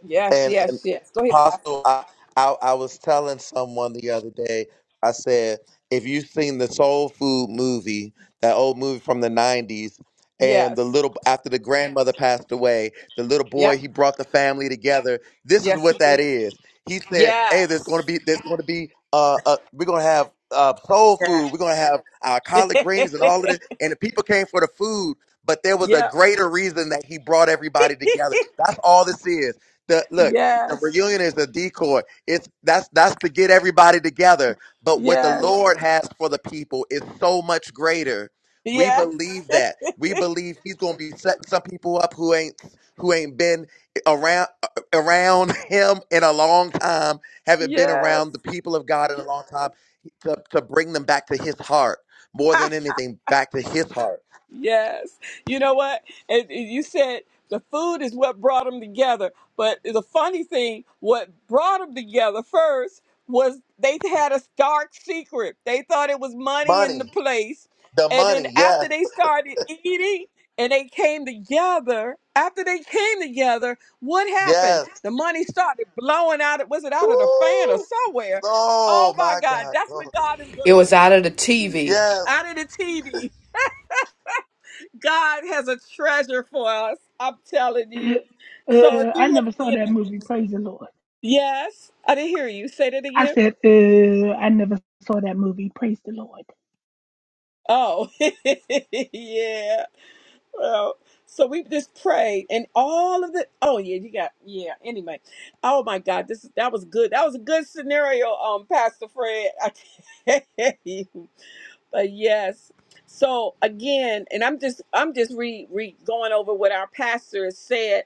[SPEAKER 2] yes,
[SPEAKER 1] and and
[SPEAKER 2] yes, yes. Go ahead, Pastor.
[SPEAKER 1] apostle I, I i was telling someone the other day i said if you've seen the soul food movie that old movie from the 90s and the
[SPEAKER 2] Yes.
[SPEAKER 1] little after the grandmother passed away the little boy
[SPEAKER 2] Yep.
[SPEAKER 1] he brought the family together this is
[SPEAKER 2] Yes,
[SPEAKER 1] what that
[SPEAKER 2] indeed.
[SPEAKER 1] is he said hey there's
[SPEAKER 2] Yes.
[SPEAKER 1] going to be there's going to be uh, uh we're going to have uh soul
[SPEAKER 2] Yeah.
[SPEAKER 1] food we're going to have our
[SPEAKER 2] [laughs]
[SPEAKER 1] collard greens and all of this and the people came for the food but there was a
[SPEAKER 2] yep.
[SPEAKER 1] greater reason that he brought everybody together. That's all this is the look the
[SPEAKER 2] Yes.
[SPEAKER 1] reunion is a decoy it's that's that's to get everybody together but what the
[SPEAKER 2] Yes.
[SPEAKER 1] lord has for the people is so much greater we
[SPEAKER 2] Yes.
[SPEAKER 1] believe
[SPEAKER 2] [laughs]
[SPEAKER 1] that we believe he's going to be setting some people up who ain't who ain't been around around [laughs] him in a long time haven't been
[SPEAKER 2] Yes.
[SPEAKER 1] around the people of god in a long time to, to bring them back to his heart more
[SPEAKER 2] Ha,
[SPEAKER 1] than anything back to his heart
[SPEAKER 2] yes. You know what? And and you said the food is what brought them together. But the funny thing, what brought them together first was they had a dark secret. They thought it was money in the
[SPEAKER 1] money
[SPEAKER 2] place.
[SPEAKER 1] the
[SPEAKER 2] And then
[SPEAKER 1] money yes
[SPEAKER 2] after they started eating and they came together, after they came together, what happened?
[SPEAKER 1] yes
[SPEAKER 2] The money started blowing out. Of- Was it out of the fan or
[SPEAKER 1] Woo!
[SPEAKER 2] somewhere? Oh
[SPEAKER 1] Oh
[SPEAKER 2] my
[SPEAKER 1] my
[SPEAKER 2] God,
[SPEAKER 1] God.
[SPEAKER 2] that's what
[SPEAKER 1] Glory.
[SPEAKER 2] God is going
[SPEAKER 5] It
[SPEAKER 2] to do.
[SPEAKER 5] was out of the TV.
[SPEAKER 1] Yes.
[SPEAKER 2] out of the TV. God has a treasure for us. I'm telling
[SPEAKER 6] Uh,
[SPEAKER 2] you. So if
[SPEAKER 6] uh,
[SPEAKER 2] you
[SPEAKER 6] I
[SPEAKER 2] want
[SPEAKER 6] never
[SPEAKER 2] to
[SPEAKER 6] saw
[SPEAKER 2] be in
[SPEAKER 6] that movie.
[SPEAKER 2] it,
[SPEAKER 6] Praise the Lord.
[SPEAKER 2] yes, I didn't hear you. Say that
[SPEAKER 6] I
[SPEAKER 2] again.
[SPEAKER 6] said, uh, I never saw that movie. Praise the Lord.
[SPEAKER 2] Oh, [laughs] yeah. Well, so we just prayed, and all of the. Oh yeah, you got yeah. Anyway, oh my God, this that was good. That was a good scenario, um, Pastor Fred. [laughs] I tell you. but yes so again and i'm just i'm just re, re going over what our pastor has said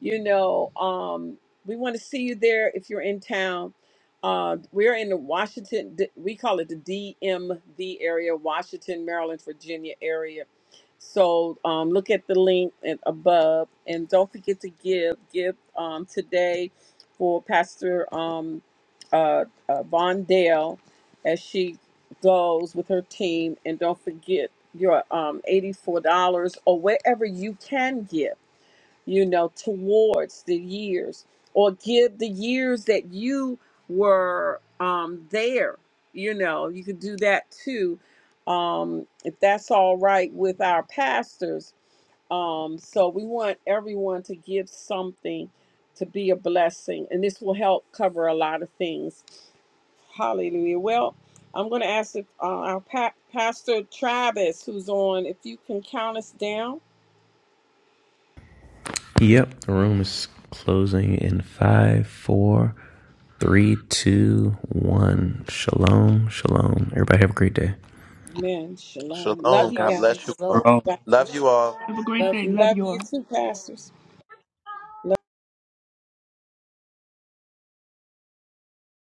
[SPEAKER 2] you know um we want to see you there if you're in town uh we're in the washington D- we call it the dmv area washington maryland virginia area so um look at the link and above and don't forget to give give um today for pastor um uh, uh von dale goes with her team. And don't forget your um, $84 or wherever you can give, you know, towards the years or give the years that you were um, there. You know, you could do that too. Um, if that's all right with our pastors. Um, so we want everyone to give something to be a blessing, and this will help cover a lot of things. Hallelujah. Well, I'm going to ask if, uh, our pa- pastor Travis, who's on, if you can count us down.
[SPEAKER 3] Yep, the room is closing in five, four, three, two, one. Shalom, shalom. Everybody have a great day.
[SPEAKER 2] Amen. Shalom. Love
[SPEAKER 1] Shalom.
[SPEAKER 2] you
[SPEAKER 8] Hello,
[SPEAKER 1] God bless you
[SPEAKER 2] guys.
[SPEAKER 1] all.
[SPEAKER 8] hello.
[SPEAKER 9] wrong
[SPEAKER 2] God
[SPEAKER 1] Love
[SPEAKER 2] bless
[SPEAKER 1] you all.
[SPEAKER 6] Have a great
[SPEAKER 8] Love
[SPEAKER 6] day.
[SPEAKER 2] you.
[SPEAKER 8] you.
[SPEAKER 6] Love
[SPEAKER 2] Love
[SPEAKER 6] you
[SPEAKER 2] you
[SPEAKER 6] all.
[SPEAKER 2] too, pastors.